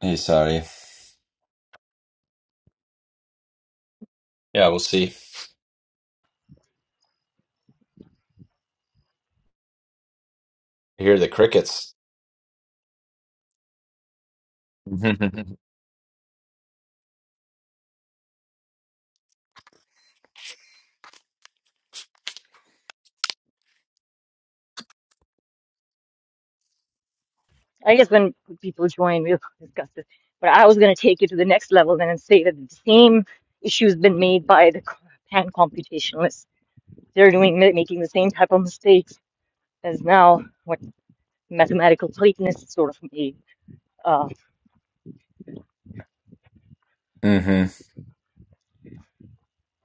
Hey, sorry. Yeah, we'll see. I hear the crickets. I guess when people join, we'll discuss this. But I was going to take it to the next level then and say that the same issue has been made by the co- pan computationalists. They're doing making the same type of mistakes as now what mathematical Platonists sort of made. Uh, hmm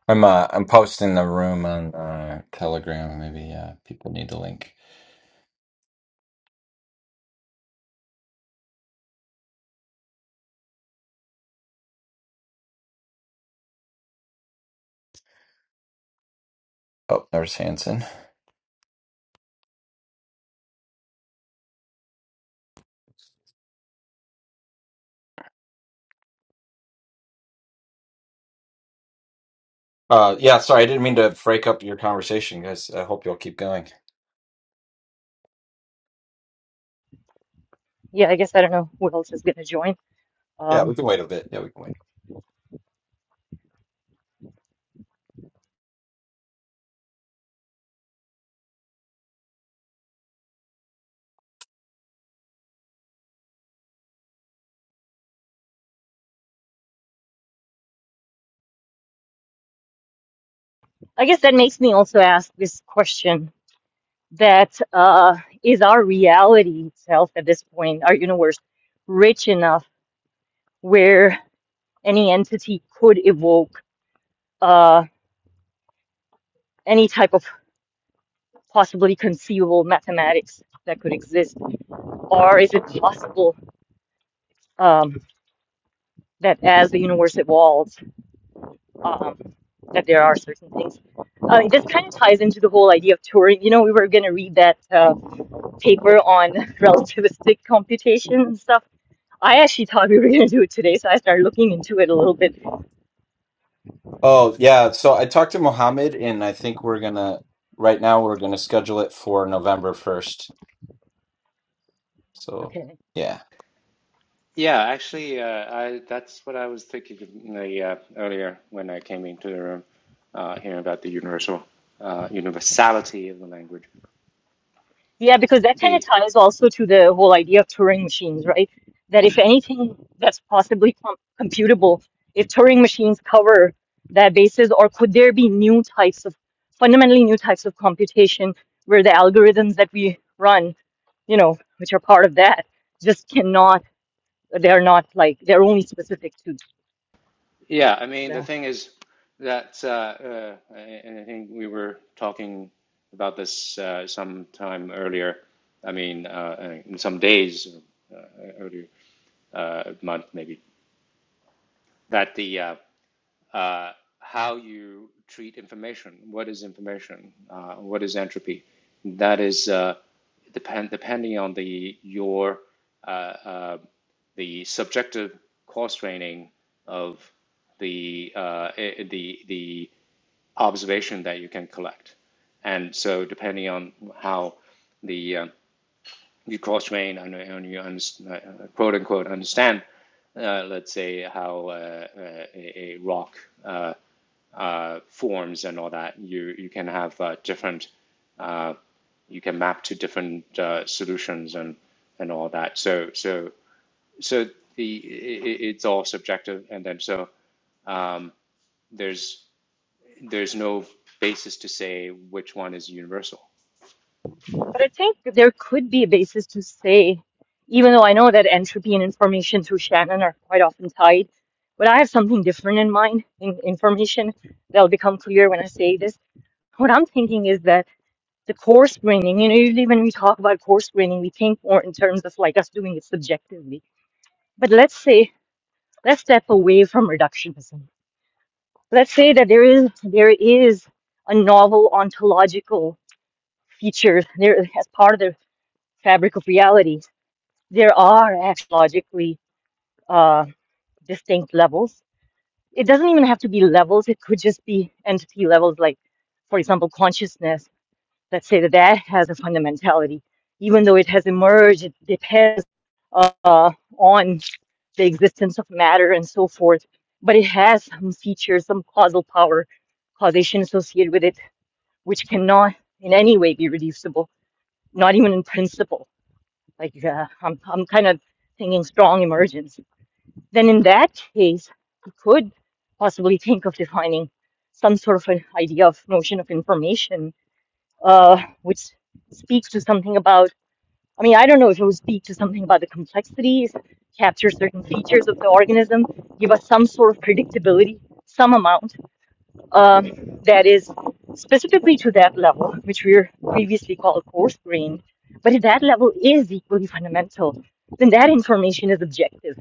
I'm uh, I'm posting the room on uh, Telegram. Maybe uh, people need the link. Oh, there's Hanson. Uh, yeah, sorry, I didn't mean to break up your conversation, guys. I hope you'll keep going. yeah, I guess I don't know who else is going to join. Yeah, we Um, can wait a bit. Yeah, we can wait. I guess that makes me also ask this question: that uh, is our reality itself at this point, our universe, rich enough where any entity could evoke? Uh, any type of possibly conceivable mathematics that could exist? Or is it possible um, that as the universe evolves, um, that there are certain things? Uh, this kind of ties into the whole idea of Turing. You know, we were going to read that uh, paper on relativistic computation and stuff. I actually thought we were going to do it today, so I started looking into it a little bit. Oh, yeah. So I talked to Mohammed, and I think we're gonna right now we're gonna schedule it for November first. So Okay. yeah, Yeah, actually, uh, I that's what I was thinking of in the, uh, earlier when I came into the room, uh, hearing about the universal uh, universality of the language. Yeah, because that kind of The ties also to the whole idea of Turing machines, right? That if anything that's possibly com computable, if Turing machines cover that basis, or could there be new types of fundamentally new types of computation where the algorithms that we run, you know, which are part of that, just cannot, they're not like, they're only specific to yeah, I mean that. the thing is that, uh, uh, and I think we were talking about this uh, some time earlier. I mean, uh, uh, some days earlier, uh, month maybe. That the uh, uh, how you treat information. What is information? Uh, what is entropy? That is uh, depend depending on the your uh, uh, the subjective cross training of the uh, eh, the the observation that you can collect, and so depending on how the uh, you cross train and, and you uh, uh, quote unquote understand, uh, let's say how uh, uh, a, a rock. uh, uh, forms and all that, you you can have uh, different uh, you can map to different uh, solutions and and all that. So so so the i it's all subjective, and then so um, there's there's no basis to say which one is universal. But I think there could be a basis to say, even though I know that entropy and information through Shannon are quite often tied, but I have something different in mind in information that'll become clear when I say this. What I'm thinking is that the coarse graining. you know, usually when we talk about coarse graining, we think more in terms of like us doing it subjectively. But let's say, let's step away from reductionism. Let's say that there is there is a novel ontological feature there as part of the fabric of reality there are astrologically uh, distinct levels. It doesn't even have to be levels, it could just be entity levels, like, for example, consciousness. Let's say that that has a fundamentality, even though it has emerged, it depends uh, on the existence of matter and so forth, but it has some features, some causal power, causation associated with it, which cannot in any way be reducible, not even in principle. Like, uh, I'm, I'm kind of thinking strong emergence then in that case, we could possibly think of defining some sort of an idea of notion of information, uh, which speaks to something about, I mean, I don't know if it would speak to something about the complexities, capture certain features of the organism, give us some sort of predictability, some amount um, that is specifically to that level, which we were previously called coarse grained, but if that level is equally fundamental, then that information is objective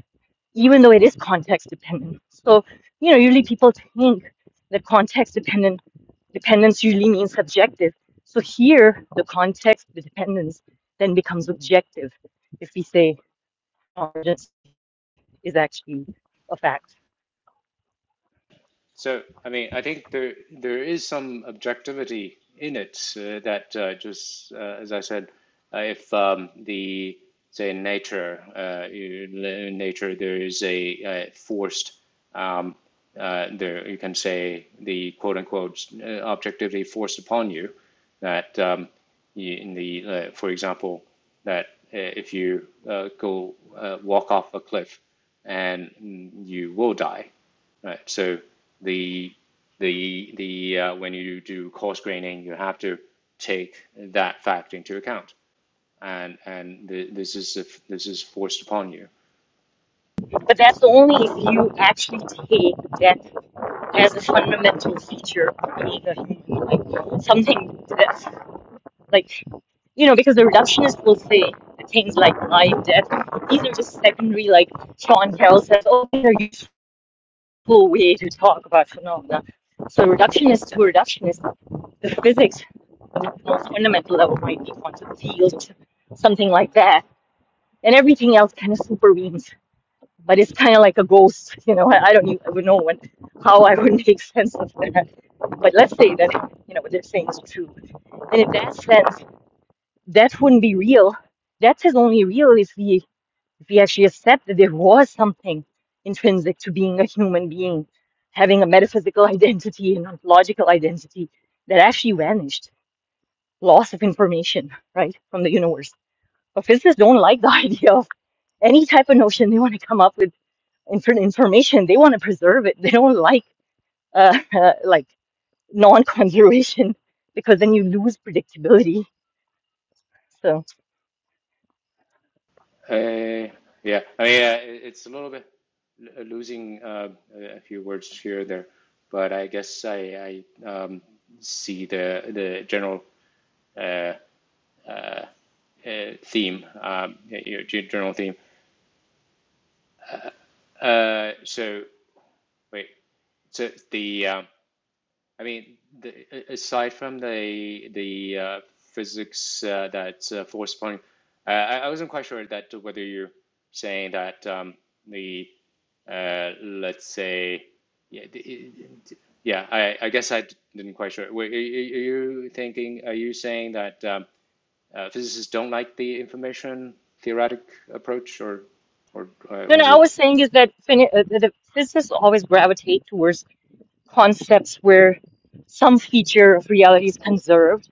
even though it is context dependent. So, you know, usually people think that context dependent dependence usually means subjective. So here, the context, the dependence, then becomes objective if we say origins is actually a fact. So, I mean, I think there there is some objectivity in it uh, that uh, just uh, as I said, uh, if um, the say in nature, uh, in nature there is a uh, forced um, uh, there you can say the quote unquote uh, objectivity forced upon you that um, you, in the uh, for example that uh, if you uh, go uh, walk off a cliff and you will die right? So the the the uh, when you do coarse graining, you have to take that fact into account, and and the, this is if this is forced upon you. But that's only if you actually take that as a fundamental feature of being a human, like something that's Like, you know, because the reductionists will say things like life, death. These are just secondary, like Sean Carroll says, oh, these are useful way to talk about phenomena. So reductionist to reductionist, the physics of the most fundamental level might be quantum field, something like that. And everything else kind of supervenes. But it's kind of like a ghost, you know. I, I don't even know when, how I would make sense of that. But let's say that, you know, what they're saying is true. And in that sense that wouldn't be real. That is only real if we if we actually accept that there was something intrinsic to being a human being, having a metaphysical identity and ontological identity that actually vanished, loss of information, right, from the universe. But physicists don't like the idea of any type of notion they want to come up with inf- information. They want to preserve it. They don't like uh, like non-conservation because then you lose predictability. So. Uh, yeah, I mean, uh, it's a little bit losing uh, a few words here or there, but I guess I I um, see the the general uh, uh, theme, um, your general theme. Uh, so wait, so the um, I mean, the, aside from the the uh, physics uh, that uh, force point, uh, I, I wasn't quite sure that whether you're saying that um, the uh, let's say yeah the, yeah I, I guess I didn't quite sure. Were, are you are you thinking? Are you saying that um, uh, physicists don't like the information theoretic approach, or or uh, No, no, was I it? was saying is that fin- uh, the the physicists always gravitate towards concepts where some feature of reality is conserved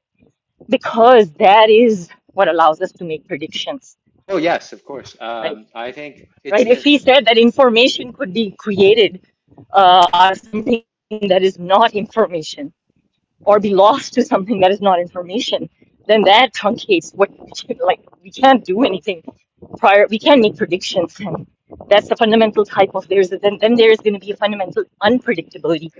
because that is what allows us to make predictions, Oh yes, of course. right? Um, I think it's Right? If the he said that information could be created uh, out of something that is not information, or be lost to something that is not information, then that truncates what we can, like we can't do anything prior. We can't make predictions, and that's the fundamental type of there's. Then then there is going to be a fundamental unpredictability.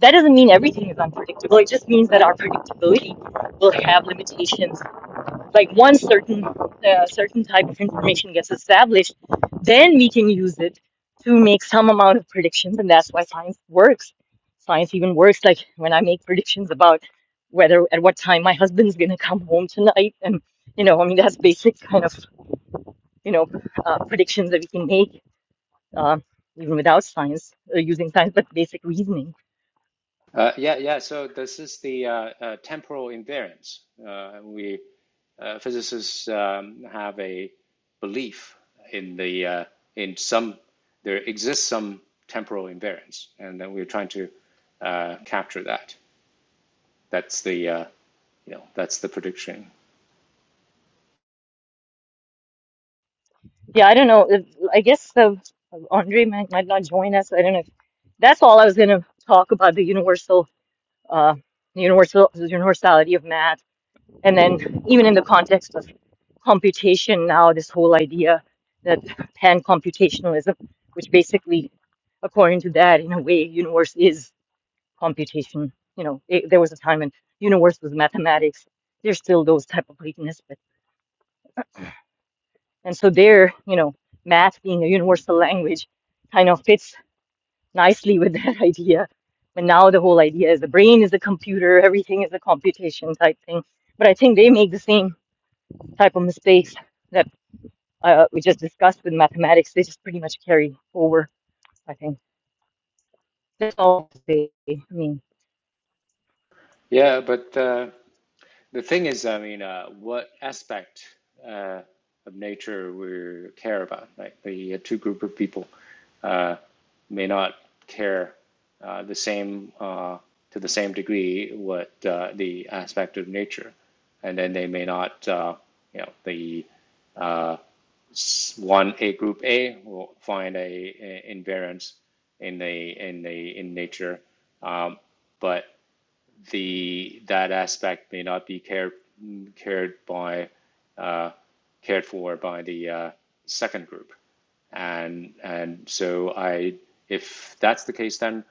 That doesn't mean everything is unpredictable. It just means that our predictability will have limitations like once certain uh, certain type of information gets established then we can use it to make some amount of predictions and that's why science works science even works like when i make predictions about whether at what time my husband's going to come home tonight and you know i mean that's basic kind of you know uh, predictions that we can make uh, even without science uh, using science but basic reasoning Uh, yeah, yeah. So this is the uh, uh, temporal invariance. Uh, we uh, physicists um, have a belief in the uh, in some there exists some temporal invariance, and then we're trying to uh, capture that. That's the uh, you know that's the prediction. yeah i don't know if, i guess uh, andre might, might not join us i don't know if, that's all i was going to talk about the universal uh, universal the universality of math, and then even in the context of computation now, this whole idea that pan-computationalism, which basically, according to that, in a way, universe is computation. You know, it, there was a time when universe was mathematics. There's still those type of weakness, but and so there, you know, math being a universal language kind of fits nicely with that idea. But now the whole idea is the brain is a computer, everything is a computation type thing. But I think they make the same type of mistakes that uh, we just discussed with mathematics. They just pretty much carry over, I think. That's all they, I mean, Yeah, but uh, the thing is, I mean, uh, what aspect uh, of nature we care about? Right, the uh, two group of people. uh, may not care uh, the same uh, to the same degree what uh, the aspect of nature, and then they may not uh, you know the one a group A will find a, a invariance in the in the in nature, um, but the that aspect may not be cared cared by uh, cared for by the uh, second group, and and so I if that's the case, then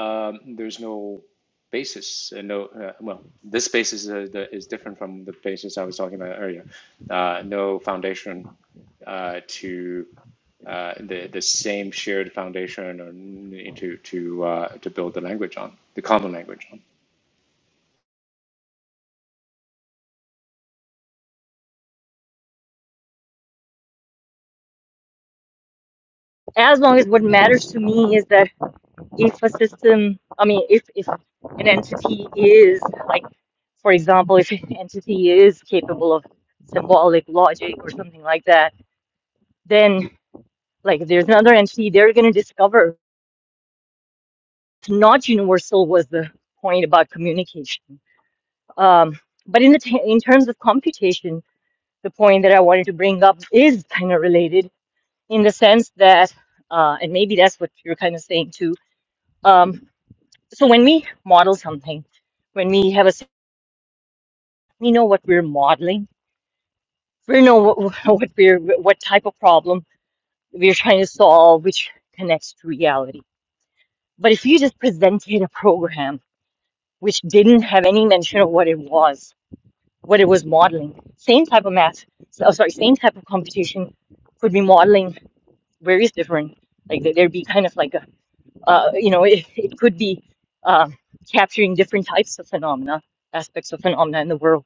um, there's no basis. Uh, no, uh, well, this basis is, uh, the, is different from the basis I was talking about earlier. Uh, no foundation uh, to uh, the the same shared foundation or to to uh, to build the language on the common language on. as long as what matters to me is that if a system, I mean, if, if an entity is, like, for example, if an entity is capable of symbolic logic or something like that, then like there's another entity they're going to discover it's not universal was the point about communication um, but in the t- in terms of computation the point that i wanted to bring up is kind of related in the sense that uh, and maybe that's what you're kind of saying too um, so when we model something when we have a s- we know what we're modeling we know what, what we're what type of problem we're trying to solve which connects to reality but if you just presented a program which didn't have any mention of what it was, what it was modeling. Same type of math, so, oh, sorry, same type of computation could be modeling various different, like there- there'd be kind of like a, uh, you know, it, it could be uh, capturing different types of phenomena, aspects of phenomena in the world.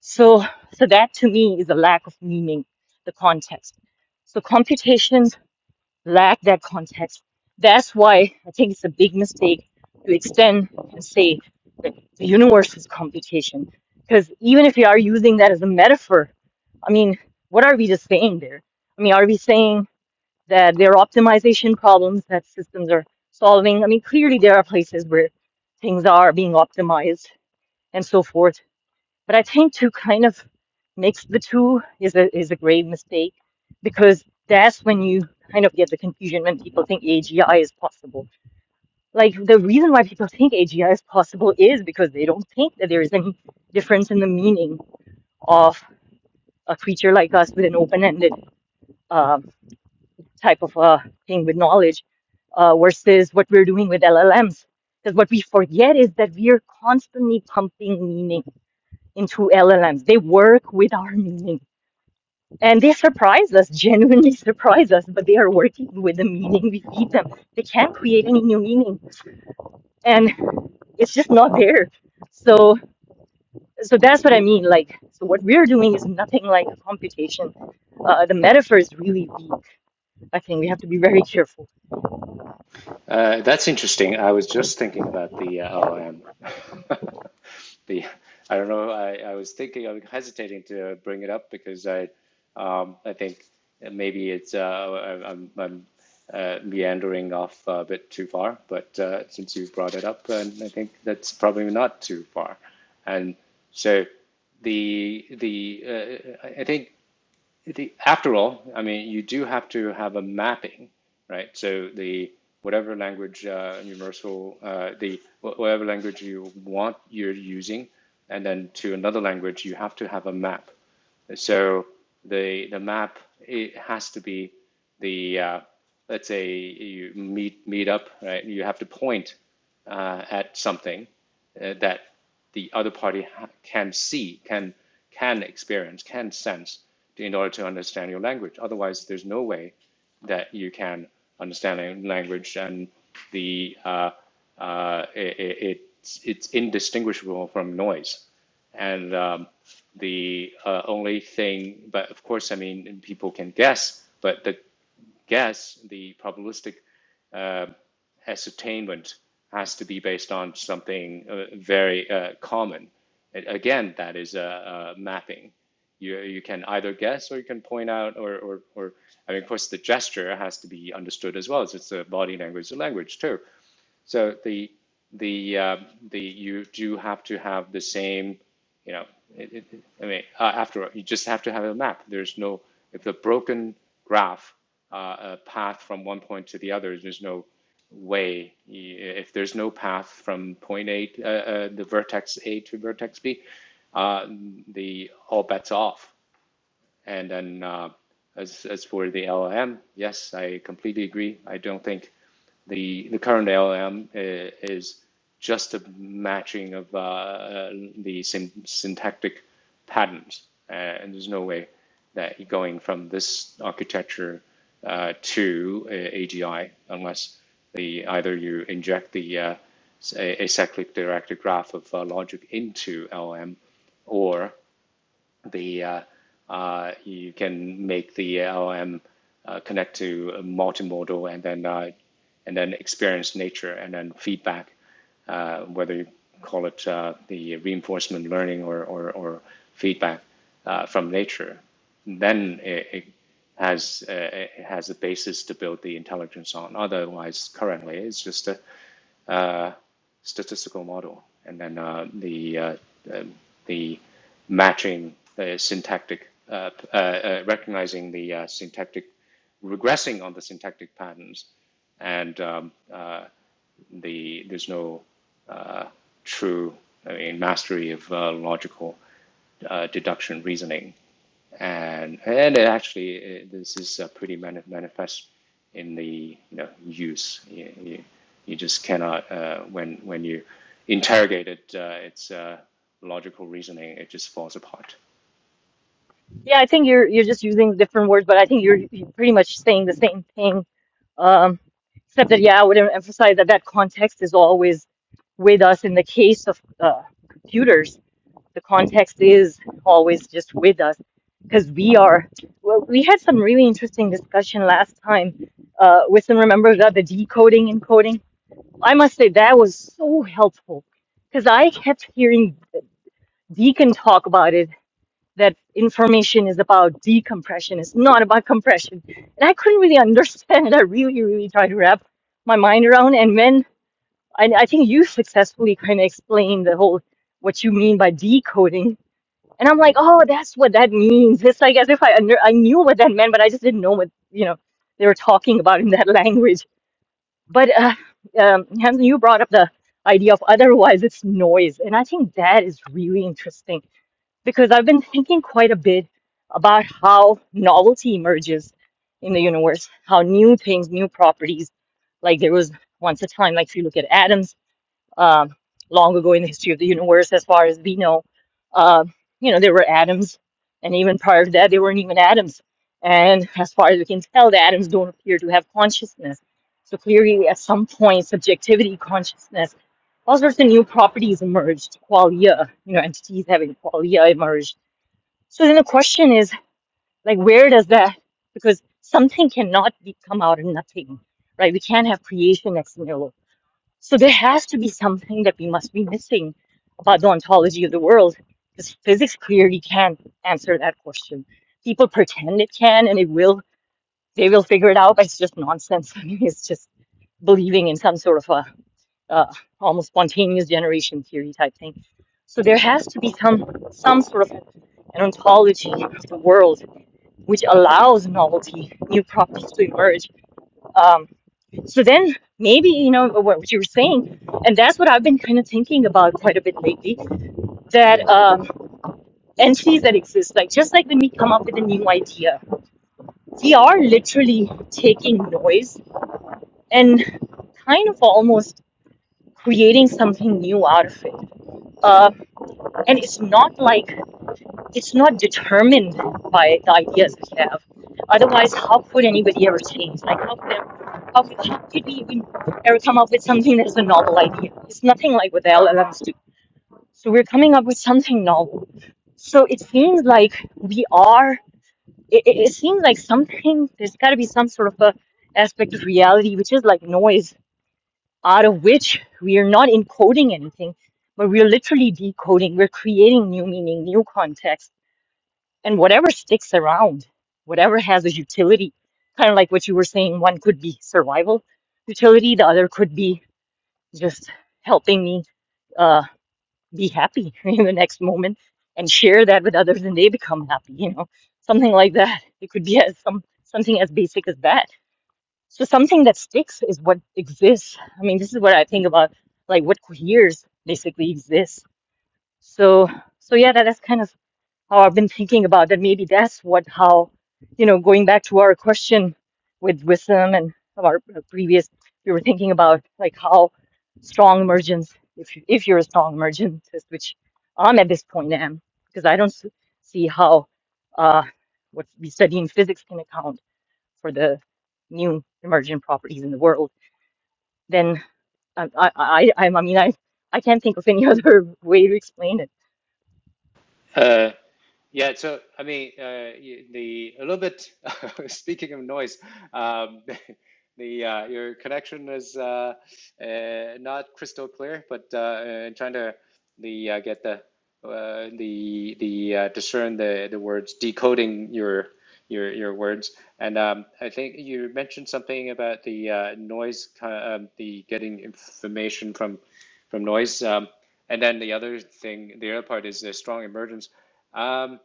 So, so that to me is a lack of meaning, the context. So computation lack that context. That's why I think it's a big mistake to extend and say that the universe is computation. Because even if you are using that as a metaphor, I mean, what are we just saying there? I mean, are we saying that there are optimization problems that systems are solving? I mean, clearly there are places where things are being optimized and so forth but I think to kind of mix the two is a is a grave mistake because that's when you kind of get the confusion when people think AGI is possible. Like the reason why people think AGI is possible is because they don't think that there is any difference in the meaning of a creature like us with an open-ended um, type of uh, thing with knowledge uh, versus what we're doing with LLMs. Because what we forget is that we are constantly pumping meaning into LLMs. They work with our meaning And they surprise us, genuinely surprise us, but they are working with the meaning we feed them. They can't create any new meaning. And it's just not there. So so that's what I mean. Like so what we're doing is nothing like a computation. Uh, the metaphor is really weak. I think we have to be very careful. Uh, that's interesting. I was just thinking about the uh, oh, um, the I don't know. I, I was thinking. I'm hesitating to bring it up because I um, I think maybe it's uh, I, I'm, I'm uh, meandering off a bit too far. But uh, since you brought it up, and I think that's probably not too far. And so the the uh, I I think the, after all, I mean, you do have to have a mapping, right? So the whatever language uh, universal, uh, the whatever language you want you're using, and then to another language, you have to have a map. So the the map it has to be the uh, let's say you meet meet up right. You have to point uh, at something uh, that the other party can see, can can experience, can sense in order to understand your language. Otherwise, there's no way that you can understand language and the uh, uh, it, it, it's it's indistinguishable from noise. And um, the uh, only thing, but of course, I mean, people can guess, but the guess, the probabilistic uh, ascertainment has to be based on something uh, very uh, common. And again, that is a, a mapping. You, you can either guess or you can point out, or, or, or I mean, of course, the gesture has to be understood as well. as It's a body language, a language too. So the the uh, the you do have to have the same, you know, it, it, I mean, uh, after all, you just have to have a map. There's no if the broken graph, uh, a path from one point to the other, there's no way. If there's no path from point A, uh, uh, the vertex A to vertex B, uh, the all bets off. And then uh, as, as for the LLM, yes, I completely agree. I don't think the the current LLM i- is is just a matching of uh, uh, the syntactic patterns, uh, and there's no way that going from this architecture uh, to uh, AGI unless the either you inject the uh, s- a- acyclic directed graph of uh, logic into LLM, or the uh, uh, you can make the LLM uh, connect to a multimodal and then uh, and then experience nature and then feedback, uh, whether you call it uh, the reinforcement learning or or, or feedback uh, from nature, then it, it has uh, it has a basis to build the intelligence on. Otherwise, currently it's just a uh, statistical model, and then uh, the uh, um, the matching the syntactic uh, uh, uh, recognizing the uh, syntactic regressing on the syntactic patterns and um, uh, the there's no uh, true I mean, mastery of uh, logical uh, deduction reasoning, and and it actually it, this is uh, pretty mani- manifest in the you know use. You, you, you just cannot uh, when when you interrogate it, uh, its uh, logical reasoning, it just falls apart. Yeah, I think you're you're just using different words, but I think you're, you're pretty much saying the same thing. Um, except that yeah, I would emphasize that that context is always with us in the case of uh, computers the context is always just with us because we are well, we had some really interesting discussion last time uh wisdom remembers that the decoding and coding i must say that was so helpful because i kept hearing deacon talk about it that information is about decompression it's not about compression and i couldn't really understand it i really really tried to wrap my mind around and when and i think you successfully kind of explained the whole what you mean by decoding and I'm like, oh, that's what that means. It's like as if I under, I knew what that meant, but I just didn't know what you know they were talking about in that language. But uh, um, Hamza, you brought up the idea of otherwise it's noise, and I think that is really interesting because I've been thinking quite a bit about how novelty emerges in the universe, how new things, new properties. Like there was once a time, like if you look at atoms um, long ago in the history of the universe, as far as we know. Uh, you know, there were atoms, and even prior to that, there weren't even atoms. And as far as we can tell, the atoms don't appear to have consciousness. So clearly, at some point, subjectivity, consciousness, all sorts of new properties emerged. Qualia, you know, entities having qualia emerged. So then the question is, like, where does that? Because something cannot be, come out of nothing, right? We can't have creation ex nihilo so there has to be something that we must be missing about the ontology of the world, because physics clearly can't answer that question. People pretend it can, and it will. They will figure it out, but it's just nonsense. I mean, it's just believing in some sort of a uh, almost spontaneous generation theory type thing. So there has to be some some sort of an ontology of the world which allows novelty, new properties to emerge. Um, so then maybe, you know, what you were saying, and that's what I've been kind of thinking about quite a bit lately, that um, entities that exist, like just like when we come up with a new idea, we are literally taking noise and kind of almost creating something new out of it. Uh, and it's not like it's not determined by the ideas we have. Otherwise, how could anybody ever change? Like, how could, how could, how could we even ever come up with something that is a novel idea? It's nothing like what the LLMs do. So we're coming up with something novel. So it seems like we are, it, it, it seems like something, there's got to be some sort of a aspect of reality, which is like noise, out of which we are not encoding anything, but we're literally decoding. We're creating new meaning, new context and whatever sticks around, whatever has a utility, kind of like what you were saying, one could be survival utility, the other could be just helping me uh, be happy in the next moment and share that with others, and they become happy. You know, something like that. It could be as some something as basic as that. So something that sticks is what exists. I mean, this is what I think about, like what coheres basically exists. So, so yeah, that, that's kind of how I've been thinking about that maybe that's what how you know going back to our question with wisdom and our previous we were thinking about like how strong emergence if you, if you're a strong emergentist which I'm at this point am because I don't s- see how uh, what we study in physics can account for the new emergent properties in the world then um, I I I, I mean I I can't think of any other way to explain it Uh, Yeah, so I mean, uh, the a little bit. Speaking of noise, um, the uh, your connection is uh, uh, not crystal clear, but uh, uh, trying to the uh, get the uh, the the uh, discern the the words, decoding your your your words, and um, I think you mentioned something about the uh, noise, ki- um, the getting information from from noise, um, and then the other thing, the other part is the strong emergence. Um,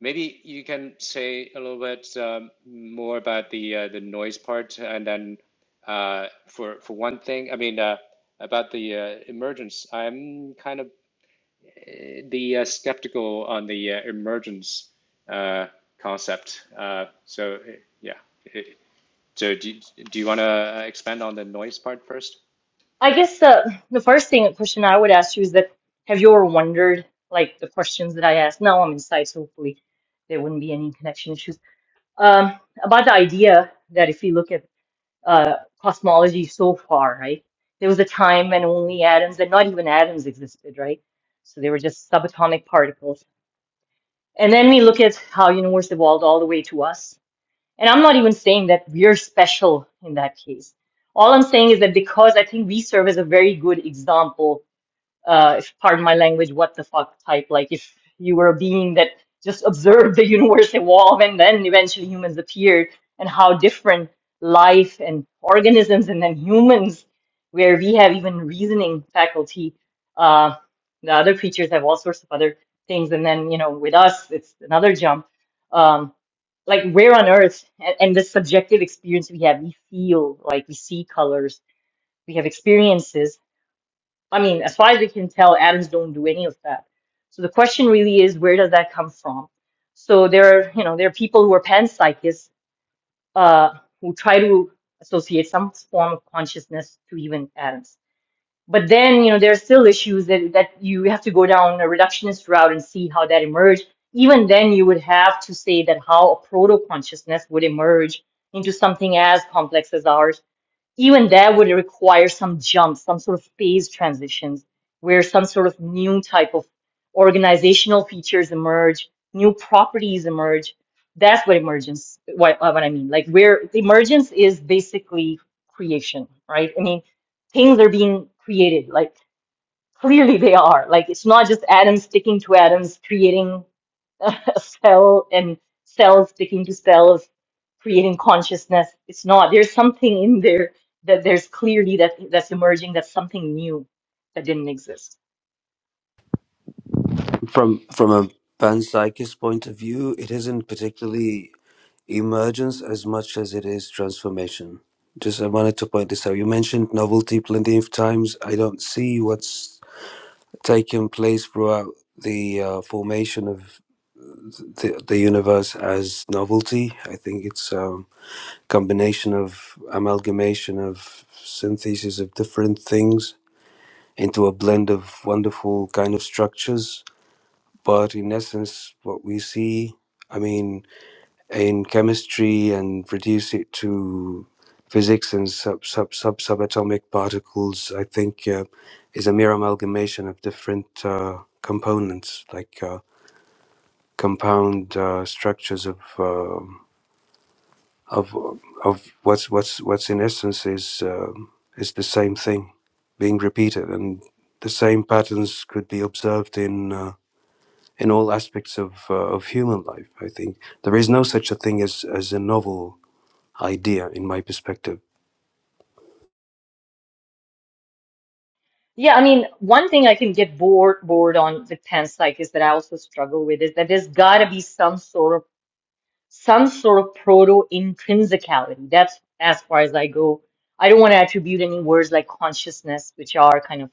Maybe you can say a little bit um, more about the uh, the noise part, and then uh, for for one thing, I mean uh, about the uh, emergence. I'm kind of uh, the uh, skeptical on the uh, emergence uh, concept. Uh, so uh, yeah, Uh, so do you- do you want to expand on the noise part first? I guess the the first thing question I would ask you is that have you ever wondered like the questions that I asked? Now I'm inside, so hopefully there wouldn't be any connection issues. Um, about the idea that if you look at uh, cosmology so far, right, there was a time when only atoms and not even atoms existed, right? So they were just subatomic particles. And then we look at how universe evolved all the way to us. And I'm not even saying that we're special in that case. All I'm saying is that because I think we serve as a very good example uh, if pardon my language, what the fuck type. Like if you were a being that just observed the universe evolve and then eventually humans appeared, and how different life and organisms and then humans, where we have even reasoning faculty, uh, the other creatures have all sorts of other things, and then you know with us it's another jump. Um, like where on earth and, and the subjective experience we have, we feel like we see colors, we have experiences I mean, as far as we can tell, atoms don't do any of that. So the question really is, where does that come from? So there are, you know, there are people who are panpsychists uh, who try to associate some form of consciousness to even atoms. But then, you know, there are still issues that, that you have to go down a reductionist route and see how that emerged. Even then, you would have to say that how a proto consciousness would emerge into something as complex as ours even that would require some jumps, some sort of phase transitions where some sort of new type of organizational features emerge, new properties emerge. That's what emergence, what, uh, what I mean. Like where emergence is basically creation, right? I mean, things are being created, like clearly they are. Like it's not just atoms sticking to atoms, creating cell and cells sticking to cells, creating consciousness. It's not. There's something in there that there's clearly that that's emerging. That's something new that didn't exist. From from a panpsychist point of view, it isn't particularly emergence as much as it is transformation. Just I wanted to point this out. You mentioned novelty plenty of times. I don't see what's taken place throughout the uh, formation of the, the universe as novelty. I think it's a combination of amalgamation of synthesis of different things into a blend of wonderful kind of structures But in essence, what we see, I mean, in chemistry and reduce it to physics and sub sub sub subatomic particles, I think uh, is a mere amalgamation of different uh, components, like uh, compound uh, structures of uh, of of what's what's what's in essence is um is the same thing being repeated, and the same patterns could be observed in. Uh, in all aspects of uh, of human life. I think there is no such a thing as as a novel idea, in my perspective. Yeah, I mean, one thing I can get bored bored on with panpsych is that I also struggle with is that there's got to be some sort of some sort of proto intrinsicality. That's as far as I go. I don't want to attribute any words like consciousness, which are kind of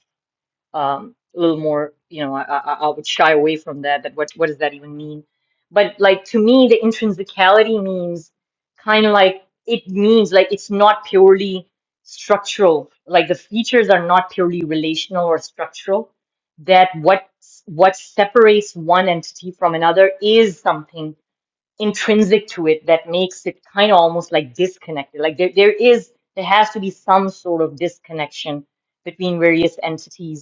um, a little more, you know, I, I, I would shy away from that. That what what does that even mean? But like to me, the intrinsicality means kind of like it means like it's not purely structural. Like the features are not purely relational or structural. That what what separates one entity from another is something intrinsic to it that makes it kind of almost like disconnected. Like there, there is there has to be some sort of disconnection between various entities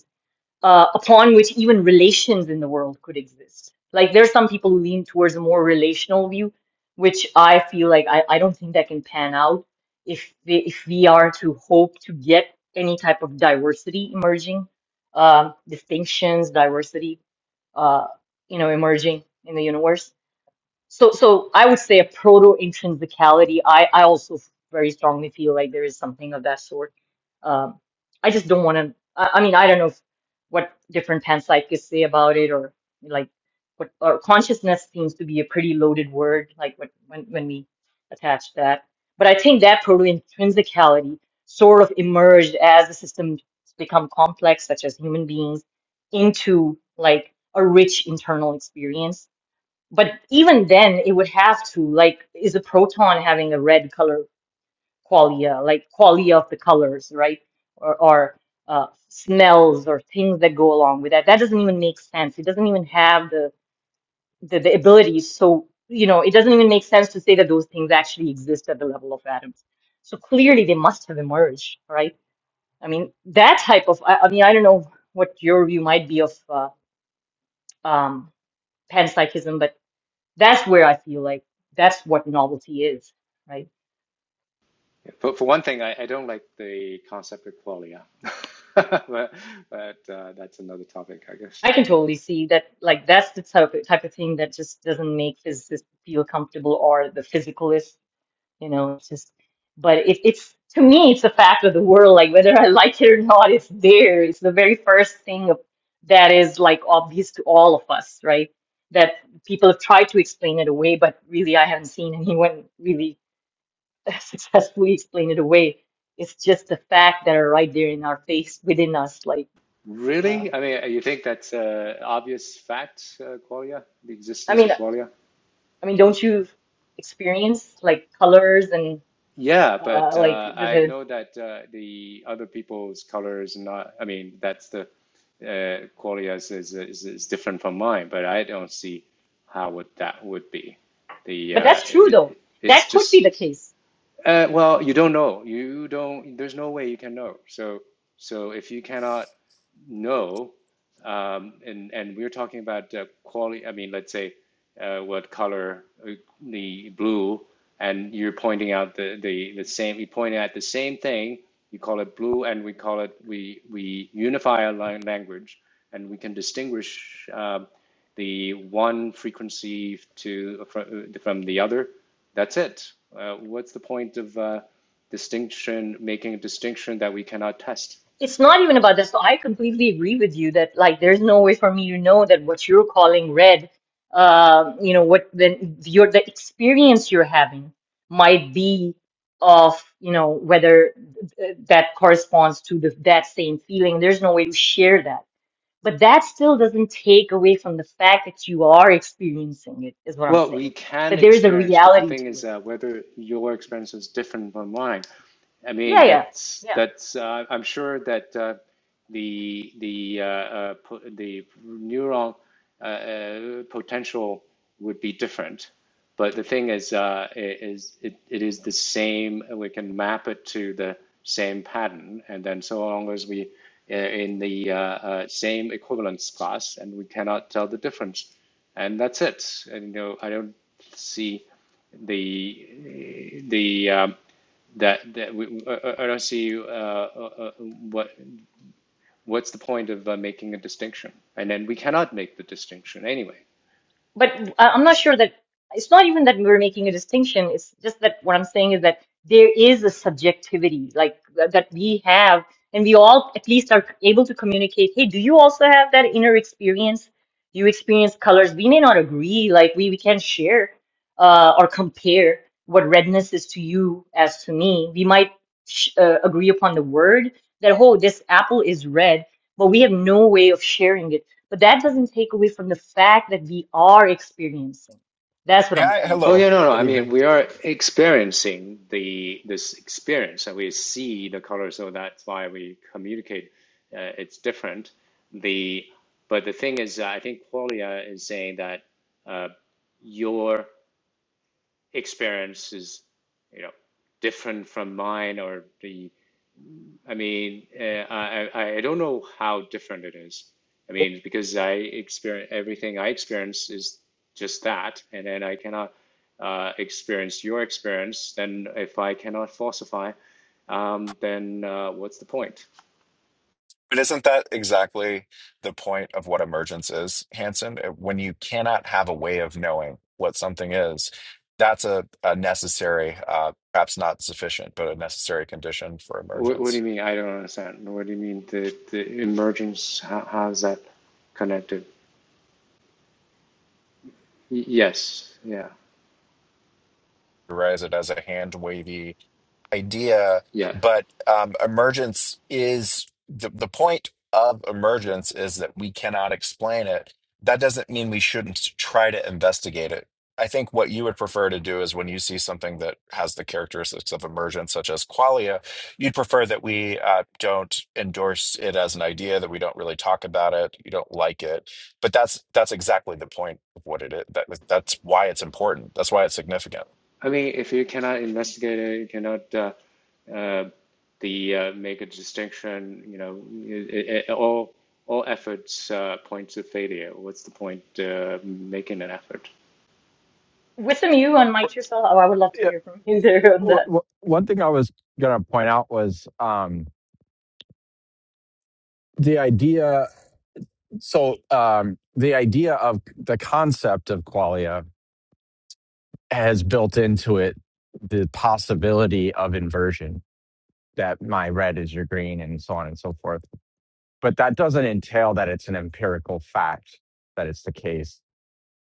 uh, upon which even relations in the world could exist. Like there's some people who lean towards a more relational view, which I feel like I, I don't think that can pan out if we, if we are to hope to get any type of diversity emerging, um, distinctions, diversity, uh, you know, emerging in the universe. So, so I would say a proto intrinsicality. I, I also very strongly feel like there is something of that sort. Um, I just don't want to. I, I mean, I don't know if, what different panpsychists say about it, or like what. Or consciousness seems to be a pretty loaded word. Like what when when we attach that, but I think that proto intrinsicality sort of emerged as the systems become complex, such as human beings, into like a rich internal experience but even then, it would have to, like, is a proton having a red color qualia, like qualia of the colors, right? Or, or uh, smells or things that go along with that. That doesn't even make sense. It doesn't even have the, the, the abilities. So, you know, it doesn't even make sense to say that those things actually exist at the level of atoms. So clearly they must have emerged, right? I mean, that type of, I, I mean, I don't know what your view might be of uh, um, panpsychism, but That's where I feel like that's what novelty is, right? For for one thing, I, I don't like the concept of qualia, but but uh, that's another topic, I guess. I can totally see that, like, that's the type of, type of thing that just doesn't make physicists feel comfortable or the physicalist, you know, it's just, but it, it's, to me, it's a fact of the world, like, whether I like it or not, it's there. It's the very first thing of, that is, like, obvious to all of us, right? That people have tried to explain it away, but really, I haven't seen anyone really successfully explain it away. It's just the fact that are right there in our face, within us. Like, uh, Really? I mean, you think that's a obvious fact, uh, qualia, the I existence mean, of I qualia? mean, don't you experience like colors and Yeah, but uh, like uh, the, I the? know that uh, the other people's colors not. I mean, that's the uh, qualia is, is is is different from mine, but I don't see how would that would be. The But uh, that's true though. it, it's That could be just the case. uh, well, you don't know. You don't. There's no way you can know. So so if you cannot No, um, and and we're talking about uh, quality. I mean, let's say uh, what color uh, the blue, and you're pointing out the the the same. You point at the same thing. You call it blue, and we call it we we unify our language, and we can distinguish um the one frequency to from, from the other. That's it. Uh, what's the point of uh, distinction? Making a distinction that we cannot test. It's not even about that. So I completely agree with you that like there's no way for me to know that what you're calling red, uh, you know, what the your the experience you're having might be of, you know, whether th- that corresponds to the, that same feeling. There's no way to share that. But that still doesn't take away from the fact that you are experiencing it, is what I'm Well, we saying. can That there is a experience, but the reality thing to is, it. uh, whether your experience is different from mine, I mean, Yeah, yeah, that's yeah. that's. Uh, I'm sure that uh, the the uh, uh, po- the neural uh, uh, potential would be different. But the thing is, uh, it is it, it is the same. We can map it to the same pattern, and then so long as we uh, in the uh, uh, same equivalence class, and we cannot tell the difference, and that's it. And you know, I don't see the the um, that that we, I, I don't see uh, uh, uh, what what's the point of uh, making a distinction, and then we cannot make the distinction anyway. But I- I'm not sure that it's not even that we're making a distinction. It's just that what I'm saying is that there is a subjectivity like that that we have, and we all at least are able to communicate. Hey, do you also have that inner experience? Do you experience colors? We may not agree. Like we we can share uh, or compare what redness is to you as to me. We might sh- uh, agree upon the word that oh, this apple is red, but we have no way of sharing it but that doesn't take away from the fact that we are experiencing. That's what Yeah, I'm trying to Oh say. hello. yeah, no, no. Good I mean, evening. we are experiencing the this experience, and we see the color, so that's why we communicate. Uh, it's different. The but the thing is, I think Qualia is saying that uh, your experience is, you know, different from mine, or the I mean, eh, I, I I don't know how different it is. I mean, because I experience everything I experience is just that, and then I cannot uh, experience your experience. Then if I cannot falsify, um, then uh, what's the point? But isn't that exactly the point of what emergence is, Hanson? Uh, When you cannot have a way of knowing what something is, that's a, a necessary, uh, perhaps not sufficient, but a necessary condition for What, what do emergence. you mean? I don't understand. What do you mean? The the emergence? How, how is that connected? Y- yes. Yeah. You Raise it as a hand wavy idea, Yeah. but um, emergence is the, the point of emergence is that we cannot explain it. That doesn't mean we shouldn't try to investigate it. I think what you would prefer to do is when you see something that has the characteristics of emergence, such as qualia, you'd prefer that we uh, don't endorse it as an idea, that we don't really talk about it, you don't like it. But that's that's exactly the point of what it is. That, that's why it's important. That's why it's significant. I mean, if you cannot investigate it, you cannot uh, uh, the uh, make a distinction. You know, it, it, all all efforts uh, point to failure. What's the point uh, making an effort? With some you on Mike yourself, oh, I would love to Yeah, hear from you yeah. there on W- that. w- one thing I was gonna point out was um, the idea. So um, the idea of the concept of qualia has built into it the possibility of inversion that my red is your green and so on and so forth. But that doesn't entail that it's an empirical fact that it's the case.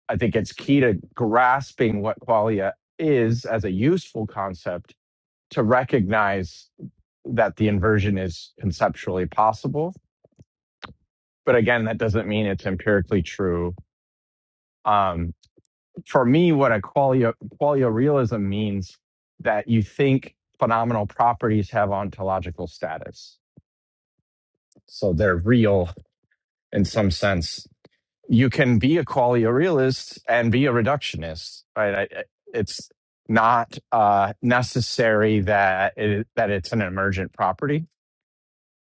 I think it's key to grasping what qualia is as a useful concept to recognize that the inversion is conceptually possible. But again, that doesn't mean it's empirically true. Um, for me, what a qualio, qualio realism means that you think phenomenal properties have ontological status. So they're real in some sense. You can be a qualio realist and be a reductionist, right? I, I- it's not uh, necessary that it, that it's an emergent property.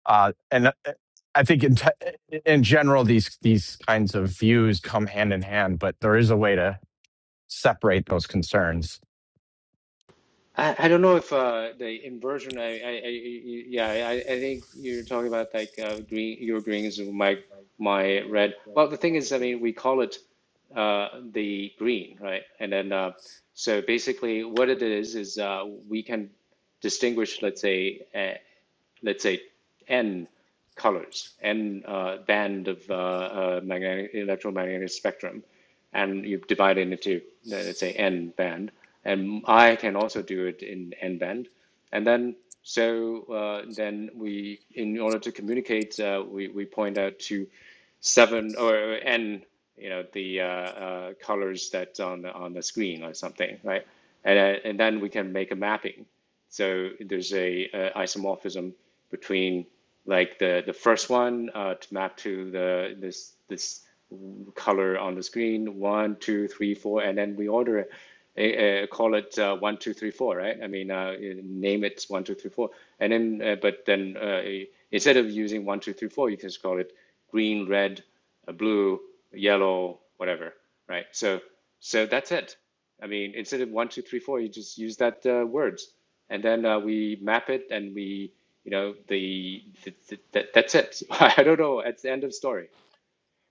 Uh, and uh, I think in, te- in general, these these kinds of views come hand in hand, but there is a way to separate those concerns I, I don't know if uh, the inversion. I I, I yeah. I, I think you're talking about like uh, green. Your greens, my my red. Well, the thing is, I mean, we call it uh, the green, right? And then uh, so basically, what it is is uh, we can distinguish, let's say, a, let's say n colors, n uh, band of uh, uh, magnetic electromagnetic spectrum, and you divide it into uh, let's say n band, and I can also do it in n band, and then so uh, then we in order to communicate uh, we we point out to seven or n you know the uh, uh, colors that's on the on the screen or something right and uh, and then we can make a mapping so there's a, uh isomorphism between like the the first one uh, to map to the this this color on the screen one two three four and then we order it uh, call it uh, one two three four right I mean uh, name it one two three four and then uh, but then uh, instead of using one two three four you can just call it green red uh, blue yellow whatever right so so that's it I mean instead of one two three four you just use that uh, words and then uh, we map it and we you know the, the, the that, that's it i don't know it's the end of story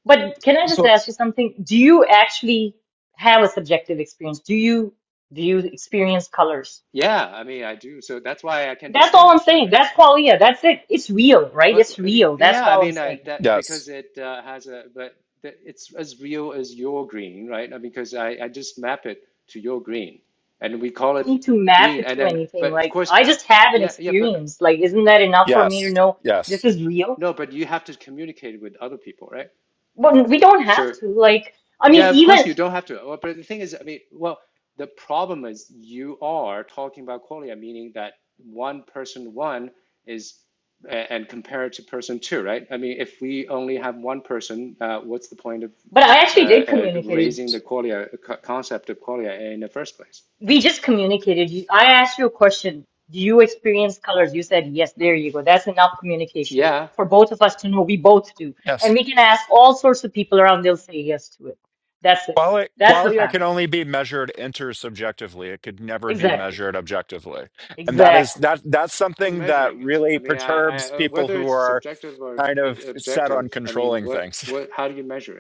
But can I just ask you something? Do you actually have a subjective experience? Do you do you experience colors? yeah i mean i do so that's why i can That's all I'm distinguish that saying. right That's qualia. That's it. It's real, right? but It's I mean, real. That's yeah i all I'm mean I, saying. that because Yes. it uh, has a but that it's as real as your green right Uh, because I, I just map it to your green and we call I it don't need to map green it and to then anything. but of Like course I just have an yeah yeah but experience. Like, isn't that enough for me to Yes. know this Yes. is real? no but you have to communicate with other people right But we don't have so to. Like, I mean, Yeah, of course even you don't have to. Well, But the thing is, I mean, well, the problem is you are talking about qualia, meaning that one person one is a- and compare it to person two, right? I mean, if we only have one person, uh, what's the point of But I uh, actually did uh, communicate. raising the qualia co- concept of qualia in the first place? We just communicated. You- I asked you a question. Do you experience colors? You said yes. There you go. That's enough communication Yeah, for both of us to know we both do. And Yes. we can ask all sorts of people around. They'll say yes to it. That's it. Qualia, That's the qualia can fact. only be measured intersubjectively. It could never be Exactly. measured objectively. And that is Exactly. that that's you're something that measuring it. really I mean, I, I perturbs uh, people whether who it's are subjective or kind of in- set objective, on I mean, controlling what things. what how do you measure it?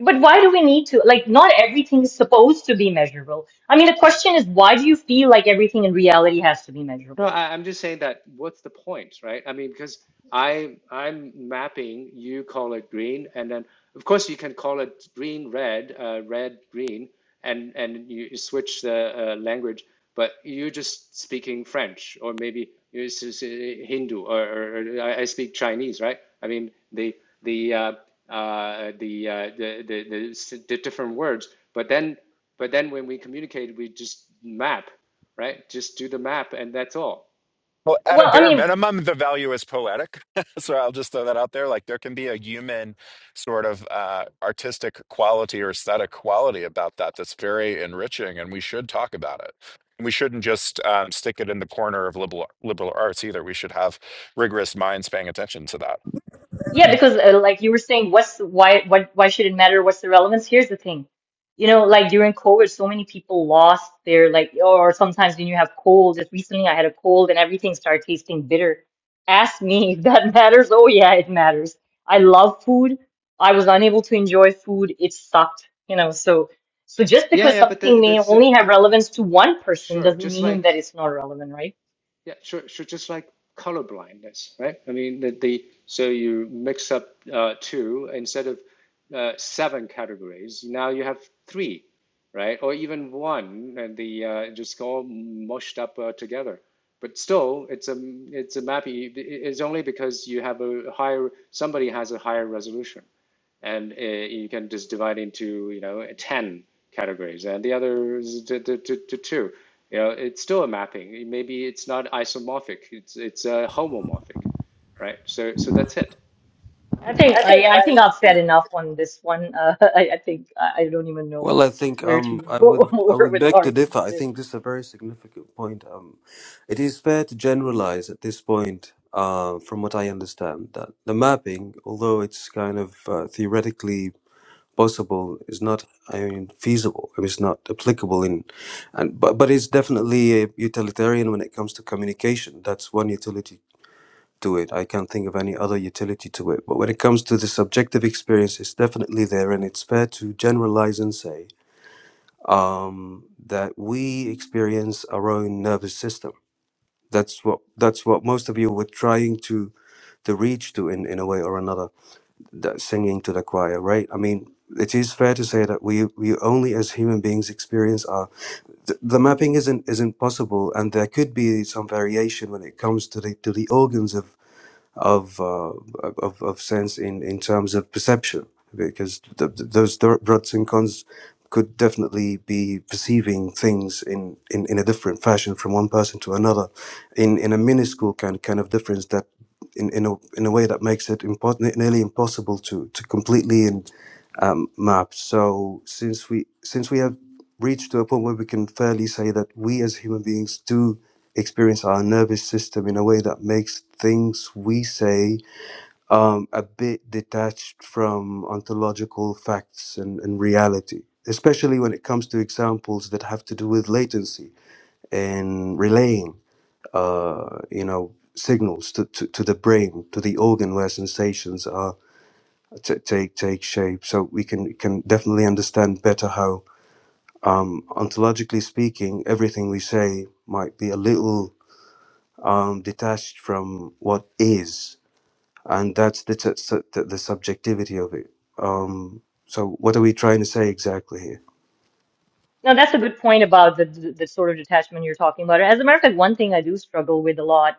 But why do we need to? Like, not everything is supposed to be measurable. I mean, the question is, why do you feel like everything in reality has to be No, measurable? I, I'm just saying that what's the point, right? I mean, because I I'm mapping, you call it green, and then of course you can call it green, red, uh, red, green, and and you, you switch the uh, language, but you're just speaking French, or maybe you're s- s- Hindu, or, or, or I I speak Chinese, right? I mean, the the uh, uh, the, uh, the the the the different words, but then but then when we communicate, we just map right? Just do the map and that's all. Well, at a Well, I bare mean, minimum, the value is poetic. so I'll just throw that out there. Like there can be a human sort of uh, artistic quality or aesthetic quality about that that's very enriching, and we should talk about it. And We shouldn't just um, stick it in the corner of liberal liberal arts either. We should have rigorous minds paying attention to that. Yeah, because uh, like you were saying, what's the- why why why should it matter? What's the relevance? Here's the thing, you know, like during COVID, so many people lost their like, or sometimes when you have cold. Just recently, I had a cold, and everything started tasting bitter. Ask me if that matters. Oh yeah, it matters. I love food. I was unable to enjoy food. It sucked, you know. So so just Yeah, because yeah, but something that, may that's it. only have relevance to one person Sure, doesn't just like mean that it's not relevant, right? yeah, sure, sure, just like color blindness, right? I mean, the, the so you mix up uh, two instead of uh, seven categories. Now you have three, right? Or even one, and the uh, just all mushed up uh, together. But still, it's a it's a map. It's only because you have a higher somebody has a higher resolution. and uh, you can just divide into you know 10 categories and the other is to, to, to, to two you know it's still a mapping maybe it's not isomorphic it's it's uh, homomorphic right so so that's it I think I, I think I've said enough on this one. Uh, I, I think I, I don't even know Well, I think where to um, I would go I more would with the beg to differ. argument I there. think this is a very significant point. Um, it is fair to generalize at this point, uh, from what I understand, that the mapping, although it's kind of uh, theoretically possible, is not I mean feasible. I mean, it's not applicable in, and but but it's definitely uh, utilitarian when it comes to communication. That's one utility to it. I can't think of any other utility to it. But when it comes to the subjective experience, it's definitely there, and it's fair to generalize and say um, that we experience our own nervous system. That's what that's what most of you were trying to to reach to in, in a way or another, that singing to the choir, right? I mean, it is fair to say that we we only as human beings experience our the, the mapping isn't isn't possible, and there could be some variation when it comes to the to the organs of of uh, of, of sense in, in terms of perception because th- th- those th- pros and cons could definitely be perceiving things in, in, in a different fashion from one person to another in, in a minuscule kind, kind of difference that in, in, a, in a way that makes it impos- nearly impossible to, to completely and, um, map so since we since we have reached to a point where we can fairly say that we as human beings do experience our nervous system in a way that makes things we say um, a bit detached from ontological facts and, and reality, especially when it comes to examples that have to do with latency and relaying, uh, you know, signals to, to, to the brain, to the organ where sensations are t- take take shape. So we can can definitely understand better how, um, ontologically speaking, everything we say might be a little um, detached from what is, and that's the, t- su- the the subjectivity of it. Um, so, what are we trying to say exactly here? No, that's a good point about the, the the sort of detachment you're talking about. As a matter of fact, one thing I do struggle with a lot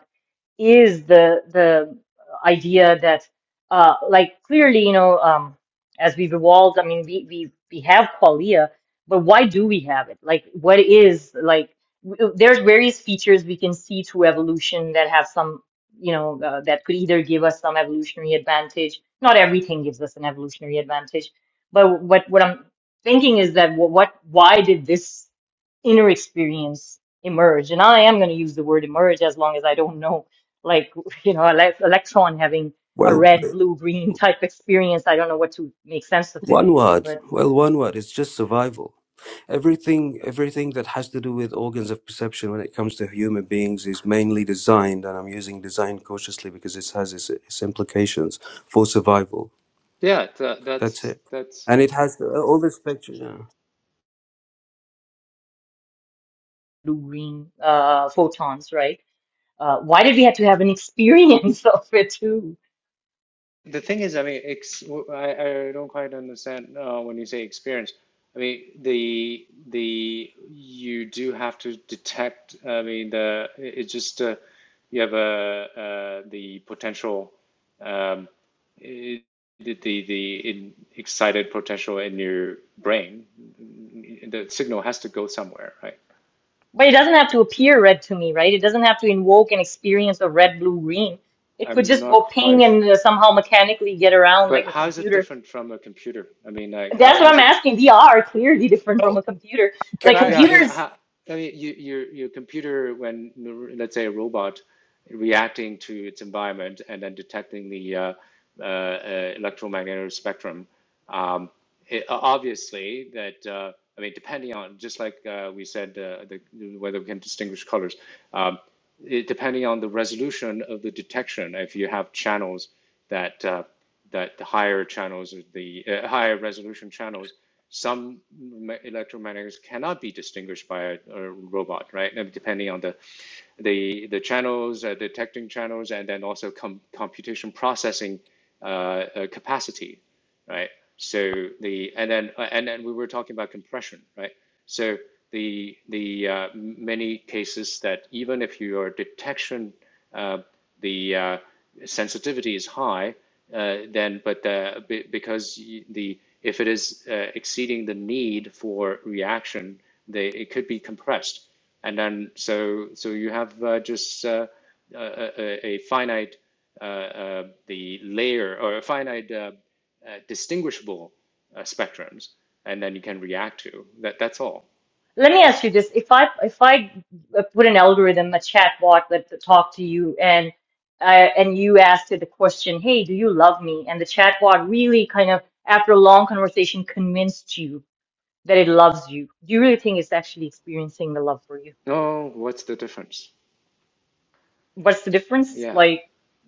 is the the idea that uh like clearly you know um as we've evolved i mean we we we have qualia but why do we have it like what is like w- there's various features we can see through evolution that have some you know uh, that could either give us some evolutionary advantage not everything gives us an evolutionary advantage but what what i'm thinking is that wh- what why did this inner experience emerge and i am going to use the word emerge as long as i don't know like you know elec electron having a Well, red blue green type experience i don't know what to make sense of it one word. but Well, one word. It's just survival. Everything, everything that has to do with organs of perception when it comes to human beings is mainly designed, and I'm using design cautiously because it has its, its implications for survival. yeah tha- That's that's it. that's And it has the, all the spectrum. Yeah. blue green uh photons right uh why did we have to have an experience of it too the thing is i mean ex- I I, I don't quite understand uh, when you say experience i mean the the you do have to detect i mean the it's just uh, you have a uh, the potential um, it, the the in excited potential in your brain, the signal has to go somewhere, right? but it doesn't have to appear red to me right it doesn't have to invoke an experience of red blue green it could I'm just not go quite. ping su- and uh, somehow mechanically get around But like a how is it computer different from a computer? I mean, like, how that's what how's i'm it asking vr clearly different from Well, a computer can like I? Yeah, I mean, computers how, I mean, you, your your computer, when let's say a robot reacting to its environment and then detecting the uh, uh, uh, electromagnetic spectrum, um, it, obviously that uh, I mean, depending on just like uh, we said, uh, the, whether we can distinguish colors, um, it, depending on the resolution of the detection, if you have channels that. Uh, that the higher channels, the uh, higher resolution channels, some ma- electromagnets cannot be distinguished by a, a robot, right? And depending on the the the channels, uh, detecting channels, and then also com- computation processing uh, uh, capacity right? So the and then uh, and then we were talking about compression, right? So the the uh, many cases that even if your detection uh, the uh, sensitivity is high, uh, then but the, be- because the if it is uh, exceeding the need for reaction, they it could be compressed, and then so so you have uh, just uh, a, a a finite uh, uh, the layer or finite uh, uh, distinguishable uh, spectrums, and then you can react to that. That's all. Let me ask you this. If I if I uh, put an algorithm, a chatbot that to talk to you and uh, and you asked it the question, "Hey, do you love me?" and the chatbot really kind of after a long conversation convinced you that it loves you. Do you really think it's actually experiencing the love for you? Oh, what's the difference? What's the difference? Yeah, Like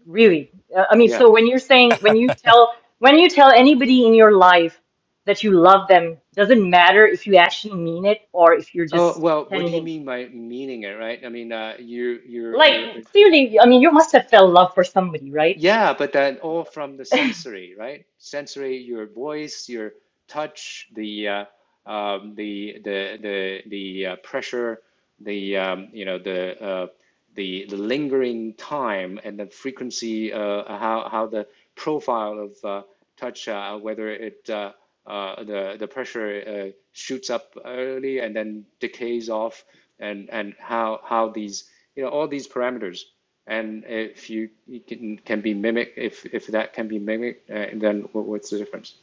really? Uh, I mean, yeah. so when you're saying when you tell when you tell anybody in your life that you love them, doesn't matter if you actually mean it or if you're Oh just well, what do you pretending mean by meaning it, right? I mean, uh, you, you're, you're. Like, clearly, I mean, you must have felt love for somebody, right? Yeah, but that all from the sensory, right? Sensory, your voice, your touch, the uh, um, the the the the uh, pressure, the um, you know the uh, the the lingering time and the frequency, uh, how how the profile of uh, touch, uh, whether it uh, uh, the the pressure uh, shoots up early and then decays off and and how how these you know all these parameters and if you, you can can be mimic if if that can be mimicked uh, then what, what's the difference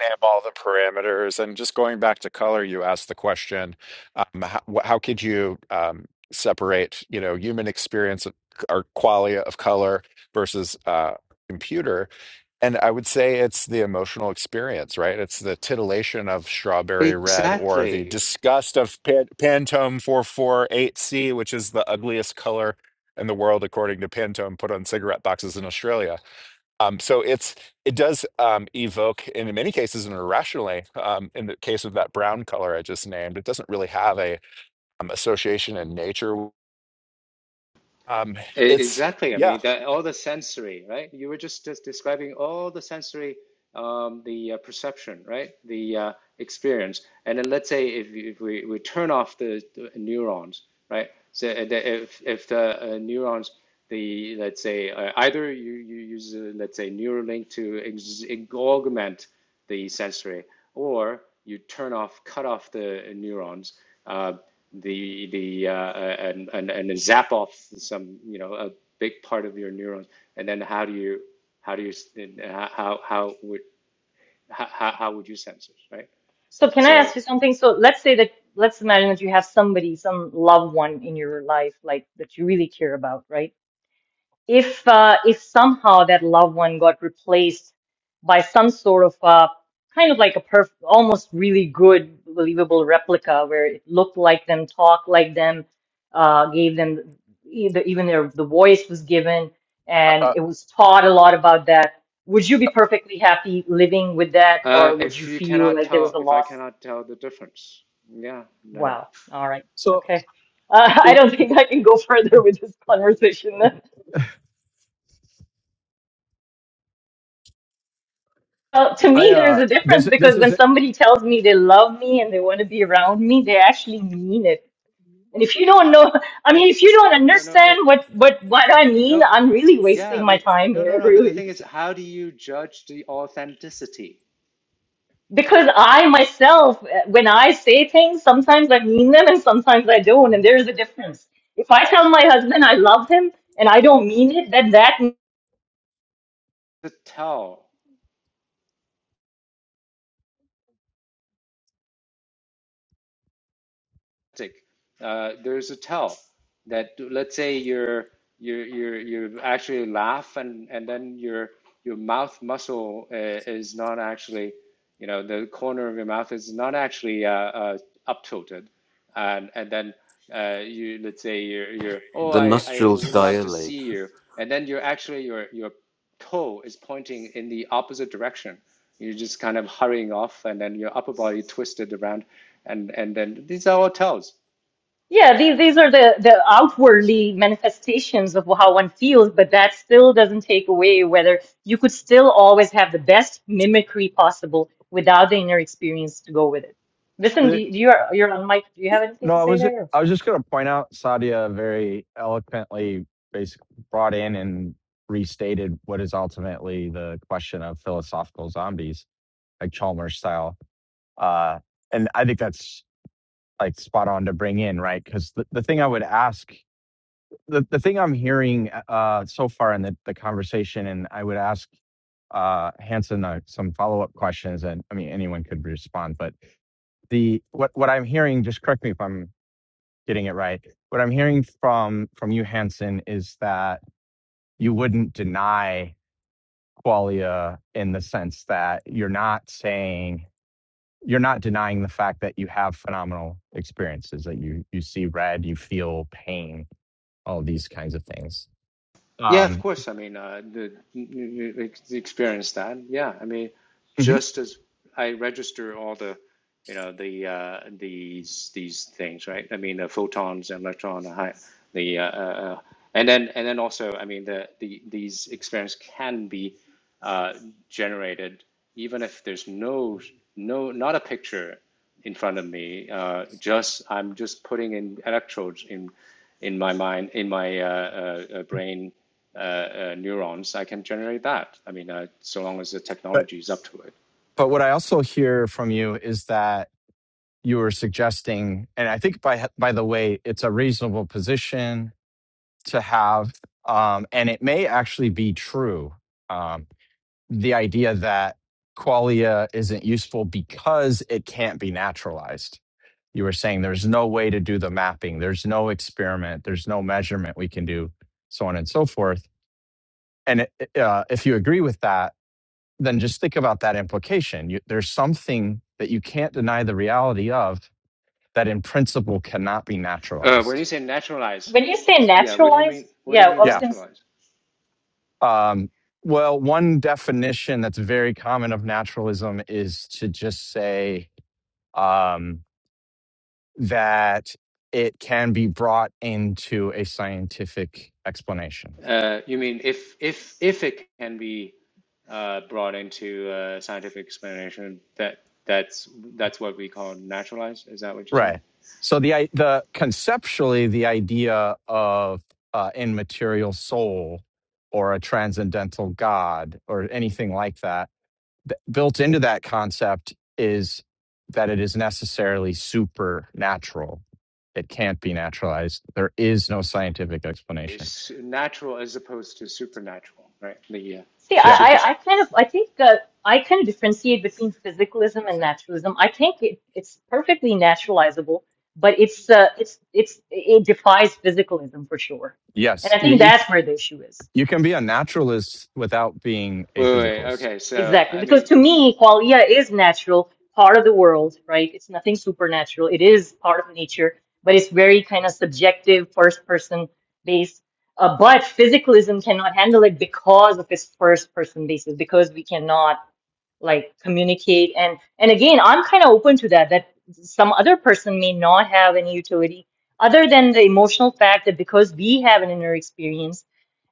name all the parameters and just going back to color you asked the question um, how, how could you um, separate you know human experience of- or qualia of color versus uh, computer and i would say it's the emotional experience right it's the titillation of strawberry red or the Exactly. disgust of Pan- pantone 448c which is the ugliest color in the world according to pantone put on cigarette boxes in australia um, so it's it does um, evoke, and in many cases, and irrationally, um, in the case of that brown color I just named, it doesn't really have a um, association in nature. Um, E- it's Exactly. I yeah, mean, that, all the sensory, right? You were just, just describing all the sensory, um, the uh, perception, right? The uh, experience. And then let's say if, if we, we turn off the, the neurons, right? So uh, the- if, if the uh, neurons, the let's say uh, either you, you use uh, let's say Neuralink to ex augment the sensory, or you turn off, cut off the neurons. Uh, the the uh, and, and and zap off some you know a big part of your neurons and then how do you how do you how how would how, how would you sense it right So, can I so ask you something? So, let's say that, let's imagine that you have somebody, some loved one in your life, like that you really care about, right? if uh, if somehow that loved one got replaced by some sort of uh, kind of like a perf almost really good believable replica where it looked like them talked like them uh, gave them either even their the voice was given and it was taught a lot about that would you be perfectly happy living with that uh, or would if you you feel cannot like there was tell a if I loss cannot tell the difference yeah then wow all right okay uh, I don't think I can go further with this conversation Well, to I me, there's uh a difference this because this when is somebody tells me they love me and they want to be around me, they actually mean it. And if you don't know, I mean, if you don't no no wait understand what what what I no mean, uh, I'm really yeah I wasting my mean time no no here, no but the really. thing is how do you judge the authenticity Because I myself, uh, when I say things, sometimes I mean them and sometimes I don't, and there's a difference. If I tell my husband I love him and I don't mean it, then that to tell uh, there's a tell that let's say you're you're you're you actually laugh and and then your your mouth muscle uh, is not actually you know the corner of your mouth is not actually uh, uh, up tilted and and then uh, you let's say you're you're oh The I I nostrils would love to dilate. see you and then you're actually you're you're toe is pointing in the opposite direction. You're just kind of hurrying off, and then your upper body twisted around, and and then these are all toes. Yeah, these these are the the outwardly manifestations of how one feels, but that still doesn't take away whether you could still always have the best mimicry possible without the inner experience to go with it. Listen, do the, you, you're you're on mic. Do you have anything no to I say was there? I was just going to point out Sadia very eloquently basically brought in and restated what is ultimately the question of philosophical zombies like Chalmers style uh and I think that's like spot on to bring in right cuz the, the thing I would ask the, the thing I'm hearing uh so far in the, the conversation and I would ask uh Hanson uh, some follow-up questions and I mean anyone could respond but the what what I'm hearing, just correct me if I'm getting it right. What I'm hearing from from you, Hanson, is that you wouldn't deny qualia in the sense that you're not saying you're not denying the fact that you have phenomenal experiences that you you see red, you feel pain, all these kinds of things. Yeah, of Um, course. I mean, uh, the, you, you ex- experience that. Yeah, I mean, mhm. just as I register all the, you know, the uh, these these things, right? I mean, the photons and electron, the, hi- the uh, uh, uh, and then and then also, I mean, the, the these experiments can be uh, generated even if there's no no not a picture in front of me. Uh, just I'm just putting in electrodes in in my mind in my uh, uh, uh, brain uh, uh, neurons. I can generate that. I mean, uh, so long as the But technology is up to it. but what I also hear from you is that you are suggesting, and I think by by the way, it's a reasonable position to have. Um, and it may actually be true. Um, the idea that qualia isn't useful because it can't be naturalized. You were saying there's no way to do the mapping, there's no experiment, there's no measurement we can do, so on and so forth. And uh, if you agree with that, then just think about that implication. You, there's something that you can't deny the reality of that in principle cannot be Uh, when you naturalized. say naturalize, When you say yeah, what do you naturalized, mean? What do you yeah, I mean was Yeah, gonna naturalize? Um, well, one definition that's very common of naturalism is to just say um, that it can be brought into a scientific explanation. Uh, you mean if if if it can be uh, brought into uh, scientific explanation, that that's that's what we call naturalized. Is that what you say? Right. So the i- the conceptually the idea of uh, immaterial soul or a transcendental God or anything like that th- built into that concept is that it is necessarily supernatural. It can't be naturalized. There is no scientific explanation. is natural as opposed to supernatural, right? The uh, See, I, Yeah. super. I, I kind of, I think uh, I kind of differentiate between physicalism and naturalism. I think it, it's perfectly naturalizable, but it's, uh, it's, it's, it defies physicalism for sure. And I Yes. think You that's where the issue is. you can be a naturalist without being a Wait, wait, physicalist. Okay, so Exactly. I Because mean, to me, qualia is natural, part of the world, right? It's nothing supernatural. It is part of nature, but it's very kind of subjective, first person based. Uh, but physicalism cannot handle it because of its first person basis, because we cannot like communicate and and again i'm kind of open to that that some other person may not have any utility other than the emotional fact that because we have an inner experience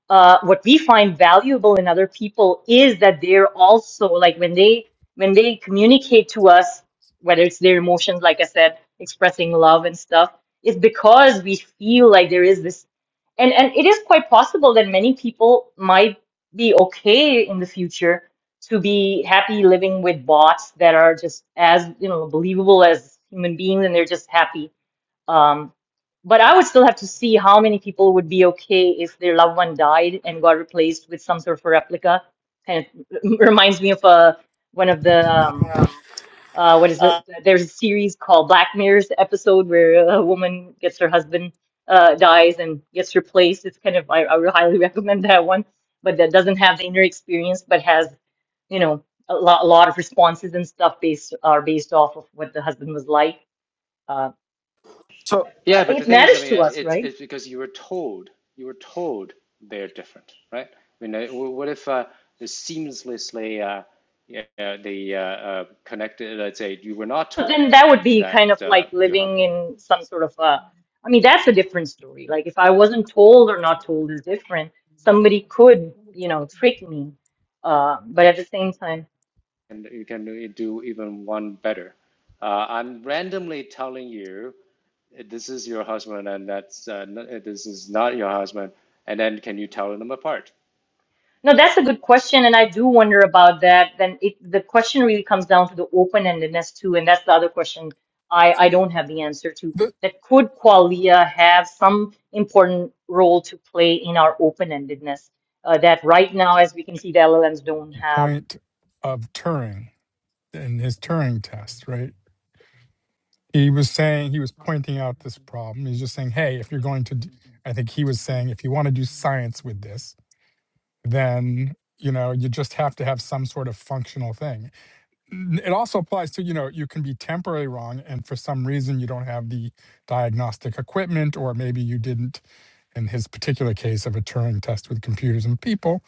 uh, what we find valuable in other people is that they're also like when they when they communicate to us whether it's their emotions like i said expressing love and stuff it's because we feel like there is this and and it is quite possible that many people might be okay in the future to be happy living with bots that are just as you know believable as human beings and they're just happy um, but I would still have to see how many people would be okay if their loved one died and got replaced with some sort of a replica. Kind of reminds me of uh, one of the um, uh, what is it? There's a series called Black Mirror's episode where a woman gets her husband uh, dies and gets replaced. It's kind of I, I would highly recommend that one, but that doesn't have the inner experience, but has you know a lot a lot of responses and stuff based are based off of what the husband was like. Uh, So but I- yeah, but the it thing is, I matters mean, to uh, us, it's right? it's because you were told you were told they're different, right? I mean, uh, w- what if uh, the seamlessly uh, yeah, the uh, uh, connected? Let's say you were not told then that would be kind that of uh, like you have, living in some sort of a, I mean, that's a different story. Like if I wasn't told or not told is different. Somebody could, you know, trick me. Uh, but at the same time, and you can do even one better. Uh, I'm randomly telling you. this is your husband and that's uh, this is not your husband and then can you tell them apart no, that's a good question, and I do wonder about that. Then it, the question really comes down to the open-endedness too, and that's the other question I I don't have the answer to. the That could qualia have some important role to play in our open-endedness uh, that right now, as we can see, the LLMs don't have point of Turing and his Turing test, right? He was saying, he was pointing out this problem. He's just saying, hey, if you're going to, do, I think he was saying, if you want to do science with this, then, you know, you just have to have some sort of functional thing. It also applies to, you know, you can be temporarily wrong and for some reason you don't have the diagnostic equipment, or maybe you didn't, in his particular case of a Turing test with computers and people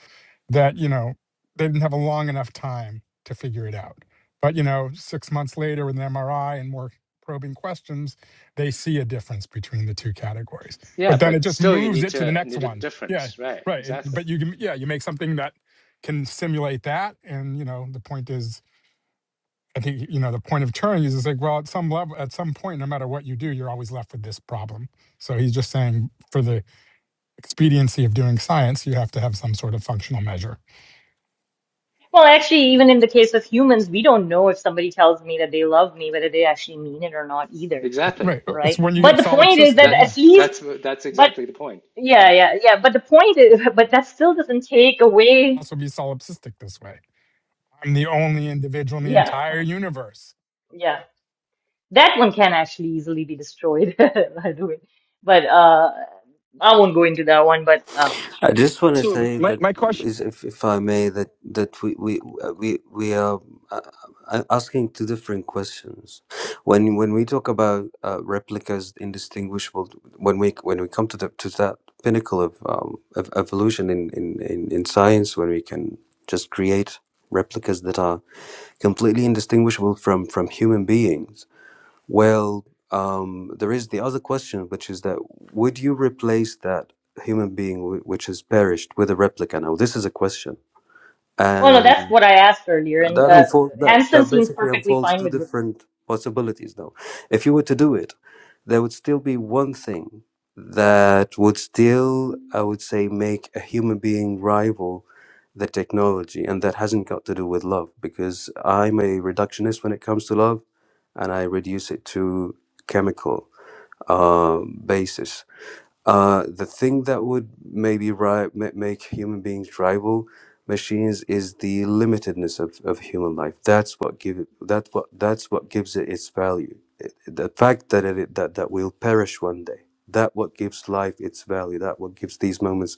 that you know they didn't have a long enough time to figure it out but you know six months later with an mri and more probing questions they see a difference between the two categories yeah but then it but just still you moves need it to the to next need a one yeah difference right right it- exactly but you can yeah you make something that can simulate that and you know the point is i think you know the point of turing is it's like well at some level at some point no matter what you do you're always left with this problem so he's just saying for the expediency of doing science you have to have some sort of functional measure Well, actually, even in the case of humans, we don't know if somebody tells me that they love me, whether they actually mean it or not either, exactly Right. uh, It's right? when you But get the point is solipsistic. that Yeah. at that's least, that's that's but exactly the point yeah, right yeah, yeah. But the point is, but that still doesn't take away, Also be solipsistic this way. I'm the only individual in the yeah, entire mhm, universe. yeah. That one can actually easily be destroyed, by the way. But uh, I won't go into that one. But um, I just want to say my, that, my question is if, if I may, that that we we uh, we we are uh, uh, asking two different questions. When when we talk about uh, replicas indistinguishable, when we when we come to the to that pinnacle of, um, of evolution in, in in in science, when we can just create replicas that are completely indistinguishable from from human beings well, um, there is the other question, which is that would you replace that human being wh- which has perished with a replica? Now, this is a question, well, no, and that's what I asked earlier, and that uh, unfold that Hansen that seems basically perfectly unfolds fine two with. different possibilities now. If you were to do it, there would still be one thing that would still, I would say, make a human being rival the technology, and that hasn't got to do with love, because I'm a reductionist when it comes to love, and I reduce it to chemical uh, basis. Uh, the thing that would maybe ri- ma- make human beings rival machines is the limitedness of, of human life. That's what give it, that's what that's what gives it its value. It- the fact that it that that will perish one day. That what gives life its value. That what gives these moments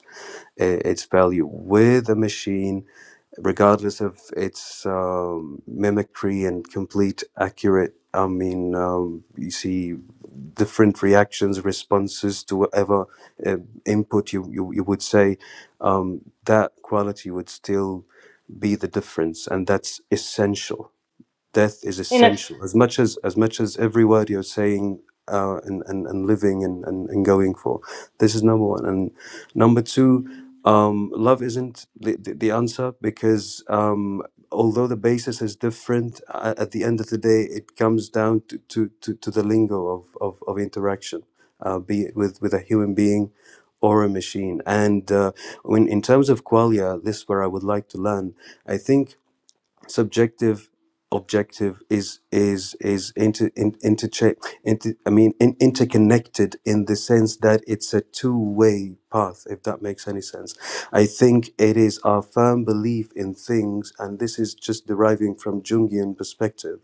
uh, its value. With a machine, regardless of its um, mimicry and complete accurate. I mean, um, you see different reactions, responses to whatever uh, input you, you, you would say, um, that quality would still be the difference. And that's essential death is you know, essential as much as as much as every word you're saying uh, and, and and living and, and and going for this is number one and number two um love isn't the the, the answer because um although the basis is different uh, at the end of the day it comes down to to to, to the lingo of of, of interaction uh, be it with with a human being or a machine and uh, when in terms of qualia this is where i would like to learn i think subjective objective is is is inter, in, intercha- inter i mean in, interconnected in the sense that it's a two-way path if that makes any sense i think it is our firm belief in things and this is just deriving from jungian perspective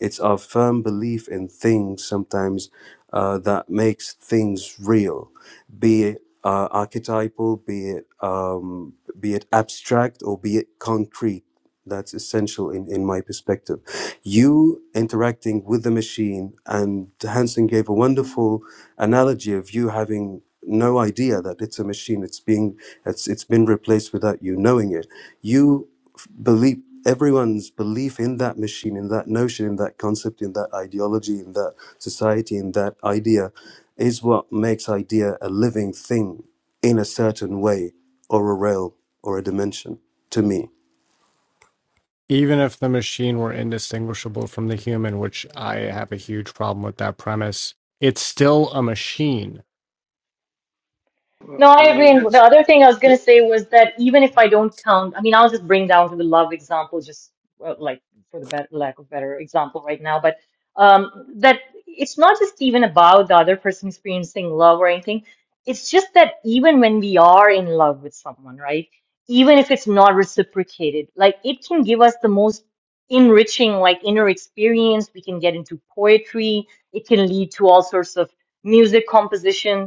it's our firm belief in things sometimes uh, that makes things real be it uh, archetypal be it um, be it abstract or be it concrete that's essential in, in my perspective. You interacting with the machine, and Hansen gave a wonderful analogy of you having no idea that it's a machine. It's being it's it's been replaced without you knowing it. You f- believe everyone's belief in that machine, in that notion, in that concept, in that ideology, in that society, in that idea, is what makes idea a living thing in a certain way or a realm or a dimension to me. even if the machine were indistinguishable from the human, which I have a huge problem with that premise, it's still a machine. well, No, i I agree. mean And the yes. other thing I was going the, to say was that even if I don't count, I mean, I'll just bring down to the love example, just well, like for the bet lack of better example right now, but um, that it's not just even about the other person experiencing love or anything. It's just that even when we are in love with someone, right? Even if it's not reciprocated, like it can give us the most enriching, like inner experience. We can get into poetry. It can lead to all sorts of music composition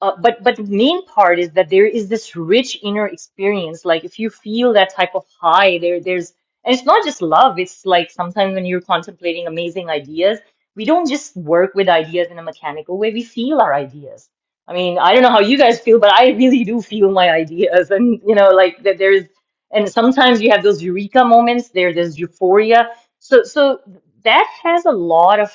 uh, but but the main part is that there is this rich inner experience. Like if you feel that type of high, there there's and it's not just love. It's like sometimes when you're contemplating amazing ideas, we don't just work with ideas in a mechanical way. We feel our ideas. I mean, I don't know how you guys feel, but I really do feel my ideas. And you know, like that there is and sometimes you have those eureka moments, there there's euphoria. So so that has a lot of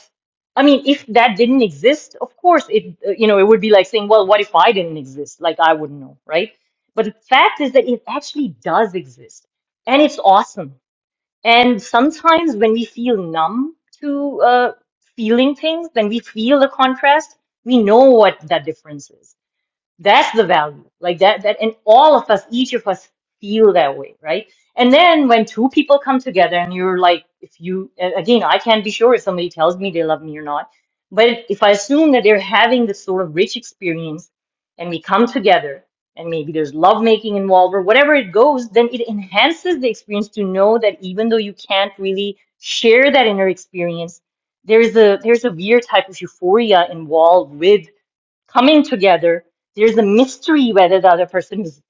I mean, if that didn't exist, of course, it uh, you know it would be like saying, well, what if I didn't exist? Like I wouldn't know, right? But the fact is that it actually does exist, and it's awesome. And sometimes when we feel numb to uh, feeling things, when we feel the contrast, we know what that difference is. That's the value. Like that, that, and all of us, each of us feel that way, right? And then when two people come together and you're like, if you, a- again, I can't be sure if somebody tells me they love me or not, but if I assume that they're having this sort of rich experience and we come together and maybe there's love making involved or whatever it goes, then it enhances the experience to know that even though you can't really share that inner experience, there's a, there's a weird type of euphoria involved with coming together. There's a mystery whether the other person is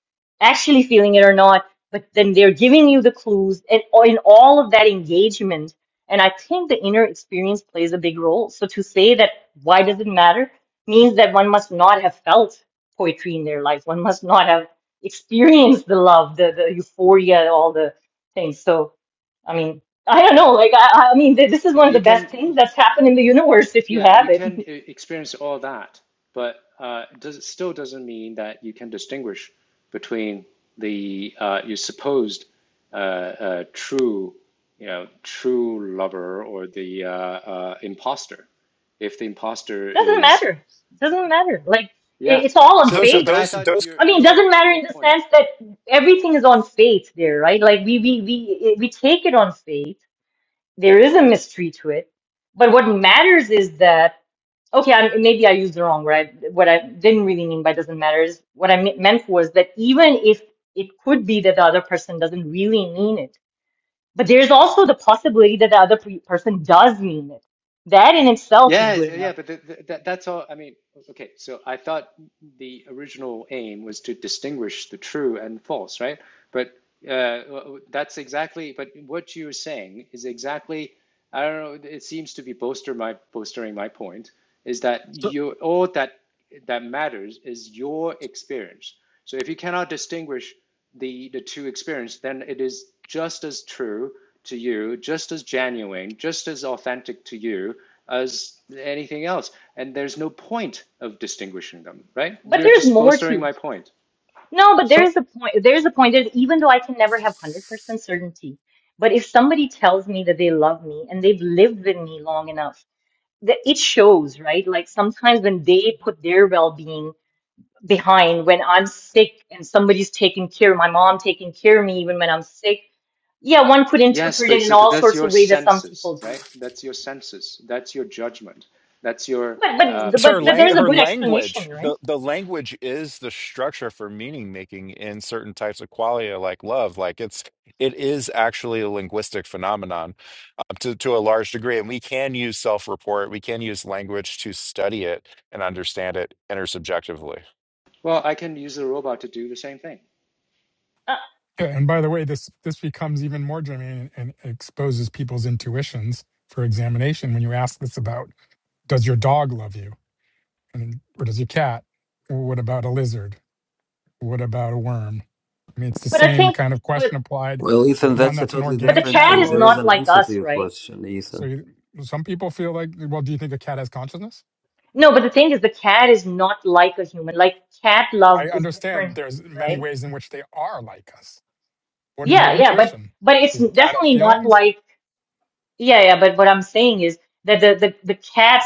actually feeling it or not, but then they're giving you the clues and in all of that engagement. And I think the inner experience plays a big role. So to say that why does it matter means that one must not have felt poetry in their life. One must not have experienced the love, the, the euphoria, all the things. So, I mean, I don't know. Like, I, I mean, th- this is one of you the best can things that's happened in the y- universe if you yeah, have you it. can uh, experience all that, but uh, does, it still doesn't mean that you can distinguish between the uh, your supposed uh, uh, true, you know, true lover or the uh, uh, imposter. If the imposter doesn't is, matter. doesn't matter. Like yeah. it, it's all on So, those so, but fate. I those thought those your I mean, it your doesn't matter your in the point sense that everything is on fate there, right? Like we we we we take it on fate. There is a mystery to it, but what matters is that okay, I, maybe I used the wrong right. What I didn't really mean by doesn't matter is what I me- meant was that even if it could be that the other person doesn't really mean it, but there's also the possibility that the other pe- person does mean it. That in itself is Yes, good yeah, enough. but th th that, that's all. I mean, okay, so I thought the original aim was to distinguish the true and false, right? But uh, that's exactly, but what you're saying is exactly, I don't know, it seems to be bolster my, bolstering my point, is that So you, all that that matters is your experience. So if you cannot distinguish the the two experience, then it is just as true to you, just as genuine, just as authentic to you as anything else. And there's no point of distinguishing them, right? But You're there's just more bolstering too. my point. No, but there so is a point. There is a point. There's, even though I can never have 100% certainty, but if somebody tells me that they love me and they've lived with me long enough, that it shows, right? Like sometimes when they put their well-being behind, when I'm sick and somebody's taking care, my mom taking care of me even when I'm sick. Yeah, one could Yes, interpret it but in so all that's sorts your of ways that some senses, people do. right? That's your senses. That's your judgment. That's your But but um, It's her but, but the lang- there's a her good language. explanation, right? The the language is the structure for meaning making in certain types of qualia like love. Like it's it is actually a linguistic phenomenon um, to to a large degree, and we can use self report. We can use language to study it and understand it intersubjectively. well. I can use a robot to do the same thing. Uh, Yeah, And by the way, this this becomes even more germane and, and exposes people's intuitions for examination when you ask this about does your dog love you? And or does your cat? Or what about a lizard? What about a worm? I mean, it's the but I same think kind of but question applied Well, to Ethan, one that's a that's an totally but the organic different cat thing. is There is category. not an like answer to us, your right? question, So Ethan. you, some people feel like, well, do you think a cat has consciousness? No, but the thing is, the cat is not like a human. Like cat I love is understand different, there's many right? ways in which they are like us. What is your Yeah, yeah, but intuition? but it's Does a cat have definitely not feelings? like yeah, yeah. But what I'm saying is that the the the cat's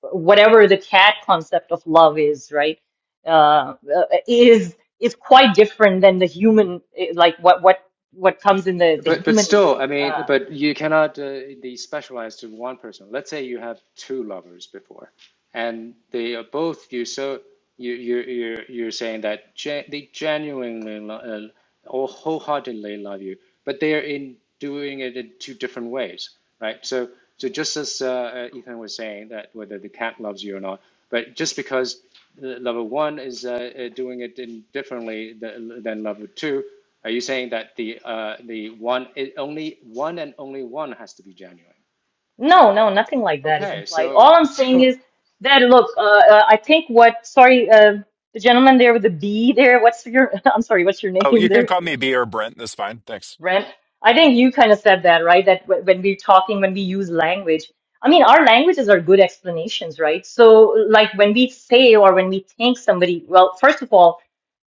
whatever the cat concept of love is, right? Uh, uh, is is quite different than the human eh, like what what what comes in the the But but human. still, I mean, uh, but you cannot uh, be specialized to one person. Let's say you have two lovers before, and they are both you. So you you you're you're saying that gen they genuinely lo- uh, or wholeheartedly love you, but they are in doing it in two different ways, right? So so just as uh, uh, Ethan was saying that whether the cat loves you or not, but just because uh, lover one is uh, uh, doing it in differently th- than lover two. Are you saying that the uh, the one it only one and only one has to be genuine? No, no, nothing like that is Okay, implied. so All I'm saying so is that look, uh, uh, I think what, sorry, uh, the gentleman there with the B there, what's your, I'm sorry, what's your Oh, name you can there, call me B or Brent. That's fine. Thanks. Brent? I think you kind of said that, right? That w when we're talking, when we use language, I mean, our languages are good explanations, right? So, like when we say or when we think somebody, well, first of all,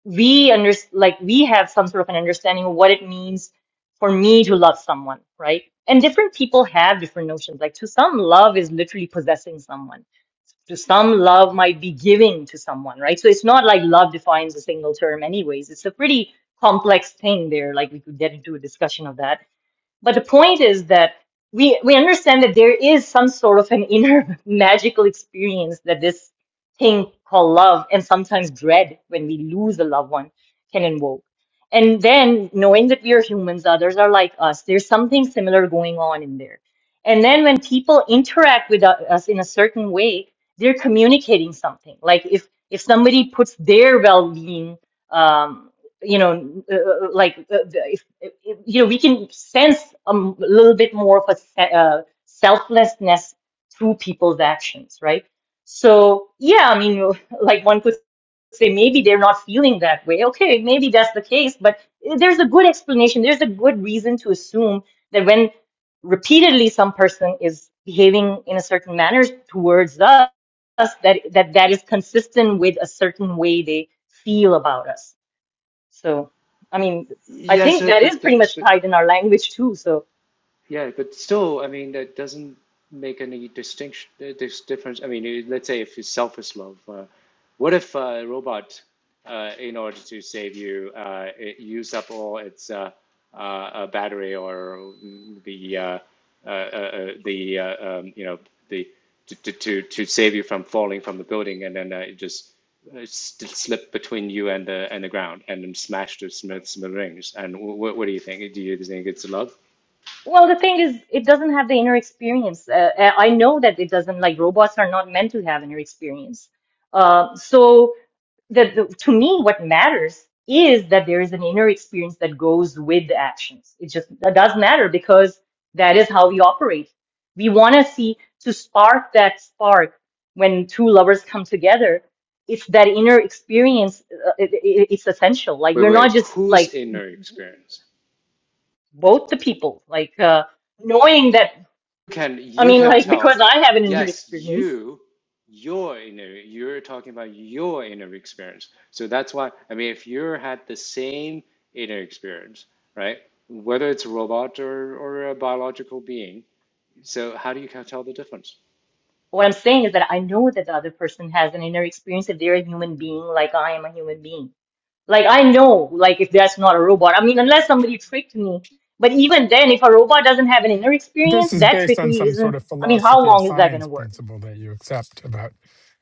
we under like we have some sort of an understanding of what it means for me to love someone, right? And different people have different notions. Like to some, love is literally possessing someone. To some, love might be giving to someone, right? So it's not like love defines a single term, anyways. It's a pretty complex thing there. Like we could get into a discussion of that. But the point is that we we understand that there is some sort of an inner magical experience that this thing called love and sometimes dread when we lose a loved one can invoke. And then knowing that we are humans, others are like us, there's something similar going on in there. And then when people interact with u- us in a certain way, they're communicating something. Like if if somebody puts their well-being um, you know, uh, uh, uh, like the, if, if, you know, we can sense a m- little bit more of a se- uh, selflessness through people's actions, right? So yeah, I mean, you- like one could say maybe they're not feeling that way. Okay, maybe that's the case, but uh, there's a good explanation. There's a good reason to assume that when repeatedly some person is behaving in a certain manner towards us, us that that that is consistent with a certain way they feel about us so, I mean, I Yes, think uh, that but is uh, pretty but much tied in our language too. So, Yeah, but still, I mean, that doesn't make any distinction, uh, this difference. I mean, it- let's say if it's selfish love, uh, what if uh, a robot, uh, in order to save you, uh, it used up all its uh, uh, uh, battery or mm, the uh, uh, uh, uh, the uh, um, you know the to, to to to save you from falling from the building, and then uh, it just uh, s- slipped between you and the and the ground, and then smashed to smith smithereens. And wh wh- what do you think? Do you think it's love? well, the thing is, it doesn't have the inner experience. Uh, uh, I know that it doesn't, like robots are not meant to have inner experience. Uh, so the, the to me what matters is that there is an inner experience that goes with the actions it just that does matter because that is how we operate we want to see to spark that spark when two lovers come together it's that inner experience uh, it, it, it's essential like Wait, we're wait, not just whose like inner experience? both the people like uh, knowing that You can i you mean can like tell, because i have an inner yes, experience you, your inner, you're talking about your inner experience. So that's why I mean if you had the same inner experience, right? Whether it's a robot or, or a biological being, so how do you can tell the difference? what i'm saying is that i know that the other person has an inner experience if they're a human being like i am a human being Like I know, like if that's not a robot. I mean, unless somebody tricked me. But even then, if a robot doesn't have an inner But this experience, is that based on trickery some sort isn't. of I mean, how philosophy of long is that going science to work? principle that you accept about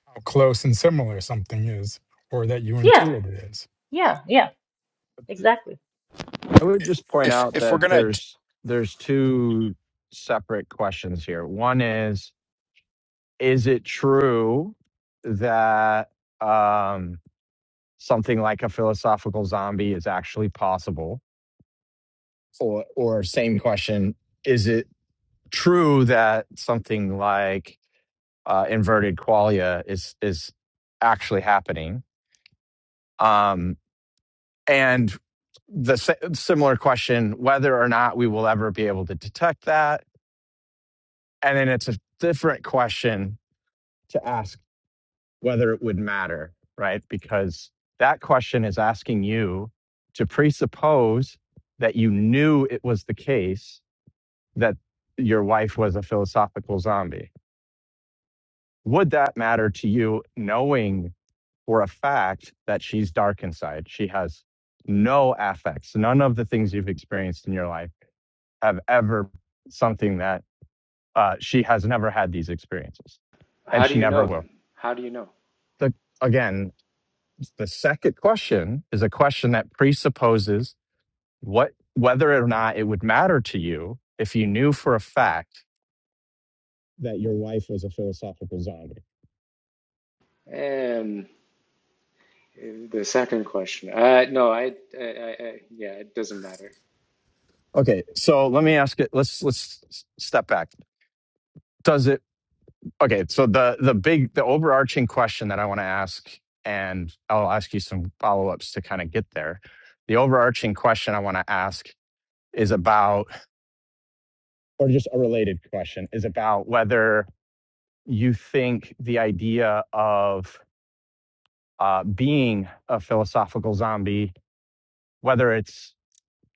how close and similar something is, or that you Yeah, intuit it is. yeah, yeah, exactly. I would just point If out if we're that gonna d- there's there's two separate questions here. One is is it true that um something like a philosophical zombie is actually possible? Or, or same question, is it true that something like uh, inverted qualia is is actually happening? Um, and the sa- similar question whether or not we will ever be able to detect that, and then it's a different question to ask. whether it would matter, right? Because that question is asking you to presuppose that you knew it was the case that your wife was a philosophical zombie. Would that matter to you knowing for a fact that she's dark inside? She has no affects. None of the things you've experienced in your life have ever something that uh, she has never had these experiences and How do she you never know will. then? How do you know? The, again, The second question is a question that presupposes what whether or not it would matter to you if you knew for a fact that your wife was a philosophical zombie. Um, the second question. Uh, no, I, I, I, I, yeah, it doesn't matter. Okay, so let me ask it. Let's let's step back. Does it? Okay, so the the big the overarching question that I want to ask, and I'll ask you some follow ups to kind of get there. The overarching question I want to ask is about, or just a related question, is about whether you think the idea of uh, being a philosophical zombie, whether it's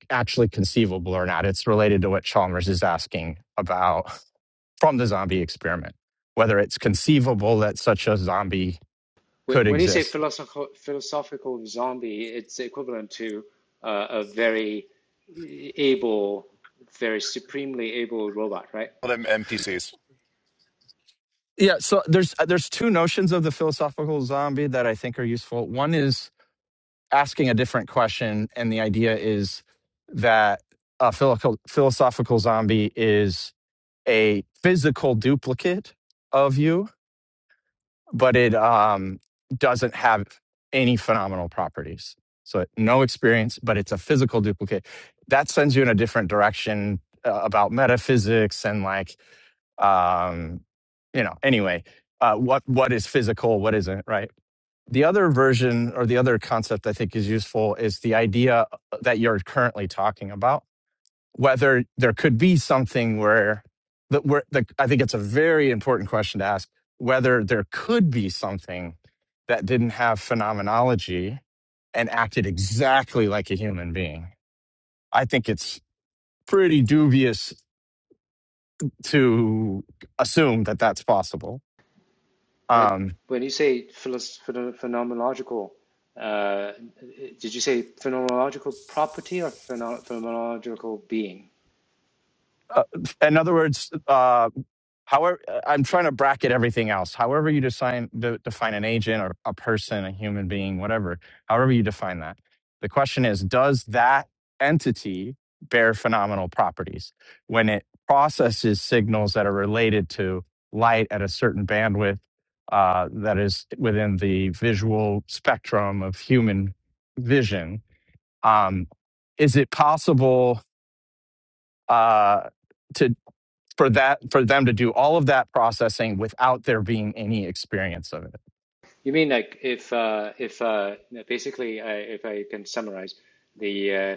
actually conceivable or not, it's related to what Chalmers is asking about from the zombie experiment, whether it's conceivable that such a zombie could When you say exist. philosophical, philosophical zombie, it's equivalent to uh, a very able, very supremely able robot, right? call them NPCs, Yeah, so there's there's two notions of the philosophical zombie that I think are useful. One is asking a different question, and the idea is that a philosophical zombie is a physical duplicate of you, but it um, doesn't have any phenomenal properties. So no experience, but it's a physical duplicate. That sends you in a different direction uh, about metaphysics and like um, you know. Anyway, uh, what what is physical? What isn't? Right. The other version or the other concept I think is useful is the idea uh, that you're currently talking about whether there could be something where that where the, I think it's a very important question to ask whether there could be something that didn't have phenomenology and acted exactly like a human being. I think it's pretty dubious to assume that that's possible. Uh, Um, when you say philos- phenomenological, uh, did you say phenomenological property or pheno- phenomenological being? uh, in other words, uh, however uh, i'm trying to bracket everything else however you define de- define an agent or a person a human being whatever however you define that the question is does that entity bear phenomenal properties when it processes signals that are related to light at a certain bandwidth uh, that is within the visual spectrum of human vision um, is it possible uh, for that for them to do all of that processing without there being any experience of it. You mean like if uh, if uh, basically I, if I can summarize the uh,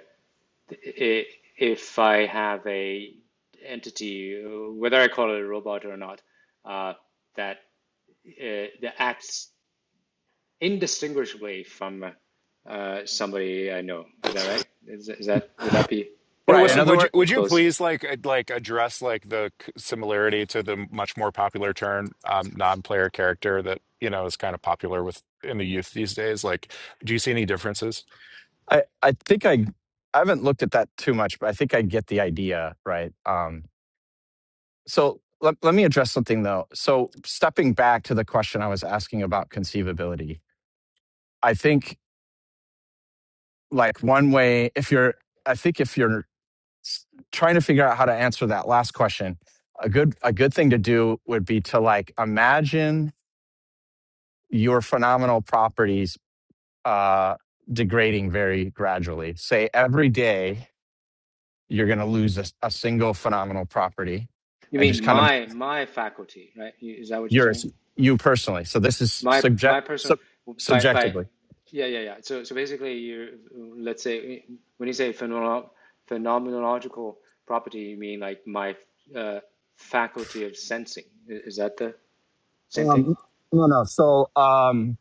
if I have a entity, whether I call it a robot or not, uh, that uh, that acts indistinguishably from uh, somebody I know. Is that right? Is, is that would that be And Right. In uh, Wissam, other would you words, would you close? please like ad- like address like the c- similarity to the much more popular term um, non-player character that you know is kind of popular with in the youth these days? Like, do you see any differences? I, I think I I haven't looked at that too much, but I think I get the idea, right? Um, So let, let me address something though. So stepping back to the question I was asking about conceivability, I think like one way, if you're, I think if you're s- trying to figure out how to answer that last question, a good a good thing to do would be to like imagine your phenomenal properties uh, degrading very gradually. Say every day you're going to lose a, s- a single phenomenal property, You and mean just kind of my my faculty, right? Is that what you're saying? Yours, you personally. So this is My my subject personal sub, by by subjectively. yeah yeah yeah. So so basically, you let's say when you say phenomenal, phenomenological property, you mean like my uh, faculty of sensing. I- Is that the same thing? Um, no, no. So um,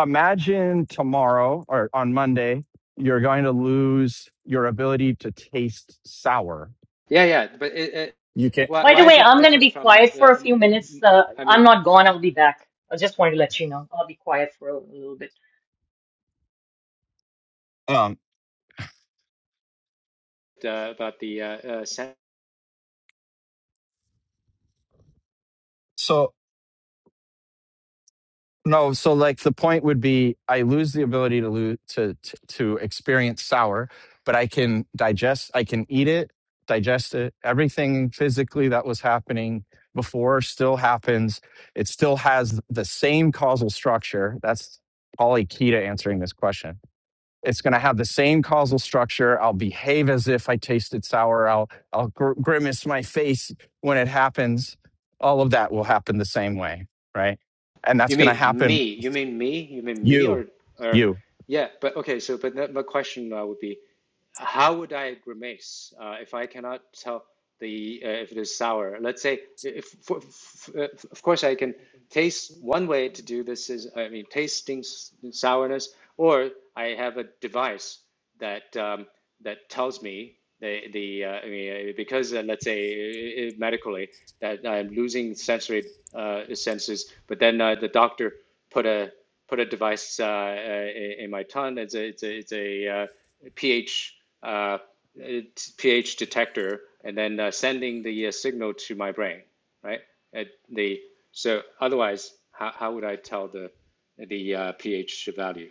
imagine tomorrow or on Monday, you're going to lose your ability to taste sour. Yeah yeah. But it, it, You can. why By the why is way, it I'm going to different be from quiet for the? a Um, few minutes. Uh, I I'm mean not gone. I'll be back. I just wanted to let you know. I'll be quiet for a little bit. Um, uh, about the uh, uh, so No, so like the point would be I lose the ability to lose to, to to experience sour, but I can digest I can eat it, digest it. Everything physically that was happening before still happens. It still has the same causal structure. That's probably key to answering this question. It's going to have the same causal structure. I'll behave as if I tasted sour. I'll I'll gr- grimace my face when it happens. All of that will happen the same way, right? and that's You going to mean happen me? You mean me? You mean me you, or or you. yeah, but okay, so but that, my question uh, would be how would I grimace uh, if I cannot tell the uh, if it is sour? Let's say if for, f uh, of course I can taste one way to do this is I mean tasting s- sourness or I have a device that um, that tells me the the uh, I mean, uh, because uh, let's say uh, medically that I'm losing sensory uh, senses, but then uh, the doctor put a put a device uh, uh, in my tongue. It's a it's a, it's a uh, pH uh, pH detector, and then uh, sending the uh, signal to my brain, right? At the so otherwise, how, how would I tell the the uh, pH value?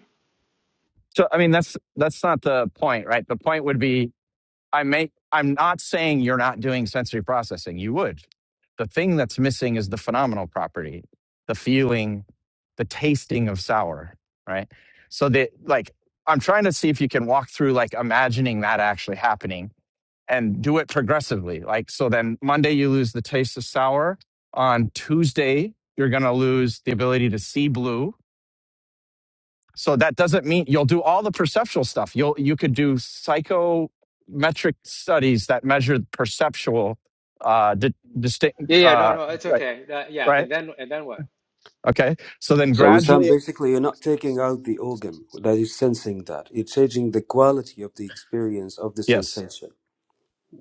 So I mean, that's that's not the point, right? The point would be I make. I'm not saying you're not doing sensory processing. You would. The thing that's missing is the phenomenal property, the feeling, the tasting of sour, right? So that like I'm trying to see if you can walk through like imagining that actually happening and do it progressively. Like so then Monday you lose the taste of sour. On Tuesday, you're gonna lose the ability to see blue So that doesn't mean you'll do all the perceptual stuff. You'll you could do psychometric studies that measure perceptual uh di- distinct Yeah, yeah, no, uh no, it's right okay. That, yeah, right and then and then what? okay. So then So, Islam, gradually basically, you're not taking out the organ that is sensing that. You're changing the quality of the experience of the yes. sensation.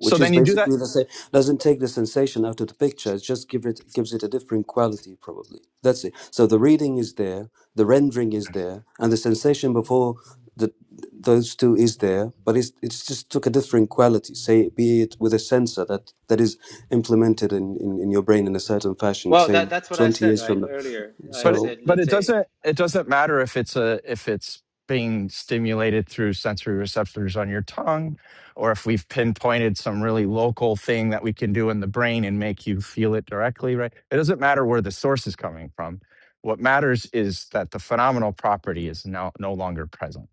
So then is you do that basically the same doesn't take the sensation out of the picture it just give it gives it a different quality probably that's it so the reading is there the rendering is there and the sensation before the, those two is there but it's, it's just took a different quality say be it with a sensor that that is implemented in, in, in your brain in a certain fashion Well, say that that's what I 20 said years right from now earlier. I but so it- said, but let's it say doesn't it doesn't matter if it's a if it's being stimulated through sensory receptors on your tongue or if we've pinpointed some really local thing that we can do in the brain and make you feel it directly right it doesn't matter where the source is coming from what matters is that the phenomenal property is now no longer present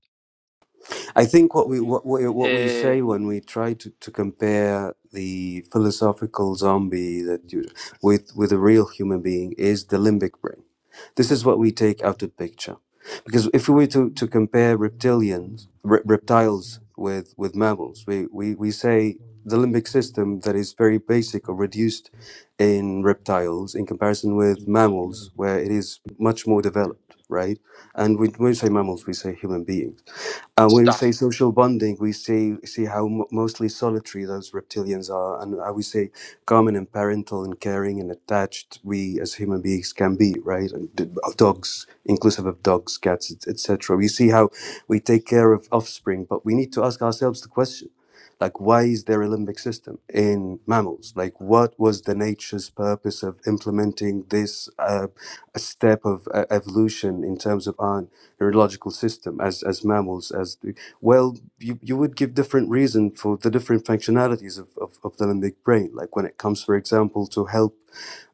I think what we what we, what we uh, say when we try to, to compare the philosophical zombie that you with with a real human being is the limbic brain. This is what we take out of picture, because if we were to, to compare reptilians re- reptiles with with mammals, we, we we say the limbic system that is very basic or reduced in reptiles in comparison with mammals where it is much more developed, right? And when we say mammals, we say human beings and when we say social bonding, we see see how m- mostly solitary those reptilians are, and how we say common and parental and caring and attached we as human beings can be, right? And d- dogs, inclusive of dogs, cats, etc. We see how we take care of offspring, but we need to ask ourselves the question: like, why is there a limbic system in mammals? Like, what was the nature's purpose of implementing this uh, step of uh, evolution in terms of our neurological system as as mammals as well you, you would give different reason for the different functionalities of, of, of the limbic brain like when it comes for example to help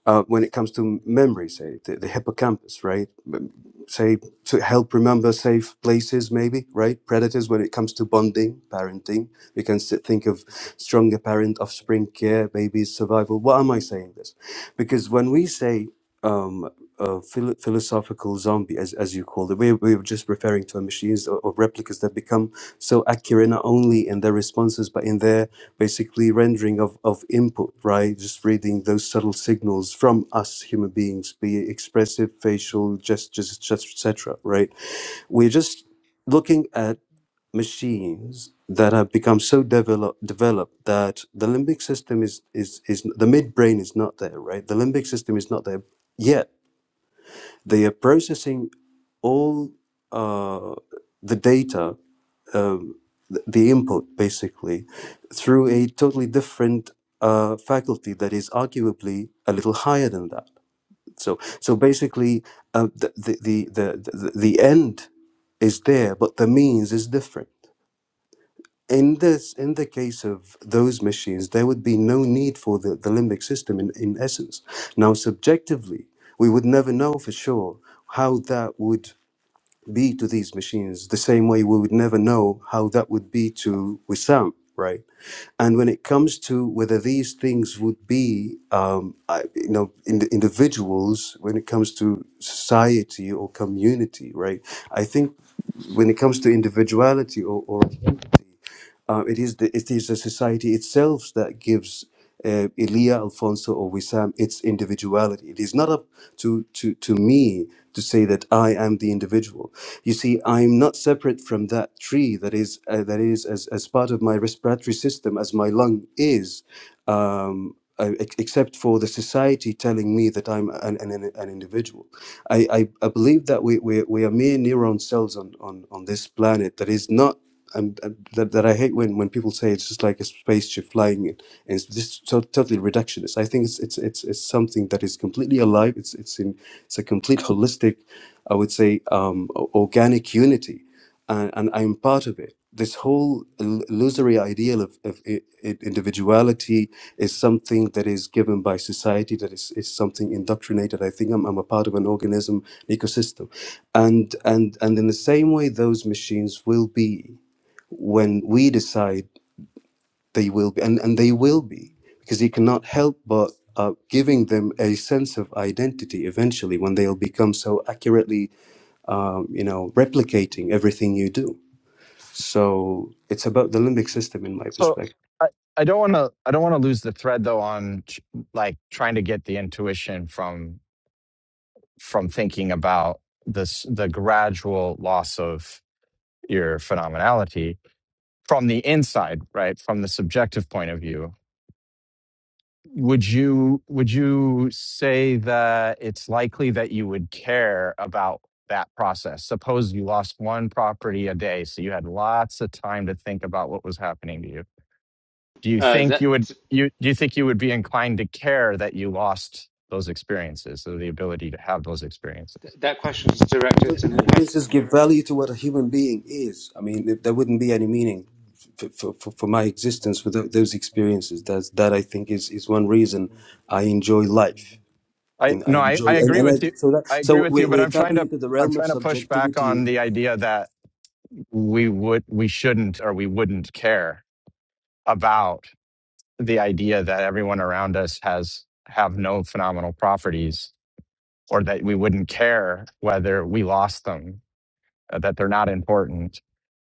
uh, when it comes to memory say the, the hippocampus right M- say to help remember safe places maybe right predators when it comes to bonding parenting we can s- think of stronger parent offspring care babies survival why am i saying this because when we say um, uh, philo- philosophical zombie, as, as you called it. We, we were just referring to machines or, or replicas that become so accurate not only in their responses but in their basically rendering of, of input, right? Just reading those subtle signals from us human beings, be it expressive, facial, gestures, etc. Right? We're just looking at machines that have become so develop, developed that the limbic system is is is the midbrain is not there right the limbic system is not there yet they are processing all uh, the data, um, th- the input basically, through a totally different uh, faculty that is arguably a little higher than that. So, so basically, uh, the, the, the, the, the the end is there, but the means is different. In this, in the case of those machines, there would be no need for the, the limbic system in, in essence. Now, subjectively, we would never know for sure how that would be to these machines the same way we would never know how that would be to Wissam, right? And when it comes to whether these things would be, um, I- you know, in the individuals, when it comes to society or community, right? I think when it comes to individuality or, or identity, uh, it is the it is the society itself that gives uh, Elia, Alfonso, or Wissam its individuality. It is not up to to to me to say that I am the individual. You see, I'm not separate from that tree that is uh, that is as, as part of my respiratory system as my lung is, um, uh, ex- except for the society telling me that I'm an, an, an an individual. I, I, I believe that we, we, we are mere neuron cells on, on, on this planet that is not. Um, uh, that, that I hate when, when people say it's just like a spaceship flying in, and it's just to- totally reductionist. I think it's, it's it's it's something that is completely alive. It's it's in it's a complete holistic I would say, um, o- organic unity, and, and I'm part of it. This whole ill- illusory ideal of, of i- i- individuality is something that is given by society, that is, is something indoctrinated. I think I'm, I'm a part of an organism, an ecosystem. And, and, and in the same way, those machines will be when we decide they will be, and, and they will be, because you cannot help but uh, giving them a sense of identity eventually when they'll become so accurately um, you know, replicating everything you do. So it's about the limbic system, in my so perspective. i, I don't want to i don't want to lose the thread though on ch- like trying to get the intuition from from thinking about this the gradual loss of your phenomenality from the inside, right? From the subjective point of view. Would you would you say that it's likely that you would care about that process? Suppose you lost one property a day, so you had lots of time to think about what was happening to you. Do you uh, think that you would you do you think you would be inclined to care that you lost those experiences or the ability to have those experiences? that question is directed to me, right? Businesses give value to what a human being is. I mean, there wouldn't be any meaning for, for, for for my existence without those experiences. That's, that I think is, is one reason I enjoy life. I And I no, I, enjoy, I and, agree and I, with you. so that, I agree so with we, you, but we're I'm trying tapping to into the I'm realm of trying to push back on subjectivity. the idea that we would we shouldn't or we wouldn't care about the idea that everyone around us has have no phenomenal properties or that we wouldn't care whether we lost them uh, that they're not important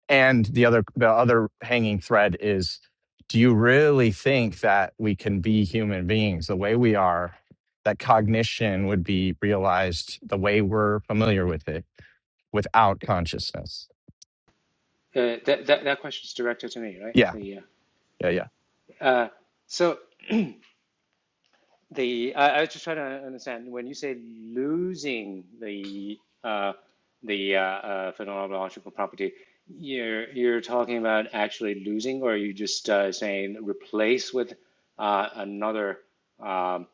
and the other the other hanging thread is do you really think that we can be human beings the way we are that cognition would be realized the way we're familiar with it without consciousness Uh, that that that question is directed to me, right? yeah The yeah yeah uh, uh, so. the I, I was just trying to understand when you say losing the uh, the uh, uh, phenomenological property, you're you're talking about actually losing, or are you just uh, saying replace with uh, another um,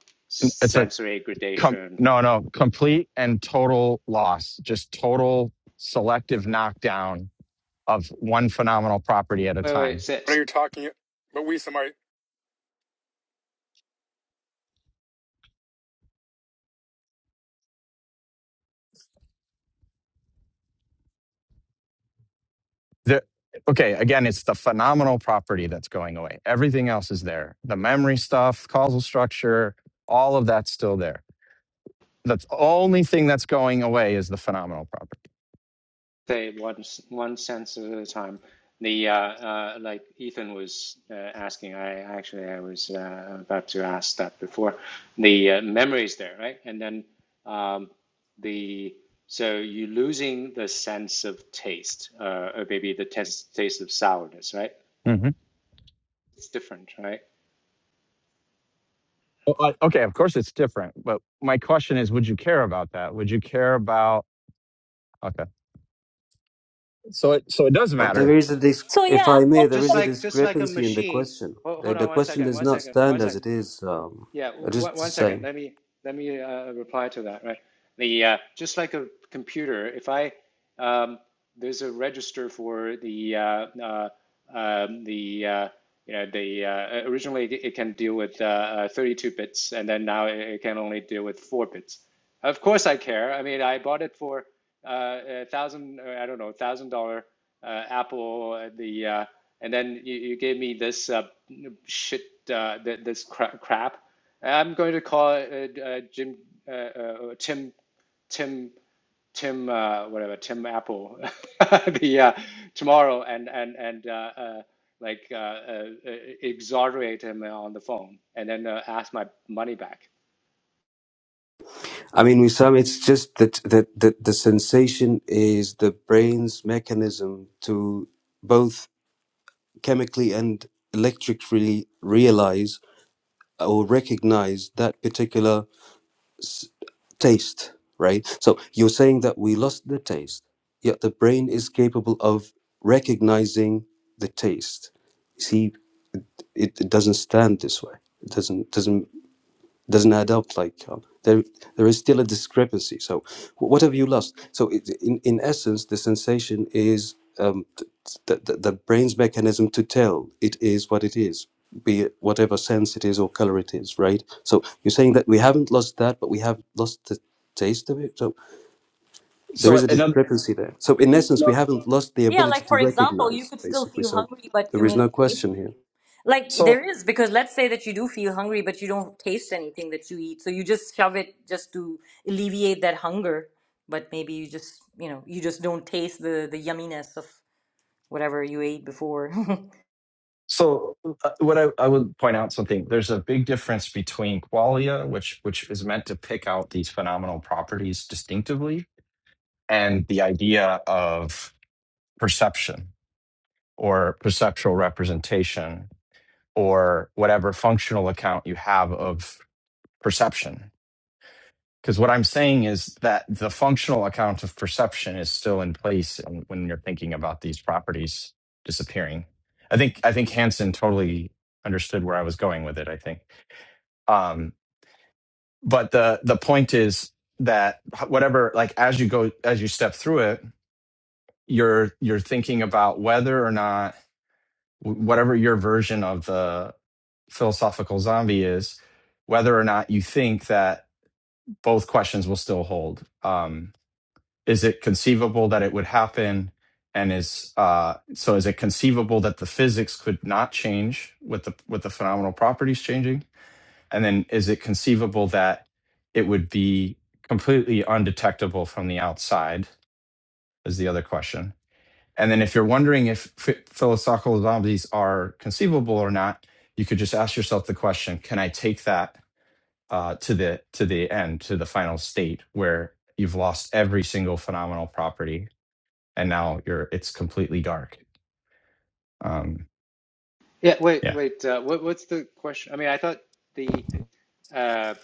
It's a sensory Com- gradation? no, no, complete and total loss, just total selective knockdown of one phenomenal property at a Wait, wait, time. say, What are you talking, but we somebody, The, okay, again, it's the phenomenal property that's going away. Everything else is there. The memory stuff, causal structure, all of that's still there That's the only thing that's going away is the phenomenal property. say one one sentence at a time. The uh, uh, like Ethan was uh, asking, I actually I was uh, about to ask that before. The uh, memory there, right? And then um, the so you losing the sense of taste, uh, or maybe the taste taste of sourness, right? hmm It's different, right? okay, of course it's different, but my question is, would you care about that? Would you care about? Okay, so it so it does But matter. there is a, dis- So if yeah, I I mean, I may, think there Just is that a the, like just like a discrepancy in the machine. question. Hold, The, hold the on one question second, does one not second, stand one as sec. it is. Um, Yeah, I just, one, one just second. saying. Let me let me uh, reply to that, right? the uh, just like a computer if i um, there's a register for the uh, uh, um, the uh, you know the uh, originally it can deal with uh, uh, 32 bits and then now it can only deal with four bits. Of course I care. I mean I bought it for uh, a thousand uh, I don't know thousand dollar uh, Apple uh, the uh, and then you, you gave me this uh, shit uh, this cra- crap. I'm going to call it uh, uh, Jim uh, uh, Tim. Tim Tim, uh, whatever, Tim Apple, the uh, tomorrow, and and and uh, uh, like uh, uh, uh, exonerate him on the phone, and then uh, ask my money back. I mean, Wissam, it's just that, that, that the sensation is the brain's mechanism to both chemically and electrically realize or recognize that particular s- taste, right? So you're saying that we lost the taste, yet the brain is capable of recognizing the taste. You See, it, it doesn't stand this way. It doesn't doesn't doesn't add up like um, there there is still a discrepancy so wh- what have you lost so it, in in essence the sensation is um, th- th- the, the brain's mechanism to tell it is what it is be it whatever sense it is or color it is right so you're saying that we haven't lost that but we have lost the taste of it so there So is a another discrepancy there so in essence we haven't lost the yeah, ability like to for example, you recognize could still basically feel so hungry, but you there is may not no taste. question here Like so there is because let's say that you do feel hungry, but you don't taste anything that you eat, so you just shove it just to alleviate that hunger. But maybe you just you know you just don't taste the the yumminess of whatever you ate before. So uh, what I, I would point out something. There's a big difference between qualia, which which is meant to pick out these phenomenal properties distinctively, and the idea of perception or perceptual representation or whatever functional account you have of perception. Because what I'm saying is that the functional account of perception is still in place when when you're thinking about these properties disappearing. I think I think Hansen totally understood where I was going with it. I think. um but the the point is that whatever like as you go as you step through it you're you're thinking about whether or not whatever your version of the philosophical zombie is whether or not you think that both questions will still hold um is it conceivable that it would happen and is uh so is it conceivable that the physics could not change with the with the phenomenal properties changing And then is it conceivable that it would be completely undetectable from the outside? Is the other question. And then if you're wondering if philosophical zombies are conceivable or not, you could just ask yourself the question: Can I take that uh, to the to the end, to the final state where you've lost every single phenomenal property, and now you're it's completely dark? Um, Yeah, wait, yeah, wait. Uh, what what's the question? I mean, I thought the uh,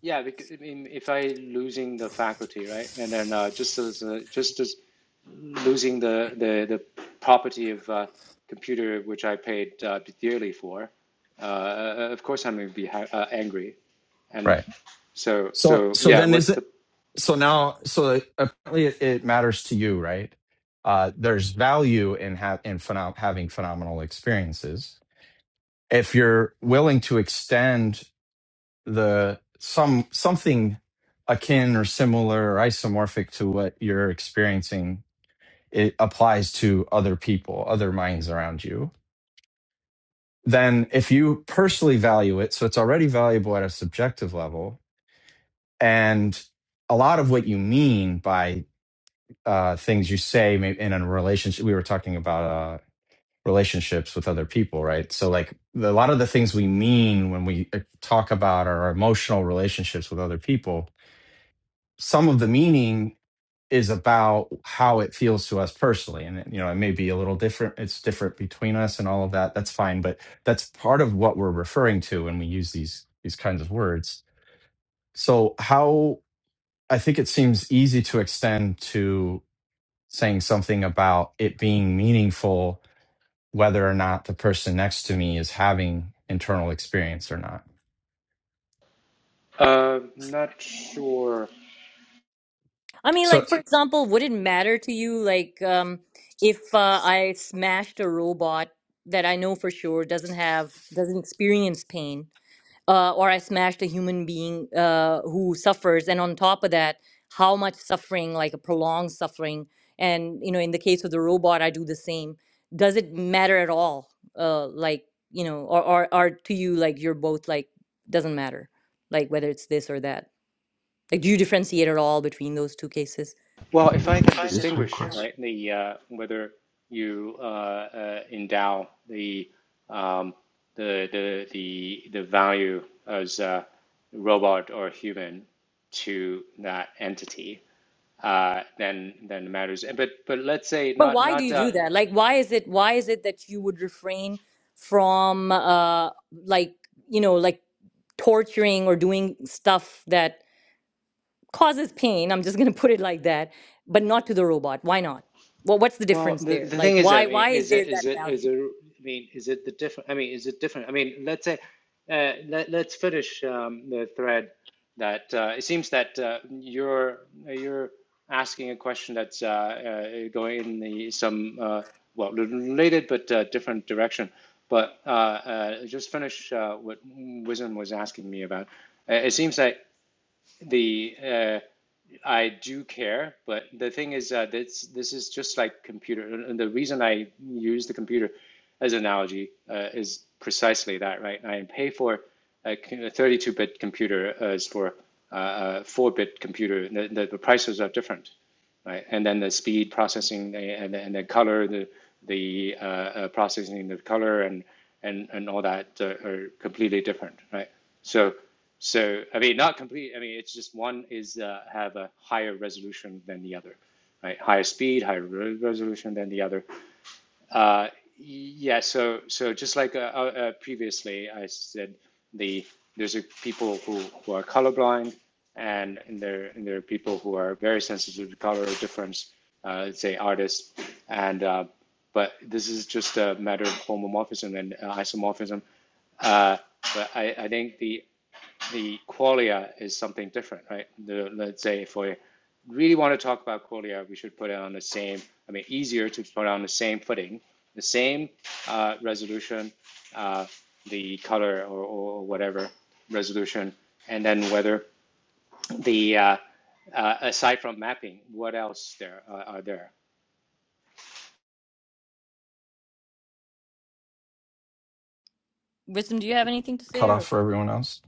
yeah, because, I mean, if I losing the faculty, right, and then uh, just as uh, just as losing the the the property of uh, computer which I paid uh, dearly for, uh, of course I'm gonna be ha uh, angry. And right. so, So so so yeah, then is what's the, it so now so apparently it, it matters to you, right? Uh there's value in ha- in phenom- having phenomenal experiences. If you're willing to extend the some something akin or similar or isomorphic to what you're experiencing, it applies to other people, other minds around you. Then if you personally value it, so it's already valuable at a subjective level and a lot of what you mean by uh, things you say may- in a relationship. We were talking about uh, relationships with other people, right? So, like the, a lot of the things we mean when we uh, talk about our emotional relationships with other people, some of the meaning is about how it feels to us personally. And, you know, it may be a little different. It's different between us and all of that. That's fine. But that's part of what we're referring to when we use these these kinds of words. So, how I think it seems easy to extend to saying something about it being meaningful whether or not the person next to me is having internal experience or not uh, not sure. I mean, so like for example, would it matter to you like um, if uh, I smashed a robot that I know for sure doesn't have doesn't experience pain? uh, or I smashed a human being uh, who suffers. And on top of that, how much suffering, like a prolonged suffering. And, you know, in the case of the robot, I do the same. Does it matter at all? Uh, like, you know, or, or, or to you, like, you're both like, doesn't matter, like, whether it's this or that. Like, do you differentiate at all between those two cases? Well, if I can no distinguish, right, the, uh, whether you, uh, uh, endow the, um, the, the, the, the value as a robot or human to that entity, uh, then, then it matters. But, but let's say But not, why do not, you uh, do that? Like, why is it, why is it that you would refrain from, uh, like, you know, like torturing or doing stuff that causes pain i'm just going to put it like that but not to the robot why not well what's the Well, difference the, there the like thing is, I why mean, why is is it there that is it value is it I mean, is it the different? I mean, is it different? I mean, let's say, uh, let let's finish um, the thread that uh, it seems that uh, you're you're asking a question that's uh, uh, going in the some uh, well related but uh, different direction. But uh, uh, just finish uh, what Wisdom was asking me about. Uh, it seems that the uh, I do care, but the thing is that uh, this this is just like computer, and the reason I use the computer as an analogy uh, is precisely that, right? I pay for a 32-bit computer as for uh, a 4-bit computer. the, the prices are different, right? And then the speed processing and, the- and the color, the the uh, uh, processing of color and and and all that uh, are completely different, right? So so I mean not complete. I mean it's just one is uh, have a higher resolution than the other, right? Higher speed, higher resolution than the other, uh, Yeah, so so just like uh, uh, uh, previously, I said the there's a people who, who are colorblind, and, and there and there are people who are very sensitive to color difference, uh, say artists, and uh, but this is just a matter of homomorphism and uh, isomorphism. Uh, but I, I think the the qualia is something different, right? The, let's say if we really want to talk about qualia, we should put it on the same, I mean, easier to put on the same footing, the same uh, resolution, uh, the color or, or whatever resolution, and then whether the, uh, uh, aside from mapping, what else there uh, are there? wisdom do you have anything to say cut or off for everyone else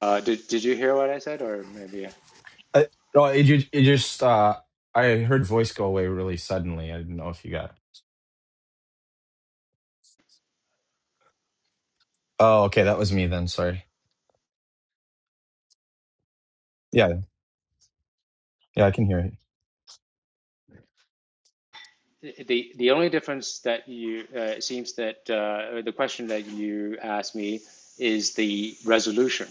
Uh, did, did you hear what I said or maybe? I, no, it, it just uh i heard voice go away really suddenly i didn't know if you got it. oh okay that was me then sorry yeah yeah i can hear it The, the only difference that you, uh, it seems that uh, the question that you asked me is the resolution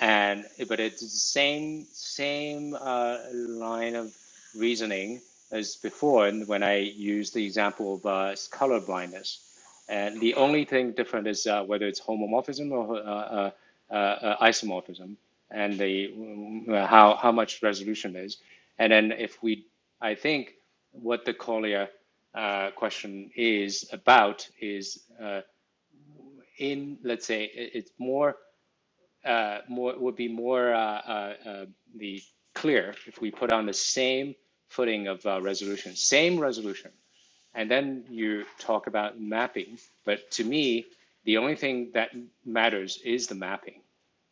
and but it's the same same uh, line of reasoning as before and when I used the example of uh, color blindness. And the only thing different is uh, whether it's homomorphism or uh, uh, uh, uh, isomorphism, and the mm, how how much resolution is. And then if we, I think what the Collier uh, question is about is uh, in let's say it- it's more uh, more would be more uh, uh, uh, the clear if we put on the same footing of uh, resolution, same resolution, and then you talk about mapping. But to me, the only thing that matters is the mapping,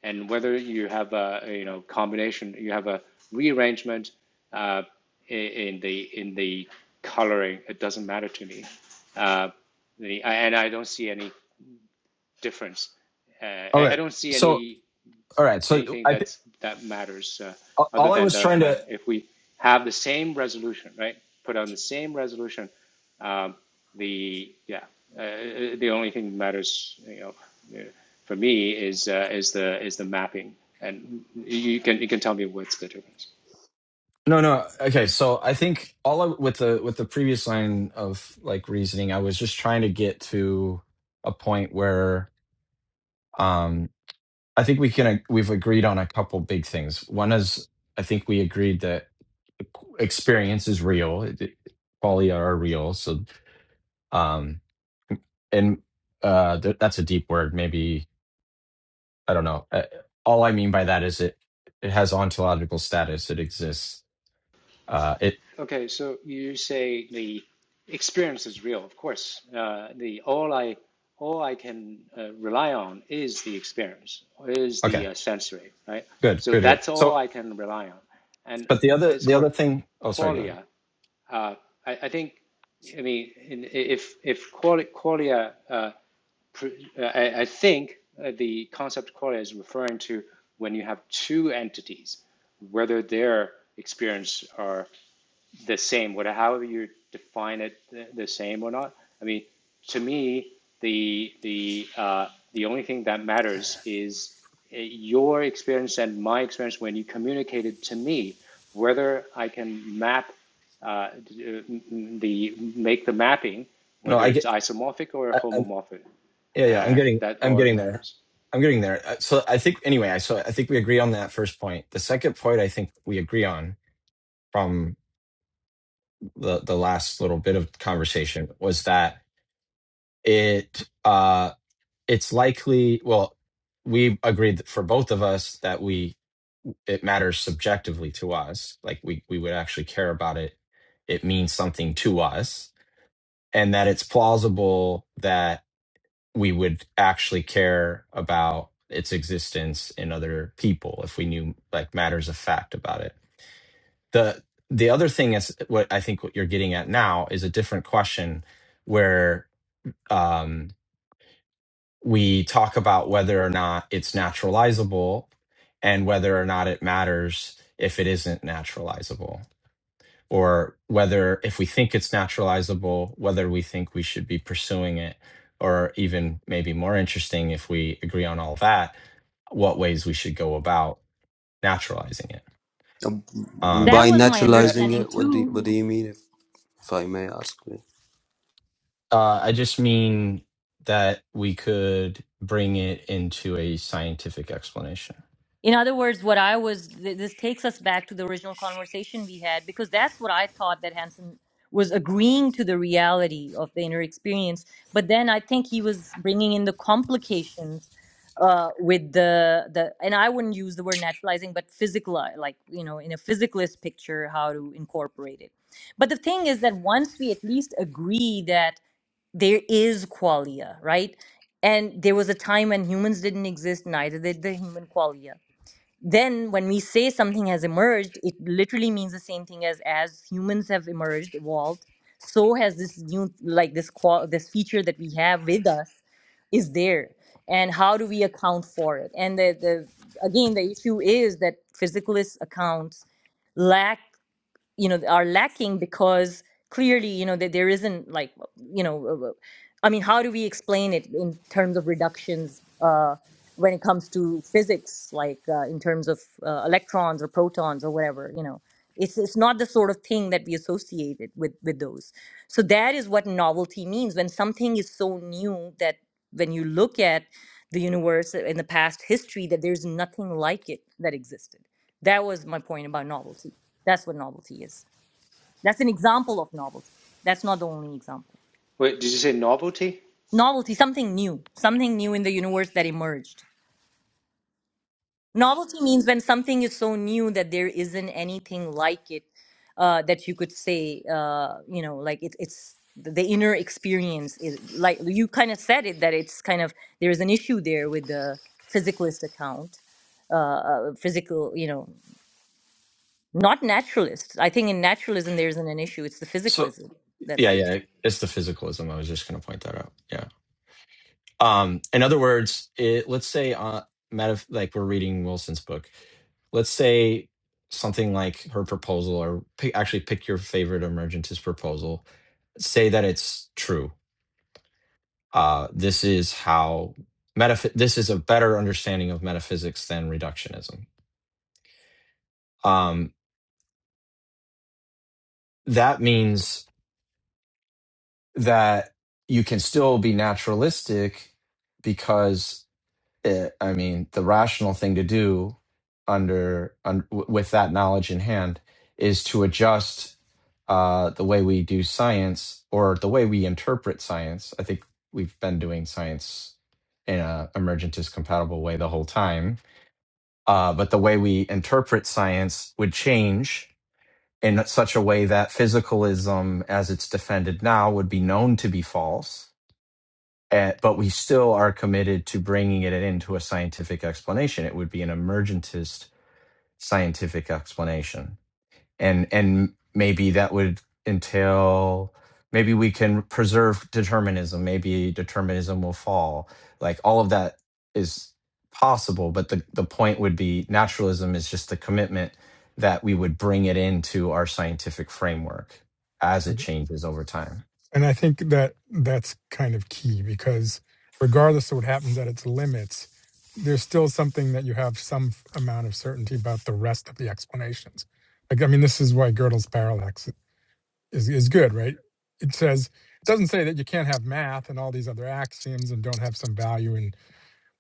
and whether you have a you know combination, you have a rearrangement uh, in the in the coloring. It doesn't matter to me. Uh, the, and I don't see any difference. Uh, okay I don't see so any all right so anything i th- that's that matters uh, other all i than was the trying to matter. If we have the same resolution, right? Put on the same resolution, um, the yeah, uh, uh, the only thing that matters, you know, uh, for me is uh, is the is the mapping, and you can you can tell me what's the difference. no no okay so i think all I, with the with the previous line of like reasoning i was just trying to get to a point where Um, I think we can ag- we've agreed on a couple big things. One is I think we agreed that experience is real. It- it- Qualia are real. So, um, and uh, th- that's a deep word. Maybe I don't know. Uh, all I mean by that is it it has ontological status. It exists. Uh, it Okay, so you say the experience is real, of course. Uh, the all I all I can uh, rely on is the experience, is the okay. uh, sensory, right? Good. So Good. Good. that's all So, I can rely on. And but the other as the for other thing. Oh, sorry. Go ahead. qualia, uh, I, I think, I mean, if if qualia, uh, uh, I, I think uh, the concept qualia is referring to when you have two entities, whether their experience are the same, whatever however you define it, the, the same or not. I mean, to me, the the uh, the only thing that matters is uh, your experience and my experience when you communicated to me, whether I can map uh, the make the mapping, No, whether I it's get. isomorphic or homomorphic, Yeah, yeah, I'm uh, getting, that I'm all getting there. matters. I'm getting there. Uh, So I think anyway, I so I think we agree on that first point. The second point I think we agree on from the the last little bit of conversation was that it uh it's likely well we agreed that for both of us that we it matters subjectively to us like we we would actually care about it it means something to us and that it's plausible that. we would actually care about its existence in other people if we knew like matters of fact about it. The the other thing is what I think what you're getting at now is a different question where um, we talk about whether or not it's naturalizable and whether or not it matters if it isn't naturalizable or whether if we think it's naturalizable, whether we think we should be pursuing it, or even maybe more interesting if we agree on all that, what ways we should go about naturalizing it. Um, that Um, by was my Uh, naturalizing understanding it what do, you, too what do you mean if I may ask me. uh, I just mean that we could bring it into a scientific explanation. In other words, what I was, th- this takes us back to the original conversation we had because that's what I thought that Hansen was agreeing to the reality of the inner experience. But then I think he was bringing in the complications uh, with the, the, and I wouldn't use the word naturalizing, but physical, uh, like, you know, in a physicalist picture, how to incorporate it. But the thing is that once we at least agree that there is qualia, right? And there was a time when humans didn't exist, neither did the human qualia then when we say something has emerged it literally means the same thing as as humans have emerged evolved so has this new like this qual this feature that we have with us is there and how do we account for it and the, the again the issue is that physicalist accounts lack you know are lacking because clearly you know that there isn't like you know uh, uh, i mean how do we explain it in terms of reductions uh, when it comes to physics like uh, in terms of uh, electrons or protons or whatever you know it's it's not the sort of thing that we associate it with with those so that is what novelty means when something is so new that when you look at the universe in the past history that there's nothing like it that existed that was my point about novelty that's what novelty is. That's an example of novelty. That's not the only example. wait, did you say novelty? Novelty, something new, something new in the universe that emerged. Novelty means when something is so new that there isn't anything like it uh, that you could say, uh, you know, like it, it's the inner experience is like you kind of said it that it's kind of there is an issue there with the physicalist account, uh, uh, physical, you know, not naturalist. I think in naturalism there isn't an issue. It's the So physicalism that's yeah, the issue. yeah, it's the physicalism. I was just going to point that out. Yeah. Um, in other words, it, let's say, uh, meta, like we're reading Wilson's book. Let's say something like her proposal, or pick, actually pick your favorite emergentist proposal. Say that it's true. Uh, this is how metaph- This is a better understanding of metaphysics than reductionism. Um, that means that you can still be naturalistic because it, I mean, the rational thing to do under, un, w- with that knowledge in hand is to adjust uh, the way we do science or the way we interpret science. I think we've been doing science in a emergentist compatible way the whole time, uh, but the way we interpret science would change in such a way that physicalism, as it's defended now, would be known to be false uh, but we still are committed to bringing it into a scientific explanation. It would be an emergentist scientific explanation, and and maybe that would entail maybe we can preserve determinism. Maybe determinism will fall. Like all of that is possible, but the the point would be naturalism is just the commitment that we would bring it into our scientific framework as it changes over time. and I think that that's kind of key because regardless of what happens at its limits, there's still something that you have some f- amount of certainty about the rest of the explanations. Like, I mean, this is why Gödel's parallax is is good, right? It says it doesn't say that you can't have math and all these other axioms and don't have some value and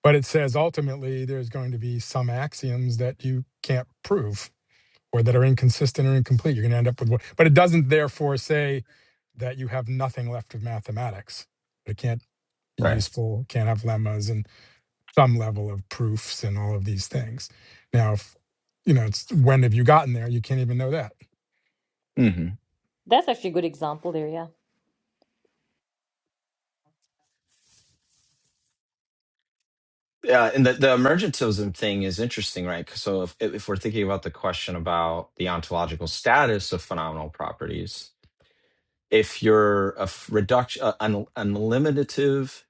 but it says ultimately there's going to be some axioms that you can't prove or that are inconsistent or incomplete. You're going to end up with what but it doesn't therefore say that you have nothing left of mathematics. It can't be Right. useful, can't have lemmas and some level of proofs and all of these things. Now, if, you know, it's when have you gotten there? You can't even know that. Hmm. That's actually a good example there, yeah. Yeah, and the, the emergentism thing is interesting, right? 'Cause So if if we're thinking about the question about the ontological status of phenomenal properties, if you're a f- reduction, a- an, an eliminative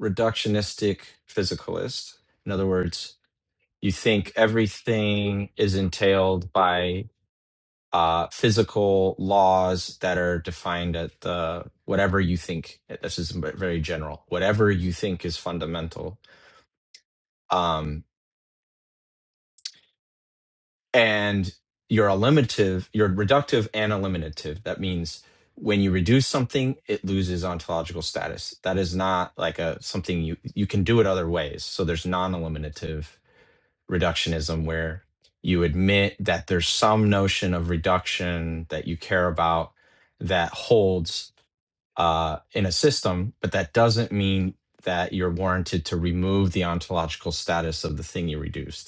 reductionistic physicalist, in other words, you think everything is entailed by uh, physical laws that are defined at the whatever you think. This is very general. Whatever you think is fundamental. Um, and you're eliminative, you're reductive and eliminative. That means when you reduce something, it loses ontological status. That is not like a something you you can do it other ways. So there's non-eliminative reductionism where you admit that there's some notion of reduction that you care about that holds uh, in a system, but that doesn't mean that you're warranted to remove the ontological status of the thing you reduced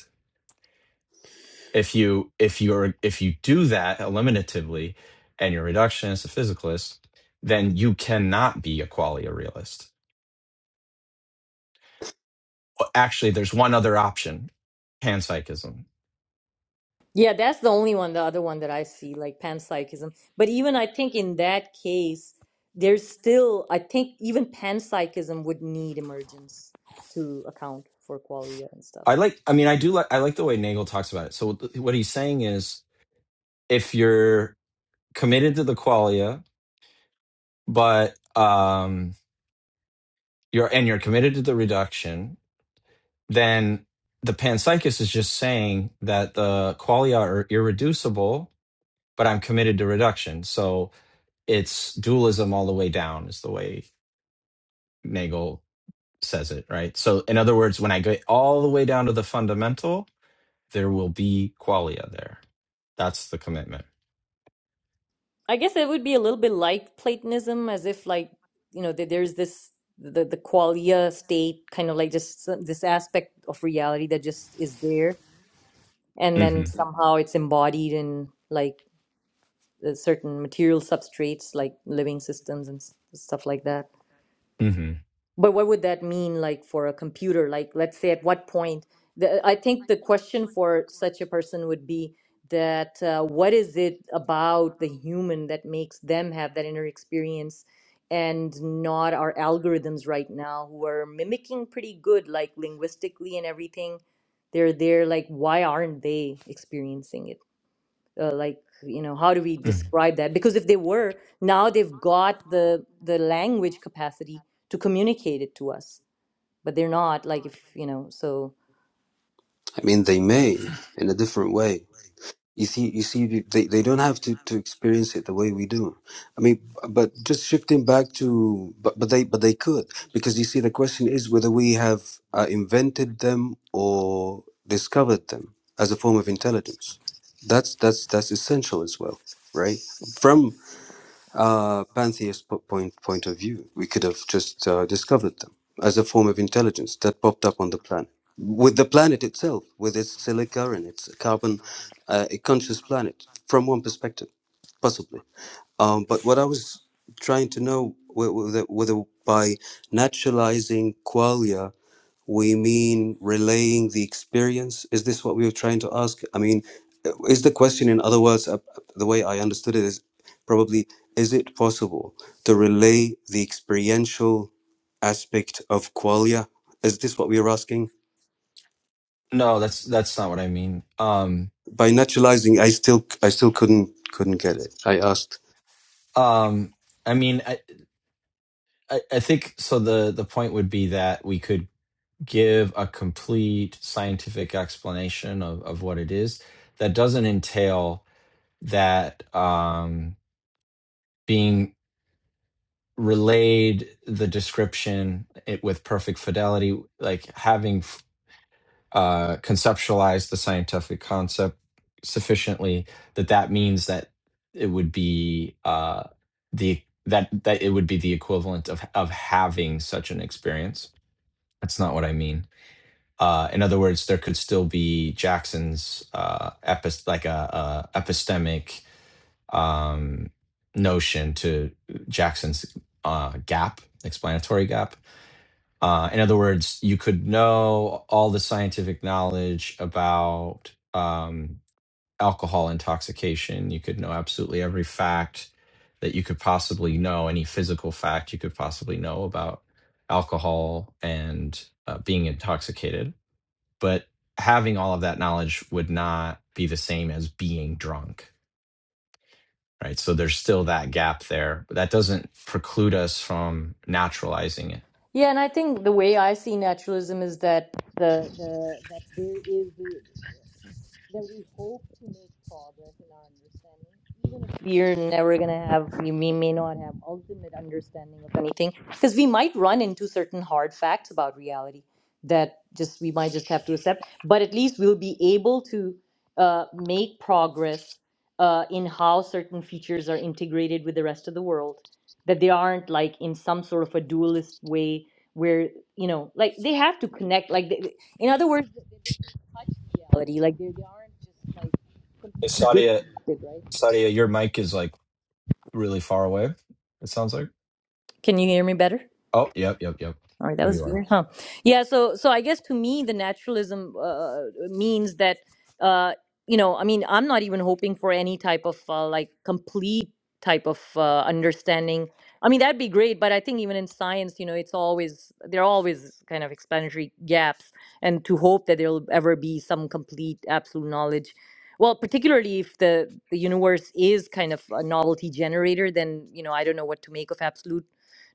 if you if you're if you do that eliminatively and you're a reductionist a physicalist then you cannot be a qualia realist Well, actually there's one other option panpsychism Yeah, that's the only one, the other one that I see, like panpsychism. But even I think in that case, there's still, I think even panpsychism would need emergence to account for qualia and stuff. i like i mean i do like i like the way nagel talks about it so th- what he's saying is if you're committed to the qualia but um you're and you're committed to the reduction then the panpsychist is just saying that the qualia are irreducible but i'm committed to reduction so it's dualism all the way down is the way Nagel says it, right? So in other words, when I go all the way down to the fundamental, there will be qualia there. That's the commitment. I guess it would be a little bit like Platonism, as if like, you know, that there's this the the qualia state, kind of like just some- this aspect of reality that just is there, and then hmm somehow it's embodied in like uh, certain material substrates like living systems and stuff like that. hmm But what would that mean like for a computer? Like let's say at what point the, I think the question for such a person would be that uh, what is it about the human that makes them have that inner experience and not our algorithms right now who are mimicking pretty good like linguistically and everything they're there like why aren't they experiencing it uh, like you know how do we describe that because if they were now they've got the the language capacity to communicate it to us but they're not like if you know so I mean, they may in a different way. You see, you see, they, they don't have to, to experience it the way we do. I mean, but just shifting back to, but, but they, but they could, because you see, the question is whether we have uh, invented them or discovered them as a form of intelligence. That's, that's, that's essential as well, right? From uh, pantheist po- point point of view, we could have just uh, discovered them as a form of intelligence that popped up on the planet. With the planet itself, with its silica and its carbon, uh, a conscious planet from one perspective, possibly. Um, but what I was trying to know whe- whether, whether by naturalizing qualia we mean relaying the experience? Is this what we were trying to ask? I mean, uh, is the question, in other words, uh, uh, the way I understood it is probably is it possible to relay the experiential aspect of qualia? Is this what we were asking? No, that's that's not what I mean. Um, By naturalizing, I still, I still couldn't, couldn't get it. I asked. um, I mean, I, I, I think so. The the point would be that we could give a complete scientific explanation of of what it is that doesn't entail that um, being relayed the description it, with perfect fidelity, like having uh, conceptualized the scientific concept sufficiently that that means that it would be uh, the that that it would be the equivalent of of having such an experience. That's not what I mean. Uh, in other words, there could still be Jackson's uh, epis- like a, a epistemic um, notion to Jackson's uh, gap, explanatory gap. Uh, in other words, you could know all the scientific knowledge about um, alcohol intoxication. You could know absolutely every fact that you could possibly know, any physical fact you could possibly know about alcohol and uh, being intoxicated but having all of that knowledge would not be the same as being drunk right so there's still that gap there but that doesn't preclude us from naturalizing it yeah and i think the way i see naturalism is that the, the that there is the then we hope to make progress in our understanding. Even if we're never going to have, we, we may not have ultimate understanding of anything, because we might run into certain hard facts about reality that just we might just have to accept. But at least we'll be able to uh, make progress uh, in how certain features are integrated with the rest of the world, that they aren't like in some sort of a dualist way where you know like they have to connect like they, in other words touch reality. Like they, they aren't just like hey, completely sadia disconnected, right? sadia your mic is like really far away it sounds like Can you hear me better? oh yep yep yep All right, that there was you are weird, huh? Yeah, so so I guess to me the naturalism uh, means that uh, you know, I mean, I'm not even hoping for any type of uh, like complete type of uh, understanding. I mean, that'd be great, but I think even in science, you know, it's always there are always kind of explanatory gaps, and to hope that there'll ever be some complete absolute knowledge. Well, particularly if the, the universe is kind of a novelty generator, then you know I don't know what to make of absolute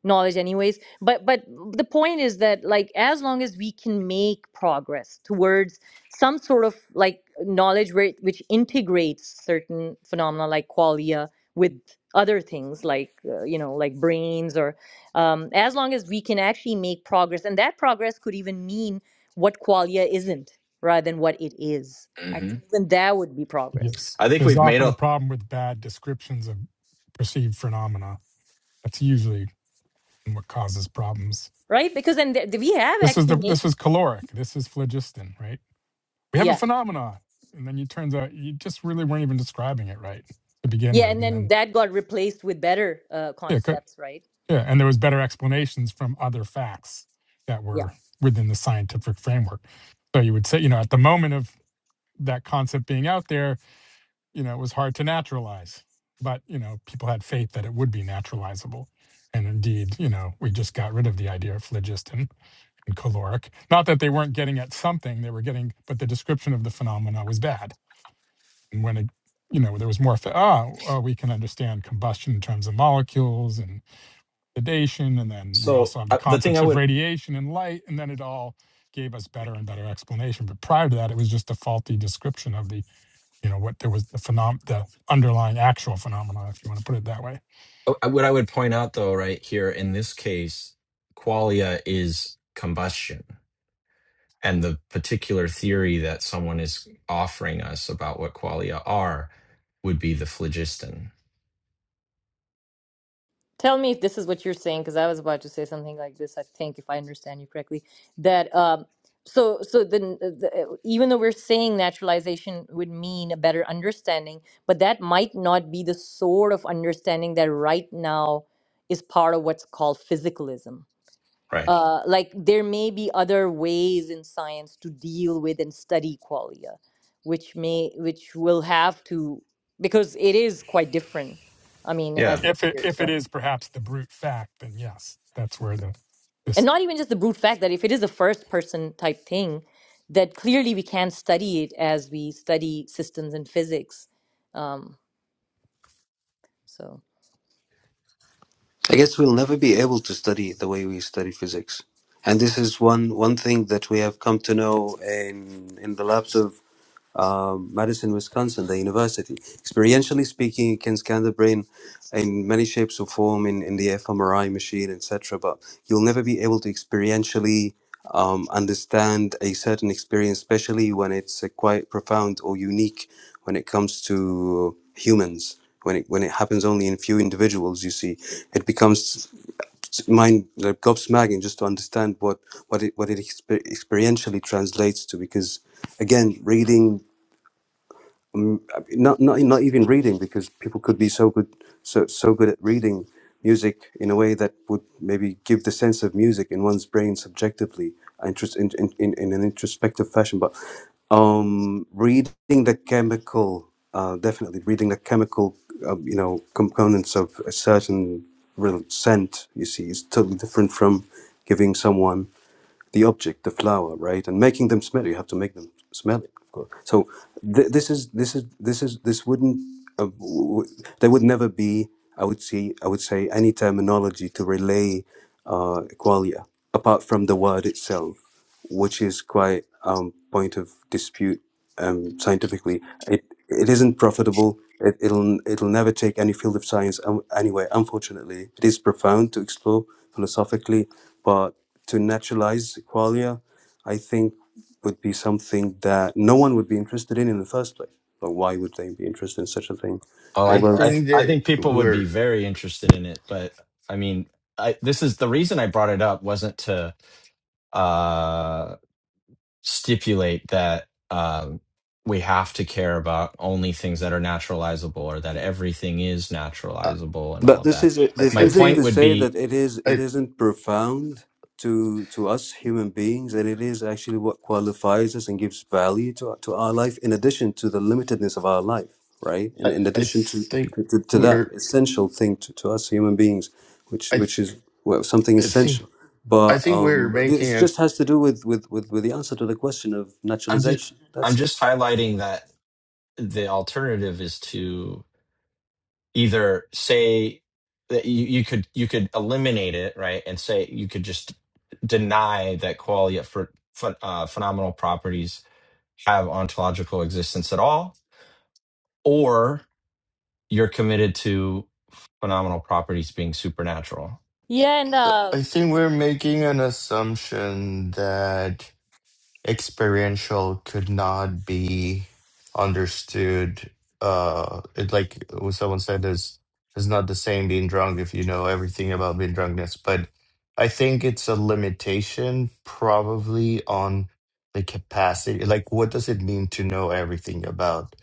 knowledge anyway but but the point is that like as long as we can make progress towards some sort of like knowledge where, it- which integrates certain phenomena like qualia with other things like uh, you know like brains or um, as long as we can actually make progress and that progress could even mean what qualia isn't rather than what it is i hmm think even that would be progress Yes. i think There's we've made often a a problem with bad descriptions of perceived phenomena. That's usually what causes problems. right because then th- we have This is actually the made this was caloric. This is phlogiston, right? we have a yeah phenomenon and then it turns out you just really weren't even describing it right to begin yeah with and and then then that got replaced with better uh, yeah co- concepts right yeah and there was better explanations from other facts that were within the scientific framework so you would say you know at the moment of that concept being out there you know it was hard to naturalize but you know people had faith that it would be naturalizable and indeed you know we just got rid of the idea of phlogiston and caloric not that they weren't getting at something they were getting but the description of the phenomena was bad And when it, you know, there was more, fa- ah, uh, we can understand combustion in terms of molecules and sedation. And then we so also have the uh, the thing i concepts of would radiation and light. And then it all gave us better and better explanation. But prior to that, it was just a faulty description of the, you know, what there was the phenom, the underlying actual phenomena, if you want to put it that way. uh, uh, what i would point out though right here in this case qualia is combustion and the particular theory that someone is offering us about what qualia are would be the phlogiston Tell me if this is what you're saying, because I was about to say something like this. I think, if I understand you correctly, that um, so so then uh, the, uh, even though we're saying naturalization would mean a better understanding, but that might not be the sort of understanding that right now is part of what's called physicalism. right Uh, like there may be other ways in science to deal with and study qualia, which may which will have to because it is quite different. I mean, as yeah it If it, appears, if right? it is perhaps the brute fact, then yes, that's where the, and this, not even just the brute fact that if it is a first person type thing that clearly we can study it as we study systems and physics um so I guess we'll never be able to study the way we study physics, and this is one one thing that we have come to know in in the lapse of um, Madison, Wisconsin, the university. Experientially speaking, you can scan the brain in many shapes or form in, in the fMRI machine, etc. But you'll never be able to experientially um, understand a certain experience, especially when it's uh, quite profound or unique when it comes to humans. When it, when it happens only in few individuals, you see, it becomes mind like gobsmacking just to understand what what it what it exper- experientially translates to. Because again, reading um, not not not even reading because people could be so good so so good at reading music in a way that would maybe give the sense of music in one's brain subjectively interest in, in, in, in an introspective fashion but um reading the chemical uh, definitely reading the chemical uh, you know components of a certain real scent you see is totally different from giving someone the object, the flower, right? And making them smell. You have to make them smell it, of course. So th- this is this is this is this wouldn't uh, w- w- there would never be. I would see. I would say any terminology to relay uh, qualia apart from the word itself which is quite um point of dispute um scientifically it it isn't profitable it, it'll it'll never take any field of science um, anyway unfortunately it is profound to explore philosophically but to naturalize qualia i think would be something that no one would be interested in in the first place but why would they be interested in such a thing oh i I although i Right. th- think i that think people would we're. be very interested in it but i mean i this is the reason i brought it up wasn't to uh stipulate that um we have to care about only things that are naturalizable or that everything is I, naturalizable and all But of this that is I this my I isn't point to think would say that be it is it I, isn't profound to to us human beings, and it is actually what qualifies us and gives value to to our life, in addition to the limitedness of our life, right? And I. in I addition to think to, to that we're. essential thing to, to us human beings, which I. which is well, something I think. essential. I But think we're um, it making a. just has to do with, with, with, with the answer to the question of i'm just naturalization. i'm That's it. just highlighting that the alternative is to either say that you, you could you could eliminate it right and say you could just deny that qualia for ph- uh, phenomenal properties have ontological existence at all or you're committed to phenomenal properties being supernatural yeah and uh, I think we're making an assumption that experiential could not be understood. Uh, it like what someone said is is not the same being drunk if you know everything about being drunkness. But I think it's a limitation probably on the capacity. Like, what does it mean to know everything about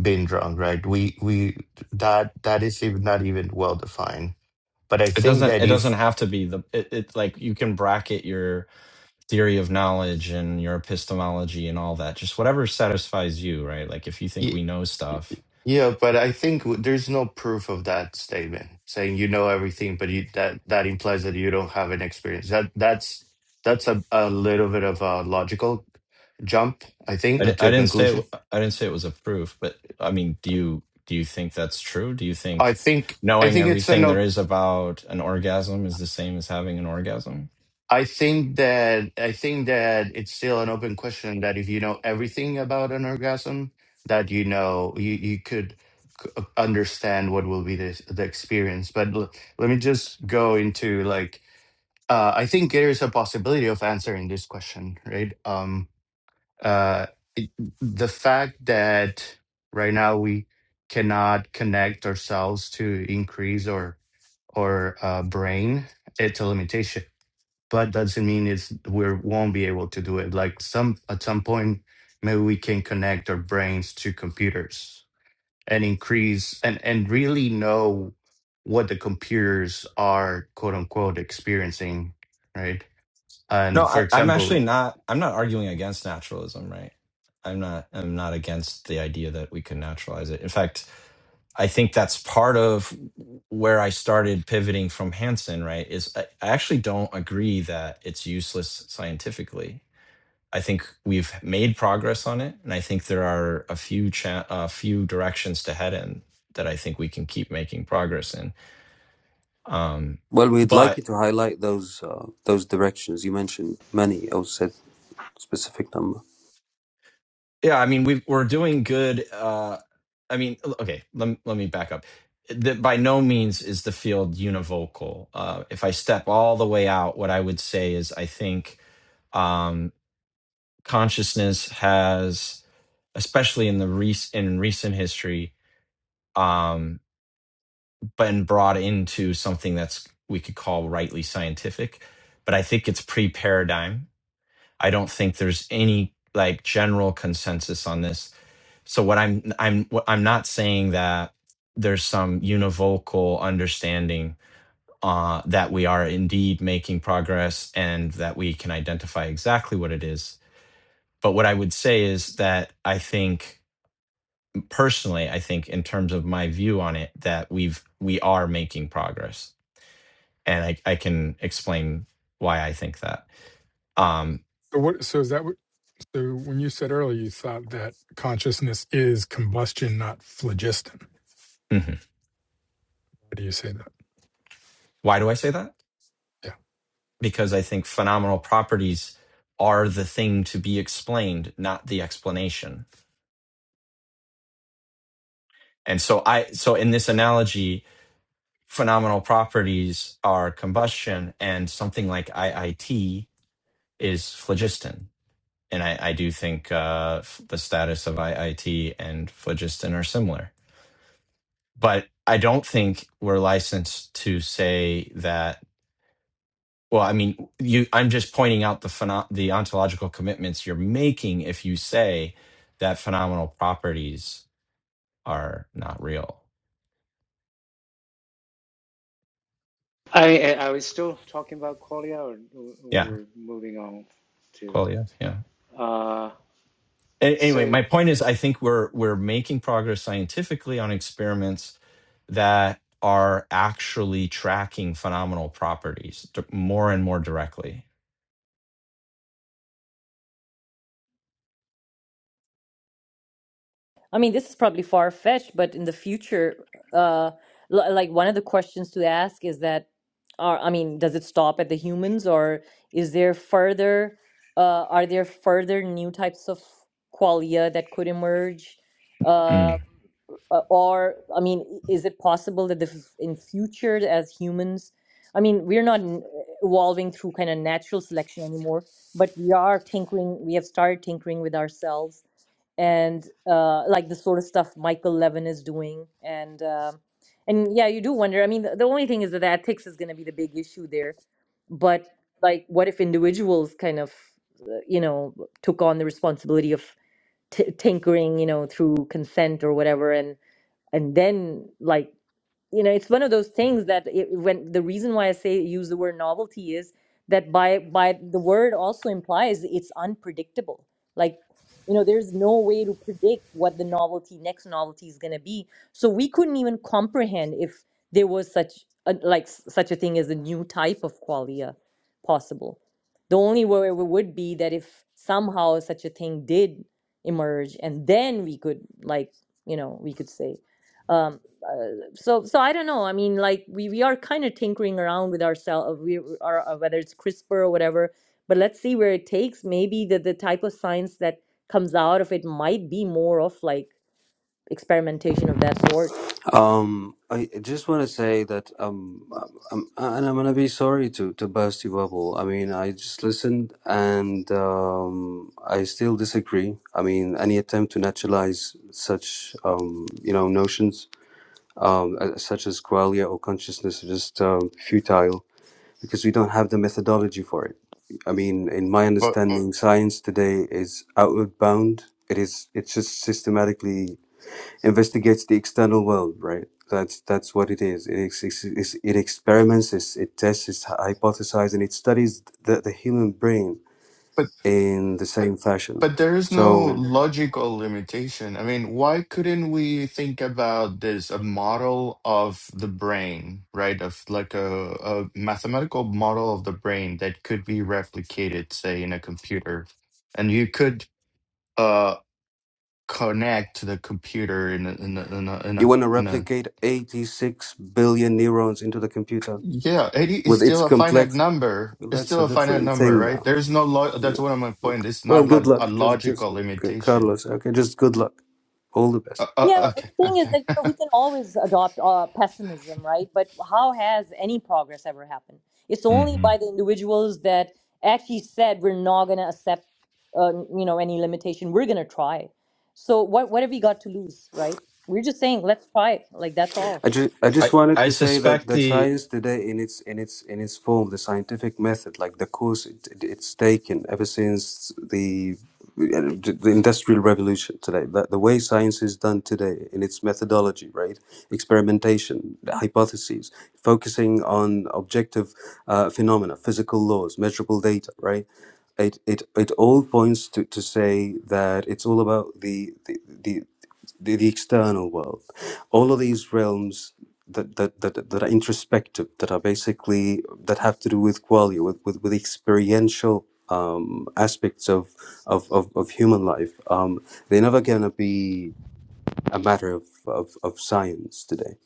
being drunk? Right? We we that that is even not even well defined. But I it think doesn't that it doesn't if have to be the it, it like you can bracket your theory of knowledge and your epistemology and all that just whatever satisfies you right like if you think we know stuff Yeah, but I think w- there's no proof of that statement saying you know everything, but you that that implies that you don't have an experience. That that's that's a, a little bit of a logical jump, I I, di- think, to I a didn't say it, conclusion. w- I didn't say it was a proof, but I mean, do you do you think that's true? Do you I think think I knowing think it's an everything there op- is about an orgasm is the same as having an orgasm? I think that I think that it's still an open question that if you know everything about an orgasm, that you know you you could c- understand what will be the the experience. But l- let me just go into like Uh, I think there is a possibility of answering this question, right? Um, uh, it, the fact that right now we cannot connect ourselves to increase or or uh, brain, it's a limitation. But doesn't mean it's we won't be able to do it. Like some at some point, maybe we can connect our brains to computers and increase and and really know what the computers are quote unquote experiencing, right? No, And for I, I'm example, actually not. I'm not arguing against naturalism, right? I'm not. I'm not against the idea that we can naturalize it. In fact, I think that's part of where I started pivoting from Hansen, right? Is I, I actually don't agree that it's useless scientifically. I think we've made progress on it, and I think there are a few cha- a few directions to head in that I think we can keep making progress in. Um, Well, we'd like but you to highlight those uh, those directions you mentioned. Many, or said. specific number. yeah, I mean, we we're doing good. Uh, I mean, l- okay, let me, let me back up. That by no means is the field univocal. Uh, if I step all the way out, what I would say is I think um, consciousness has, especially in the rec- in recent history, um, been brought into something that's we could call rightly scientific, but I think it's pre paradigm. I don't think there's any like general consensus on this. So what I'm I'm what I'm not saying that there's some univocal understanding uh, that we are indeed making progress and that we can identify exactly what it is. But what I would say is that I think personally, I think in terms of my view on it, that we've we are making progress and I, I can explain why I think that. Um, So what? So is that what? So when you said earlier, you thought that consciousness is combustion, not phlogiston. mhm. What do you say? Why do I say that? Yeah. Because I think phenomenal properties are the thing to be explained, not the explanation. And so I so in this analogy, phenomenal properties are combustion, and something like IIT is phlogiston. And I, I do think uh, the status of IIT and phlogiston are similar, but I don't think we're licensed to say that Well, I mean, you. I'm just pointing out the pheno- the ontological commitments you're making if you say that phenomenal properties are not real. I I was still talking about qualia, or Yeah, we're moving on to. well, yeah, yeah. Uh, A- anyway, so, my point is, I think we're we're making progress scientifically on experiments that are actually tracking phenomenal properties d- more and more directly. i mean this is probably far fetched but in the future uh l- like one of the questions to ask is that are i mean does it stop at the humans or is there further uh are there further new types of qualia that could emerge uh Mm, uh, or i mean is it possible that the, in future as humans i mean we're not n- evolving through kind of natural selection anymore but we are tinkering we have started tinkering with ourselves and uh, like the sort of stuff michael levin is doing and um and yeah you do wonder i mean the, the only thing is that ethics is going to be the big issue there but like what if individuals kind of uh, you know took on the responsibility of t- tinkering you know through consent or whatever and and then like you know it's one of those things that it, when the reason why i say use the word novelty is that by by the word also implies it's unpredictable like you know there's no way to predict what the novelty next novelty is going to be so we couldn't even comprehend if there was such a, like s- such a thing as a new type of qualia possible the only way we would be that if somehow such a thing did emerge and then we could like you know we could say um uh, so so i don't know i mean like we, we are kind of tinkering around with ourselves we are uh, whether it's crispr or whatever but let's see where it takes maybe the, the type of science that comes out of it might be more of like experimentation of that sort Um, I I just want to say that um, I'm, and I'm gonna be sorry to to burst your bubble. I mean, I just listened and um, I still disagree. I mean, any attempt to naturalize such um, you know notions um, uh, such as qualia or consciousness are just um, futile because we don't have the methodology for it. I mean, in my But understanding, science today is outward bound. It is. It's just systematically investigates the external world, right? That's that's what it is. It ex- ex- ex- it experiments, it's, it tests, it hypothesizes, and it studies the, the human brain but in the same fashion. but there is So no But there is no- logical limitation. I mean, why couldn't we think about this a model of the brain, right? Of like a, a mathematical model of the brain that could be replicated, say, in a computer, and you could uh connect to the computer in a, in a, in a, in you a, want to in a replicate 86 billion neurons into the computer yeah, it is with its still a finite complex. number. Well, It's that's still a a finite different number, thing right? now. There's no lo- that's Yeah. one of my point. Okay. It's Well, not good like a luck. Just just logical okay, limitation. Carlos. Okay. Just good luck. All the best. Uh, uh, Yeah, well, the okay, thing is okay. that you know we can always adopt uh, pessimism, right? But how has any progress ever happened? It's only hmm by the individuals that actually said we're not going to accept, uh, you know, any limitation. We're going to try. So what what have we got to lose, right? We're just saying let's try. Like that's all. I just I just I wanted I to say that suspect that the science today in its in its in its form, the scientific method, like the course it, it- it's taken ever since the the industrial revolution today that the way science is done today in its methodology right experimentation hypotheses focusing on objective uh, phenomena physical laws measurable data right it it, it all points to, to say that it's all about the the, the the, the external world all of these realms that that, that that are introspective, that are basically that have to do with qualia, with with, with experiential um, aspects of, of of of human life. Um, they're never gonna be a matter of, of of science today.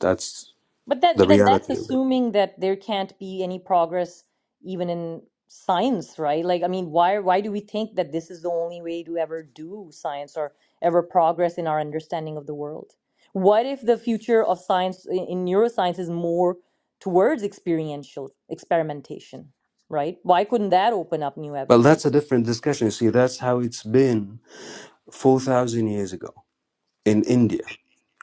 That's But then, the then that's reality of it. assuming that there can't be any progress even in science, right? Like, I mean, why why do we think that this is the only way to ever do science or ever progress in our understanding of the world? What if the future of science i- in neuroscience is more towards experiential experimentation, right? Why couldn't that open up new Well, that's a avenues? different discussion. You see, that's how it's been four thousand years ago in India.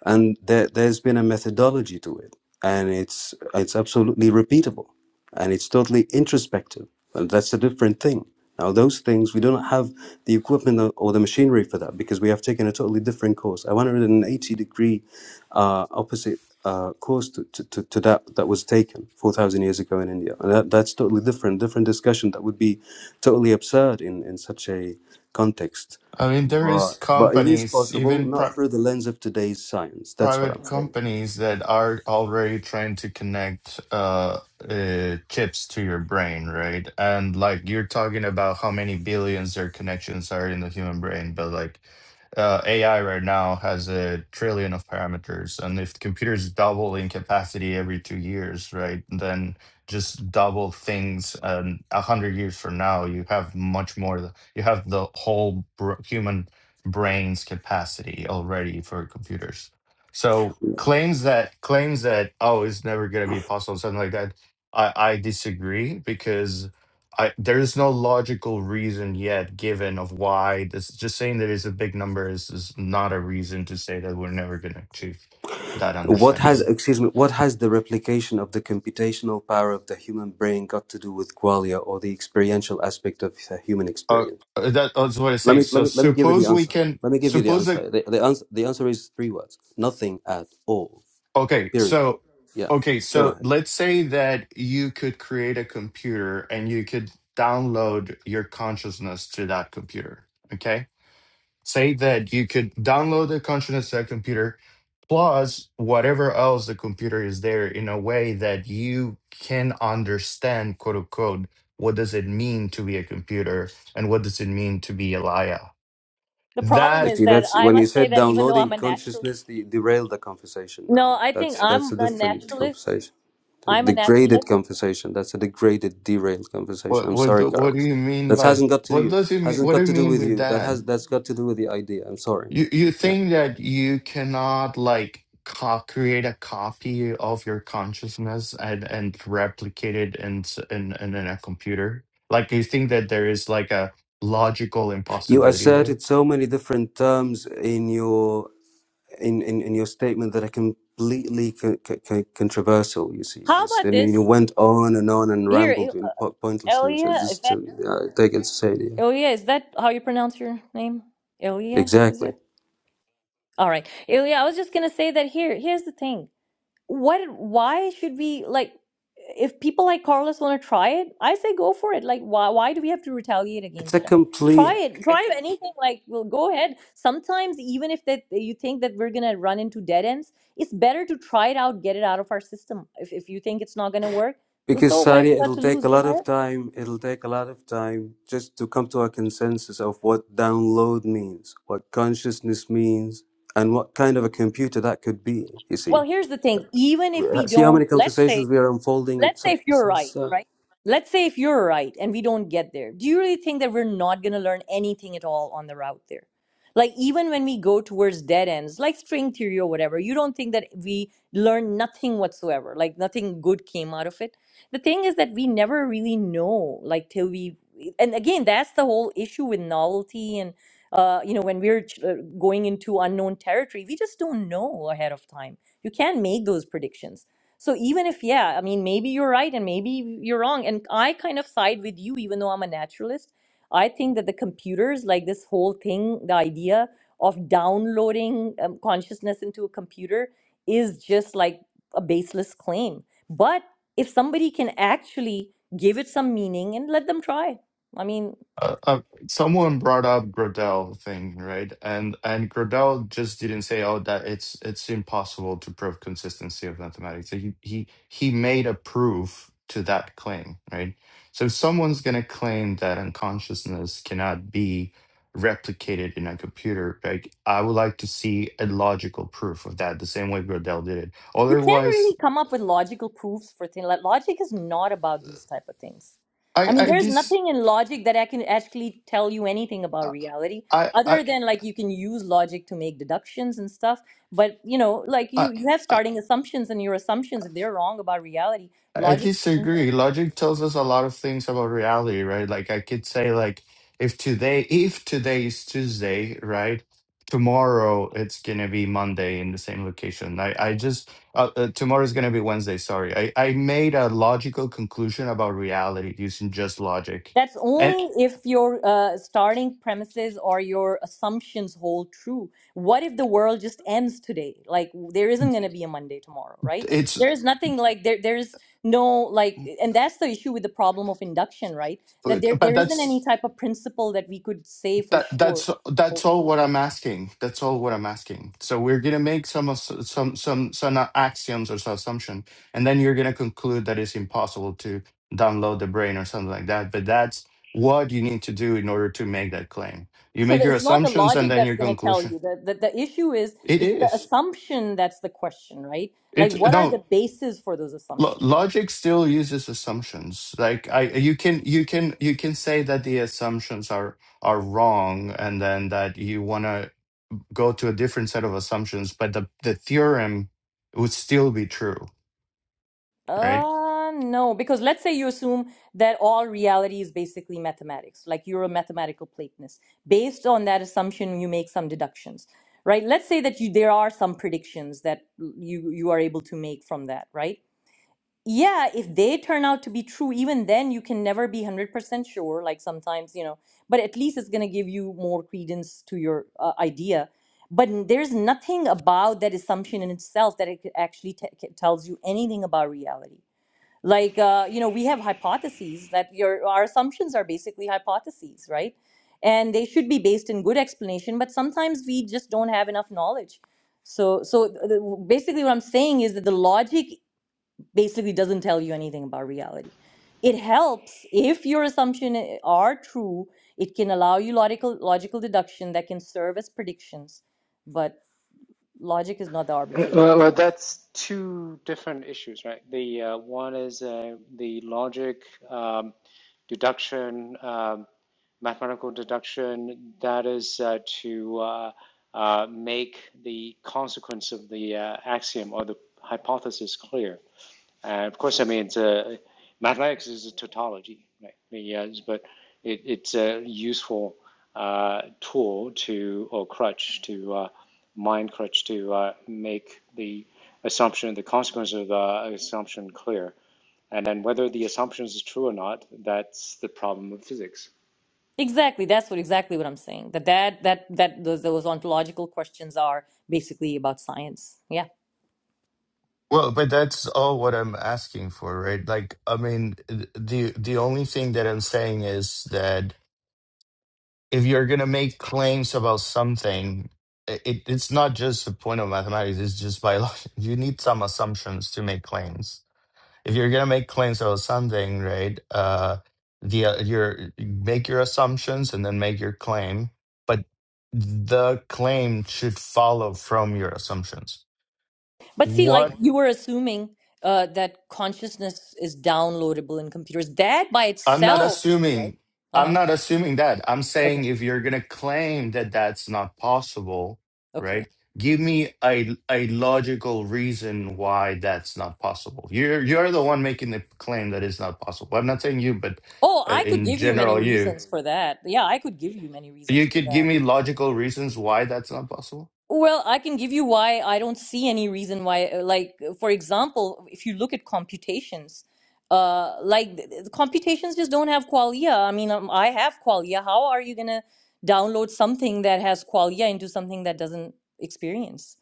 and there, there's been a methodology to it and it's it's absolutely repeatable and it's totally introspective and that's a different thing now those things we don't have the equipment or or the machinery for that because we have taken a totally different course a 180 degree uh, opposite uh, course to, to, to, to that that was taken 4000 years ago in india and that, that's totally different different discussion that would be totally absurd in, in such a context I mean, there is Right. But it is companies, possible, even not pri- through the lens of today's science. That's what private I'm saying. companies that are already trying to connect uh, uh, chips to your brain, right? And like you're talking about how many billions their connections are in the human brain, but like uh, AI right now has a trillion of parameters, and if computers double in capacity every two years, right, then just double things, and a hundred years from now, you have much more. th- You have the whole br- human brain's capacity already for computers. So claims that claims that oh it's never going to be possible something like that. I I disagree because I there is no logical reason yet given of why this just saying that it's a big number is is not a reason to say that we're never going to achieve that What has, understanding. excuse me, what has the replication of the computational power of the human brain got to do with qualia or the experiential aspect of the human Uh, experience? uh, that, that's what I Let say. me, let So me, let me give you the suppose we answer. can Let me give you the suppose that answer. The, the answer. the answer is three words: nothing at all. Okay, Period. so Yeah. okay, Go so ahead. let's say that you could create a computer and you could download your consciousness to that computer. Okay? Say that you could download the consciousness to that computer plus whatever else the computer is there in a way that you can understand quote unquote what does it mean to be a computer and what does it mean to be a liar. The problem You That is see, that that's I when you must say said that even though I'm downloading a natural, consciousness, you derailed the conversation no, now. I think That's that's I'm a a different naturalist. conversation. The I'm a degraded naturalist. conversation. That's a degraded, derailed conversation. what I'm what sorry, do, what do Carlos. you mean That by hasn't got to what you. does it mean Hasn't what do got you to do mean with with you. That that? has that's got to do with the idea. I'm sorry. You you Yeah. think that you cannot like co create a copy of your consciousness and and replicate it in s- in in, in a computer? Like you think that there is like a logical You impossibility there? asserted so many different terms in your in, in, in your statement that are completely co- co- co- controversial. You see, How just about and you this? went on and on and Here, rambled in po- pointlessly. So Ilya, is just to that uh, take it to say, Ilya? Is that how you pronounce your name? Ilya, is Exactly. it? All right, Ilya. I was just gonna say that here. Here's the thing. What? Why should we like? If people like Carlos want to try it, I say go for it. Like, why? Why do we have to retaliate It's a against them? Try complete it. Try anything. Like, well, go ahead. Sometimes, even if that you think that we're gonna run into dead ends, it's better to try it out, get it out of our system. If if you think it's not gonna work, well, because so what have Sari, you got it'll to take lose? a Go lot ahead. of time. It'll take a lot of time just to come to a consensus of what download means, what consciousness means, and what kind of a computer that could be. You Well, see, here's the thing. Even if we see how don't, many let's say, conversations we are unfolding. let's say Some- if This you're right, is. uh, right? Let's say if you're right and we don't get there, do you really think that we're not going to learn anything at all on the route there? Like, even when we go towards dead ends, like string theory or whatever, you don't think that we learn nothing whatsoever, like nothing good came out of it. The thing is that we never really know, like, till we, and again, that's the whole issue with novelty and, uh, you know, when we're ch- uh, going into unknown territory, we just don't know ahead of time. You can't make those predictions so even if, yeah, I mean, maybe you're right and maybe you're wrong. And I kind of side with you, even though I'm a naturalist. I think that the computers, like this whole thing, the idea of downloading um, consciousness into a computer is just like a baseless claim. But if somebody can actually give it some meaning and let them try, I mean, Uh, uh, someone brought up Gradel thing, right? And and Gradel just didn't say, "Oh, that it's it's impossible to prove consistency of mathematics." So he he he made a proof to that claim, right? So if someone's gonna claim that unconsciousness cannot be replicated in a computer, like I would like to see a logical proof of that, the same way Gradel did it. you can't Otherwise, really come up with logical proofs for things like logic is not about these type of things I i mean I there's this nothing in logic that i can actually tell you anything about reality I I other than like you can use logic to make deductions and stuff but you know like you I. you have starting assumptions and your assumptions if they're wrong about reality I logic disagree. Logic tells us a lot of things about reality, right? Like I could say like if today if today is Tuesday, right? Tomorrow it's gonna be Monday in the same location. I I just uh, uh, tomorrow is gonna be Wednesday. Sorry, I I made a logical conclusion about reality using just logic, That's and only if your uh, starting premises or your assumptions hold true. What if the world just ends today? Like there isn't going to be a Monday tomorrow, right? it's There is nothing like there. There is no like, and that's the issue with the problem of induction, right? That but there but there isn't that's any type of principle that we could say for That sure. that's that's holds all true. what I'm asking. That's all what I'm asking. So we're gonna make some ass- some some some axioms or some assumption, and then you're gonna conclude that it's impossible to download the brain or something like that. But that's what you need to do in order to make that claim. You So make that your it's not the assumptions and logic then that's your going to tell conclusion. you. The, the the issue is It it's the is. assumption that's the question, right? It's Like what are no the bases for those lo- assumptions? logic still uses assumptions. Like I, you can you can you can say that the assumptions are are wrong, and then that you wanna go to a different set of assumptions, but the, the theorem would still be true, right? Uh, no, because let's say you assume that all reality is basically mathematics, like you're a mathematical Platonist. Based on that assumption, you make some deductions, right? Let's say that you there are some predictions that you you are able to make from that, right? Yeah, if they turn out to be true, even then you can never be 100% sure, like sometimes, you know, but at least it's going to give you more credence to your uh, idea. But n- there's nothing about that assumption in itself that it c- actually te- c- tells you anything about reality like uh, you know we have hypotheses that your our assumptions are basically hypotheses right and they should be based in good explanation but sometimes we just don't have enough knowledge so so th- basically what i'm saying is that the logic basically doesn't tell you anything about reality it helps if your assumptions are true it can allow you logical logical deduction that can serve as predictions but logic is not the arbiter of well, well, truth that's two different issues, right? The uh, one is uh, the logic um, deduction, um, mathematical deduction, that is uh, to uh, uh, make the consequence of the uh, axiom or the hypothesis clear. Uh, of course, I mean, it's a, mathematics is a tautology, right? I mean, yes, but it, it's a useful uh, tool to, or crutch to, uh, mind crutch to uh, make the assumption, the consequence of the assumption clear. And then whether the assumption is true or not, that's the problem of physics. Exactly. That's what exactly what I'm saying. That that that that those those ontological questions are basically about science. Yeah. Well, but that's all what I'm asking for, right? Like, I mean, th- the the only thing that I'm saying is that if you're gonna make claims about something, i- it it's not just a point of mathematics, it's just biology. You need some assumptions to make claims. if you're gonna make claims about something, right? Uh, the uh, your make your assumptions and then make your claim, but the claim should follow from your assumptions. But see, like What you were assuming uh, that consciousness is downloadable in computers. That by I'm not itself, right? assuming, Uh I'm huh. not assuming that. I'm Okay. saying if you're gonna claim that that's not possible, Okay. right? Give me a a logical reason why that's not possible. You're you're the one making the claim that it's not possible. I'm not saying you, but Oh, uh, I could in give you many general, you. reasons for that. Yeah, I could give you many You reasons for could that. give me logical reasons why that's not possible. Well, I can give you why I don't see any reason why. uh, Like, uh, for example, if you look at computations, uh, like th- th- the computations just don't have qualia. I mean, um, I have qualia. How are you gonna download something that has qualia into something that doesn't experience?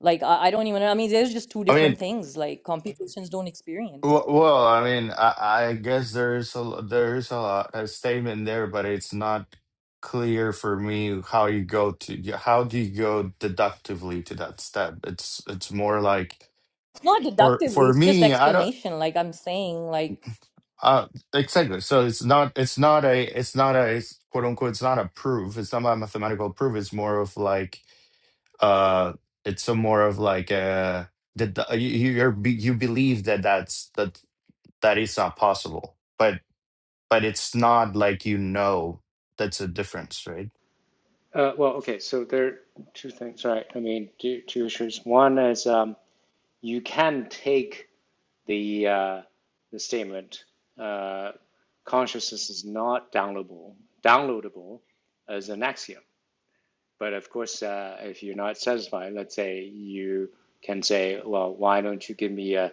Like, I, I don't even. I mean, there's just two I different mean, things. Like, computations don't w experience. well, I mean, I, I guess there's a there's a, a statement there, but it's not clear for me how you go to how do you go deductively to that step. It's it's more like It's not for deductively. for It's just me, I don't explanation. Like I'm saying, like. uh exactly. So it's not it's not a it's not a quote unquote it's not a proof. It's not a mathematical proof. It's more of like uh it's a more of like uh that the, you you- you're, be- you believe that that's that that is not possible but but it's not like you know that's a difference right Uh, well, okay, so there are two things, right? I mean, two, two issues. One is, um, you can take the uh, the statement uh, consciousness is not downloadable downloadable as an axiom. But of course, uh, if you're not satisfied, let's say you can say, well, why don't you give me a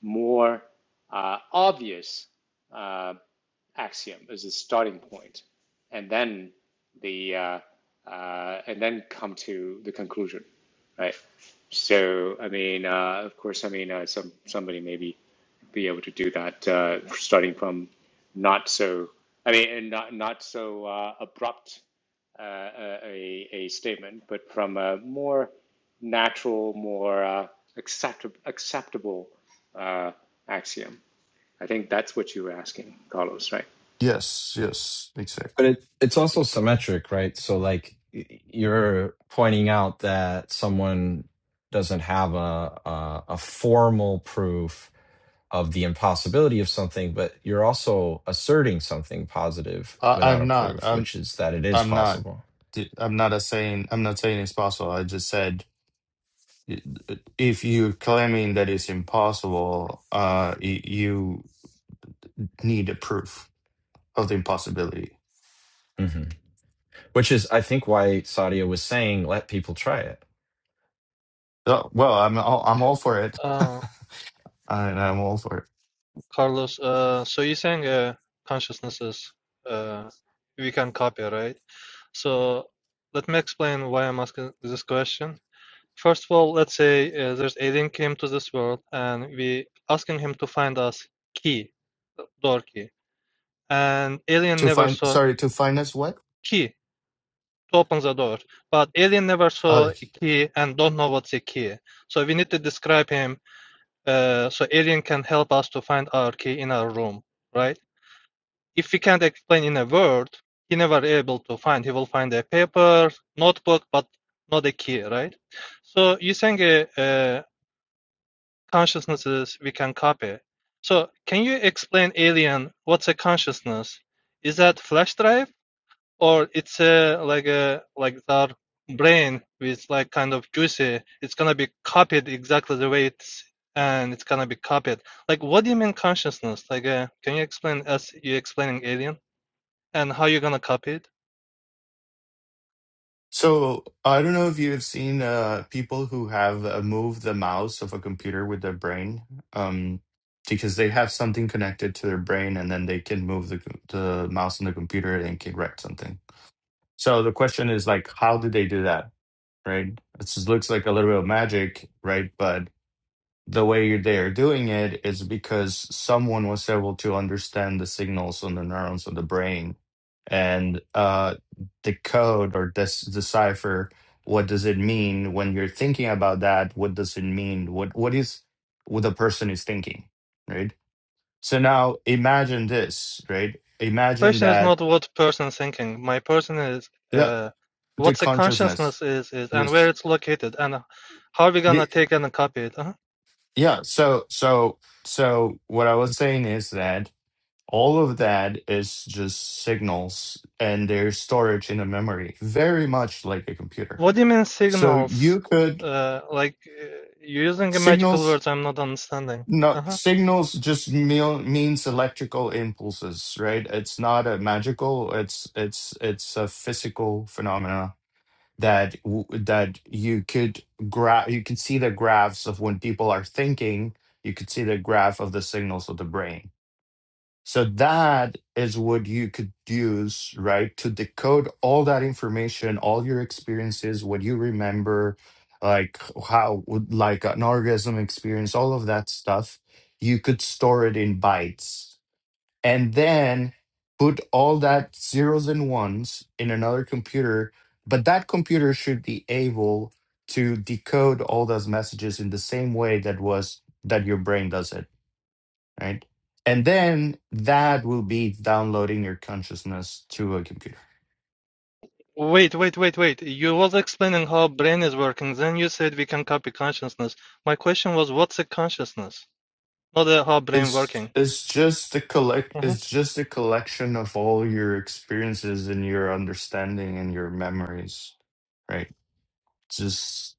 more uh, obvious uh, axiom as a starting point, and then the uh, uh, and then come to the conclusion, right? So I mean, uh, of course, I mean, uh, some somebody maybe be able to do that uh, starting from not so I mean, and not not so uh, abrupt uh, uh, a, a statement, but from a more natural, more uh, acceptable acceptable uh, axiom. I think that's what you were asking, Carlos, right? yes yes But exactly it, it's also symmetric, right? So like y- you're pointing out that someone doesn't have a, a a formal proof of the impossibility of something, but you're also asserting something positive I, without a i'm not proof, i'm which is that it is i'm not possible. di- i'm not a saying i'm not saying it's possible i just said i- if you're claiming that it's impossible uh y- you need a proof of the impossibility hmm Which is, I think, why Sadia was saying, "Let people try it." Oh, well i'm all, i'm all for it Uh, I, i'm all for it Carlos, uh, so you're saying uh, consciousnesses uh, we can copy, right? So let me explain why I'm asking this question. First of all, let's say uh, there's alien came to this world and we asking him to find us key, door key. And alien To never find, saw sorry, to finance what? key to open the door. But alien never Uh, saw a like, key and don't know what's a key. So we need to describe him uh, so alien can help us to find our key in our room, right? if we can't explain in a word, he never able to find. He will find a paper, notebook, but not a key, right? So you saying uh, uh, consciousnesses we can copy. So can you explain alien? What's a consciousness? Is that flash drive or it's a like a like our brain with like kind of juicy? It's gonna be copied exactly the way it's and it's gonna be copied. Like what do you mean consciousness? Like uh, can you explain as you explaining alien? and how you gonna copy it? so I don't know if you've seen uh, people who have uh, moved the mouse of a computer with their brain, um, because they have something connected to their brain, and then they can move the the mouse on the computer and can write something. So the question is like, how did they do that? Right? It just looks like a little bit of magic, right? But the way they are doing it is because someone was able to understand the signals on the neurons of the brain and uh, decode or des- decipher what does it mean when you're thinking about that what does it mean what what is what the person is thinking right so now imagine this right imagine Question is that not what person thinking. My person is yeah uh, what the the consciousness consciousness is, is and where yes it's located and how are we gonna The- take and copy it. Huh? yeah so so so what i was saying is that All of that is just signals and their storage in a memory, very much like a computer. What do you mean So signals? you could Uh, like uh, you using a magical signals words I'm not understanding. no Uh-huh. signals just meal, means electrical impulses, right? It's not a magical, it's it's it's a physical phenomena that w- that you could graph you could see the graphs of when people are thinking, you could see the graph of the signals of the brain So that is what you could use, right, to decode all that information, all your experiences, what you remember, like how, like an orgasm experience, all of that stuff. You could store it in bytes and then put all that zeros and ones in another computer. But that computer should be able to decode all those messages in the same way that was that your brain does it right? And then that will be downloading your consciousness to a computer. Wait, wait, wait, wait. You was explaining how brain is working. Then you said we can copy consciousness. My question was what's a consciousness? Not uh, how brain It's working. it's just a collect Uh-huh. it's just a collection of all your experiences and your understanding and your memories, right? Just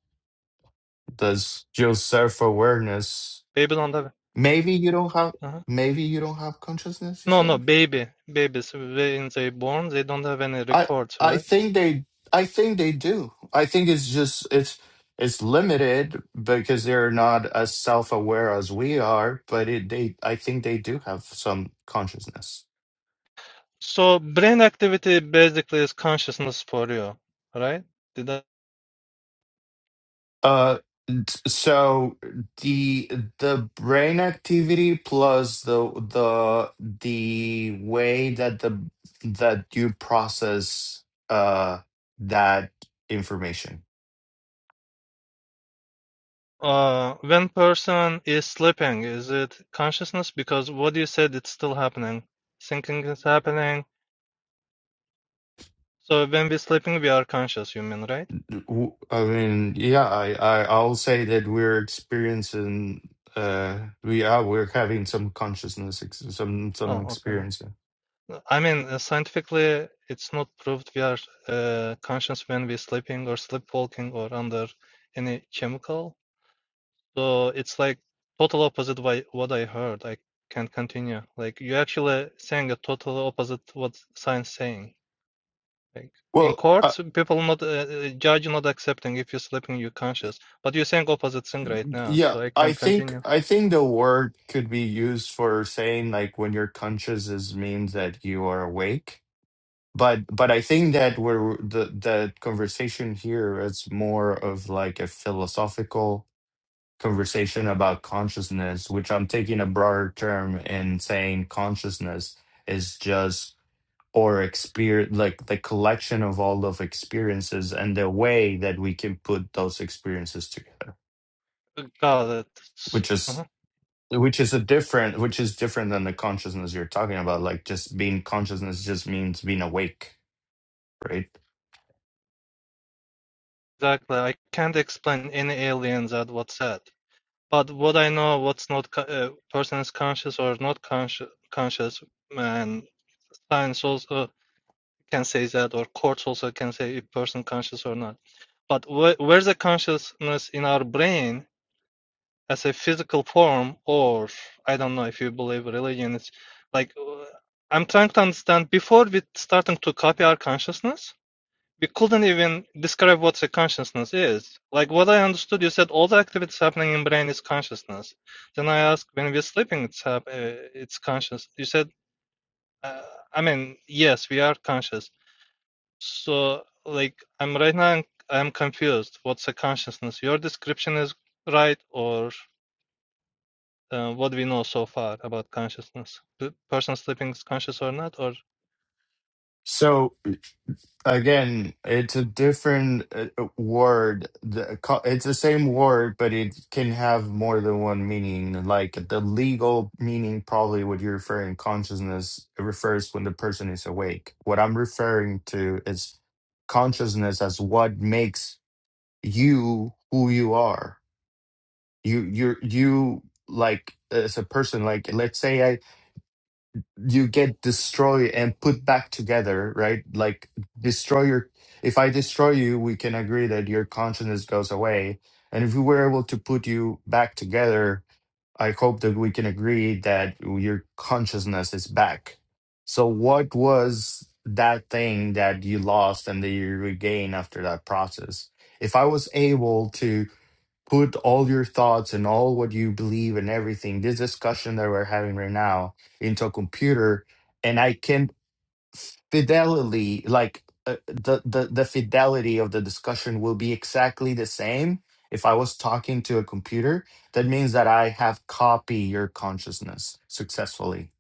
does your self awareness. Baby don't have it. Maybe you don't have Uh-huh. maybe you don't have consciousness, you No, no, said? baby, babies when they born, they don't have any I records, I right? think they I think they do. I think it's just it's it's limited because they're not as self-aware as we are, but it, they I think they do have some consciousness. So brain activity basically is consciousness for you, right? Did I, Uh t- so the the brain activity plus the the the way that the that you process uh that information uh, when person is sleeping, is it consciousness? Because what you said, it's still happening. Thinking is happening. So when we're sleeping, we are conscious, you mean, right? w- I mean, yeah, I, I I'll say that we're experiencing uh we are we're having some consciousness ex- some some Oh, okay. experience. I mean, uh, scientifically, it's not proved we are uh, conscious when we're sleeping or sleepwalking or under any chemical. So it's like total opposite by what I heard. I can't continue. Like you actually saying a total opposite what science saying. Like in Well, uh, courts, people not uh, uh, judge not accepting if you're sleeping, you're conscious. But you're saying opposite thing right now, yeah, so I I can't think continue. I think the word could be used for saying like when you're conscious is means that you are awake. But but I think that we're the the conversation here is more of like a philosophical conversation about consciousness, which I'm taking a broader term and saying consciousness is just or experience like the collection of all of experiences and the way that we can put those experiences together, Uh, Got it. S- which is uh-huh. which is a different which is different than the consciousness you're talking about. Like just being consciousness just means being awake, right? Exactly. I can't explain any alien that what said. But what I know, what's not co- uh, person is conscious or not conscious, conscious, and science also. can say that, or courts also can say if person conscious or not. But wh- where's the consciousness in our brain as a physical form, or I don't know if you believe religion. It's like uh, I'm trying to understand. Before we starting to copy our consciousness, we couldn't even describe what the consciousness is. Like what I understood, you said all the activities happening in brain is consciousness. Then I asked, when we're sleeping, it's hap- uh, it's conscious. You said, uh, I mean, yes, we are conscious so, like, I'm right now, I'm confused. What's a consciousness? Your description is right, or uh, what we know so far about consciousness? The person sleeping is conscious or not? Or So. Again, it's a different uh, uh, word. The co- It's the same word, but it can have more than one meaning. Like the legal meaning, probably what you're referring consciousness it refers when the person is awake. What I'm referring to is consciousness as what makes you who you are. You, you're, you like as a person. Like let's say you get destroyed and put back together, right? Like destroy your if I destroy you, we can agree that your consciousness goes away. And if we were able to put you back together, I hope that we can agree that your consciousness is back. So what was that thing that you lost and that you regain after that process? If I was able to put all your thoughts and all what you believe and everything, this discussion that we're having right now, into a computer, and I can fidelity, like uh, the the the fidelity of the discussion will be exactly the same if I was talking to a computer. That means that I have copied your consciousness successfully,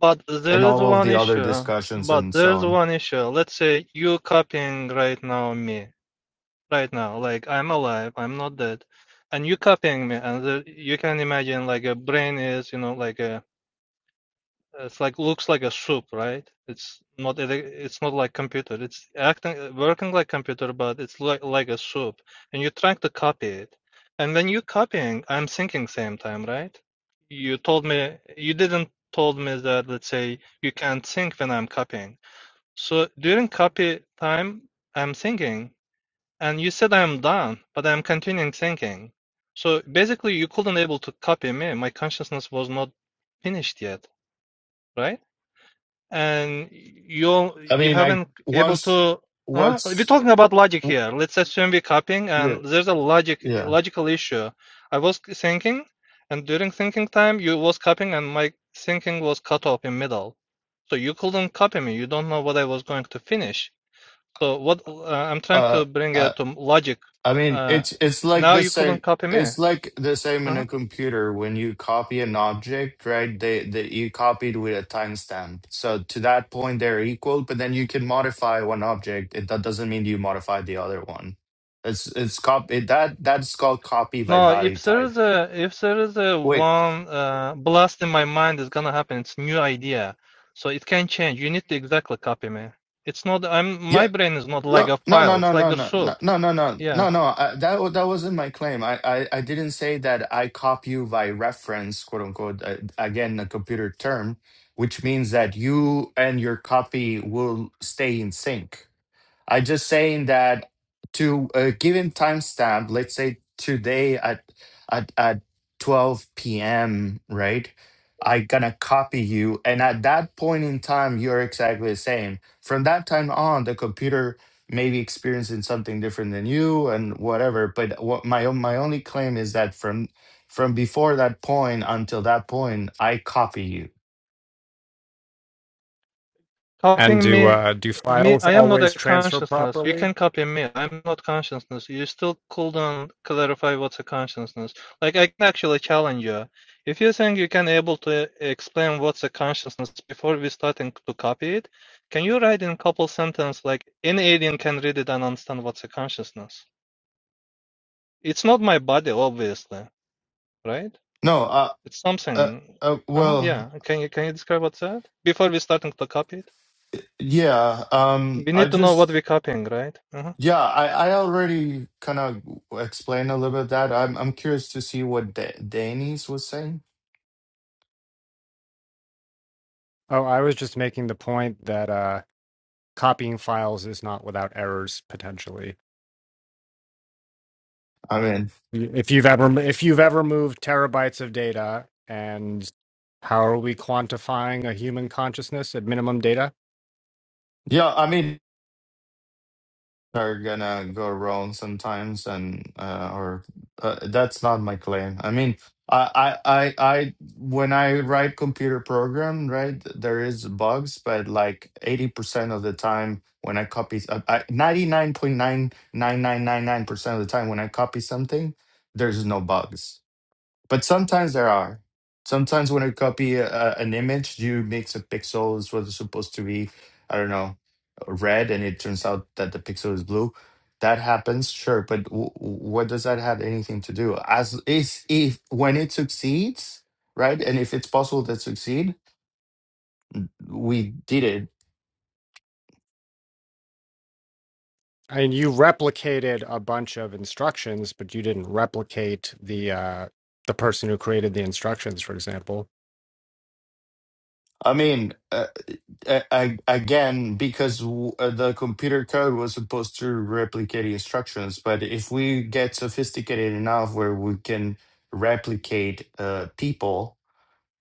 but there and is all of one the other issue. discussions But and so there's on. one issue. Let's say you copying right now me, right now. Like I'm alive, I'm not dead, and you copying me, and the, you can imagine like a brain is, you know, like a It's like looks like a soup, right? It's not ele- it's not like computer. It's acting working like computer, but it's like like a soup, and you're trying to copy it. And when you're copying, I'm thinking same time, right? You told me you didn't told me that let's say you can't think when I'm copying. So during copy time, I'm thinking, and you said I'm done, but I'm continuing thinking. So basically, you couldn't able to copy me. My consciousness was not finished yet, right? and you I you mean, I haven't able once to huh? we're what's talking about logic w- here let's assume we're copying yeah and there's a logic yeah. logical issue i was thinking and during thinking time you was copying and my thinking was cut off in middle so you couldn't copy me you don't know what i was going to finish so what uh, i'm trying Uh, to bring uh, it to logic I mean, uh, it's it's like now the you couldn't same. copy me It's like the same in Uh-huh. a computer when you copy an object, right? They they you copied with a timestamp. So to that point, they're equal. But then you can modify one object. It, that doesn't mean you modify the other one. It's it's copy that that's called copy by No, value if there type. is a if there is a Wait, one uh, blast in my mind is gonna happen, it's new idea, so it can change. You need to exactly copy me. It's not I'm my yeah, brain is not like No, a no, no, file. no, It's like no, a no, no, soup. no, no, no, Yeah. no. no, I, that wa- that wasn't my claim. I, I, I didn't say that I copy you by reference, quote unquote. Uh, again, a computer term, which means that you and your copy will stay in sync. I just saying that to a given timestamp, let's say today at at at 12 p.m. right? I gonna copy you, and at that point in time, you're exactly the same. From that time on, the computer may be experiencing something different than you and whatever. But what my own my only claim is that from from before that point until that point, I copy you. And Copying do me, uh, do me, files I am not a always transfer consciousness. You properly? can copy me. I'm not consciousness. You still couldn't clarify what's a consciousness. Like I can actually challenge you. If you think you can able to explain what's a consciousness before we starting to copy it, can you write in a couple sentence like any alien can read it and understand what's a consciousness? It's not my body, obviously, right? No, uh, It's uh, something. uh Uh-huh, well, yeah. Can you can you describe what's that before we starting to copy it? yeah. Um, We I need to know what just we're copying, right? Uh-huh. Yeah, I, I already kind of explained a little bit that. I'm I'm curious to see what da Danis was saying. Oh, I was just making the point that uh, copying files is not without errors potentially. I mean, If you've ever if you've ever moved terabytes of data, and how are we quantifying a human consciousness at minimum data? yeah, I mean, are gonna go wrong sometimes, and uh, or uh, that's not my claim. I mean, I, I I I when I write computer program, right, there is bugs, but like 80% of the time when I copy, 99.99999% of the time when I copy something, there's no bugs But sometimes there are. Sometimes when you copy a, an image, you make the pixels what is supposed to be, I don't know, red, and it turns out that the pixel is blue. That happens, sure, but w- what does that have anything to do? As is if when it succeeds, right, and if it's possible to succeed, we did it. I mean, you replicated a bunch of instructions, but you didn't replicate the uh, the person who created the instructions, for example. I mean, uh, a- a- again because w- uh, the computer code was supposed to replicate instructions but if we get sophisticated enough where we can replicate uh, people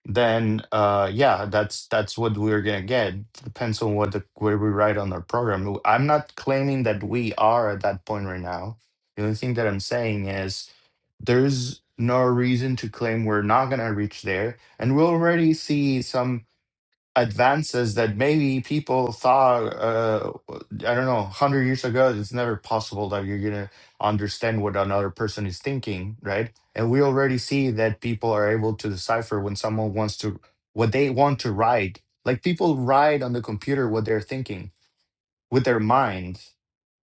then uh, yeah that's that's what we're gonna get depends on what the where we write on our program W- i'm not claiming that we are at that point right now the only thing that i'm saying is there's no reason to claim we're not gonna reach there and we already see some advances that maybe people thought uh, i don't know 100 years ago it's never possible that you're gonna understand what another person is thinking right and we already see that people are able to decipher when someone wants to what they want to write like people write on the computer what they're thinking with their mind.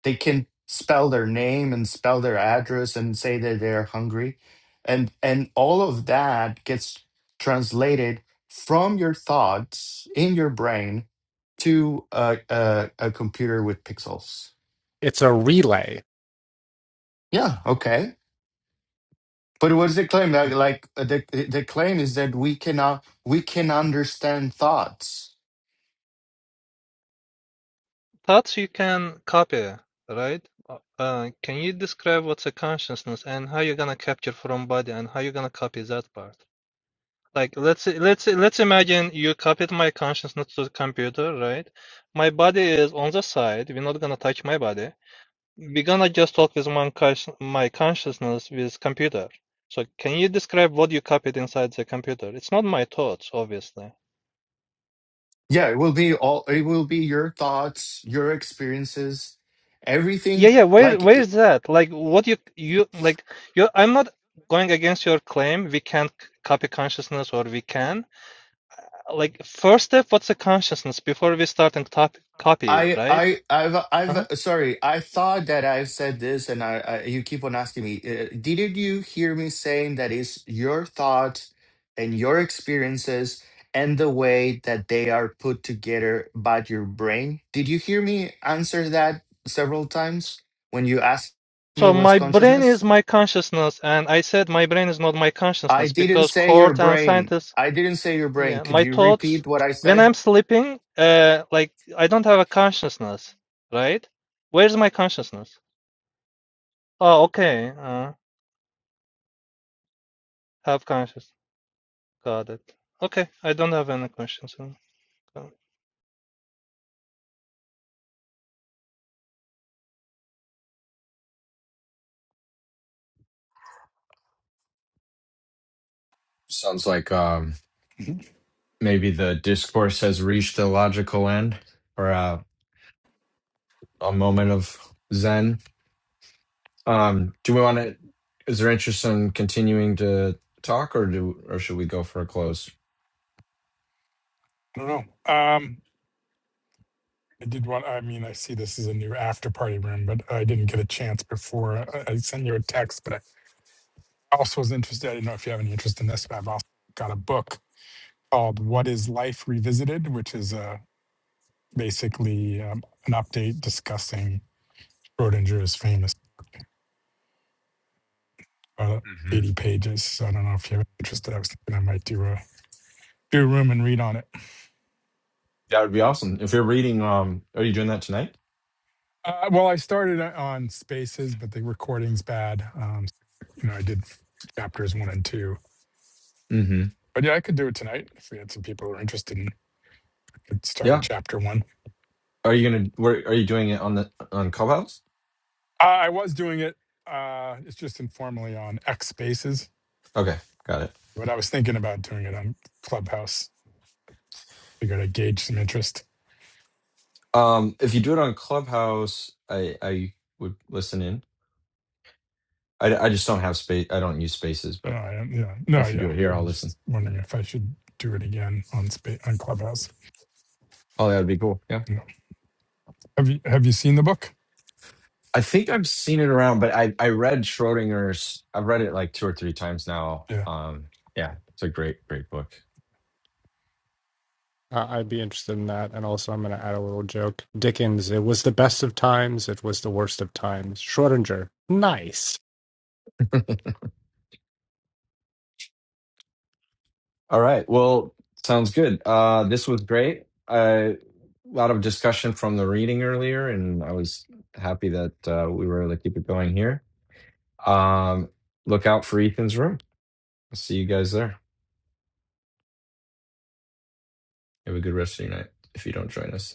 They can spell their name and spell their address and say that they're hungry. And and all of that gets translated from your thoughts in your brain to a, a, a computer with pixels. it's a relay. Yeah, okay. But what is the claim? Like, like uh, the the claim is that we cannot we can understand thoughts. Thoughts you can copy, right? Uh, uh, can you describe what's a consciousness and how you're gonna capture from body and how you're gonna copy that part? Like let's let's let's imagine you copied my consciousness to the computer, right? My body is on the side. We're not gonna touch my body. We're gonna just talk with my, consci- my consciousness with computer. So can you describe what you copied inside the computer? It's not my thoughts, obviously. Yeah, it will be all. It will be your thoughts, your experiences, Yeah, everything. yeah. Where, Like where's that? Like, what you, you, like, you. I'm not going against your claim. We can't c- copy consciousness, or we can. Like, first step, what's a consciousness before we start and top, copy it, I right? I I've Uh-huh. I've sorry. I thought that I've said this, and I, I you keep on asking me. Uh, didn't you hear me saying that is your thought and your experiences and the way that they are put together by your brain? Did you hear me answer that several times when you asked me So what's my brain is consciousness? my consciousness, and I said my brain is not my I consciousness didn't because say your court and brain. scientists, I didn't say your brain. yeah, Could my you thoughts. repeat what I When said? I'm sleeping, uh, like I don't have a consciousness, right? Where's my consciousness? Oh, okay. Uh, have consciousness. Got it. Okay, I don't have any questions. on- uh, Sounds like um, Mhm. maybe the discourse has reached a logical end or uh, a moment of zen. Um, do we want to? Is there interest in continuing to talk, or do or should we go for a close? I don't know. Um, I did want, I mean, I see this is a new after party room, but I didn't get a chance before. I, I sent you a text, but I also was interested. I didn't know if you have any interest in this, but I've also got a book called What is Life Revisited, which is uh, basically um, an update discussing Schrodinger's famous uh, hmm 80 pages. So I don't know if you have interest. I was thinking I might do a, do a room and read on it. That would be awesome. If you're reading, um, are you doing that tonight? Uh, well, I started uh, on Spaces, but the recording's bad. Um, you know, I did f- chapters one and two, hmm but yeah, I could do it tonight if we had some people who are interested. In, I could start with Yeah. chapter one. Are you gonna? Where are you doing it on the on Clubhouse? Uh, I was doing it. Uh, it's just informally on X Spaces, Okay, got it. but I was thinking about doing it on Clubhouse. Figured I'd gauge some interest. Um, if you do it on Clubhouse, I I would listen in. I I just don't have space. I don't use spaces, I don't but know, I, don't- yeah, no, if you do yeah. it here, I I'll was listen. just wondering if I should do it again on spa- on Clubhouse. Oh, that would be cool. Yeah. You know, have you have you seen the book? I think I've seen it around, but I I read Schrodinger's. I've read it like two or three times now. Yeah. Um, yeah, it's a great great book. Uh, I'd be interested in that. And also, I'm going to add a little joke. Dickens, it was the best of times. It was the worst of times. Schrodinger, nice. All right, well, sounds good. Uh, this was great. A lot of discussion from the reading earlier, and I was happy that uh, we were able to keep it going here. Um, look out for Ethan's room. I'll see you guys there. Have a good rest of your night if you don't join us.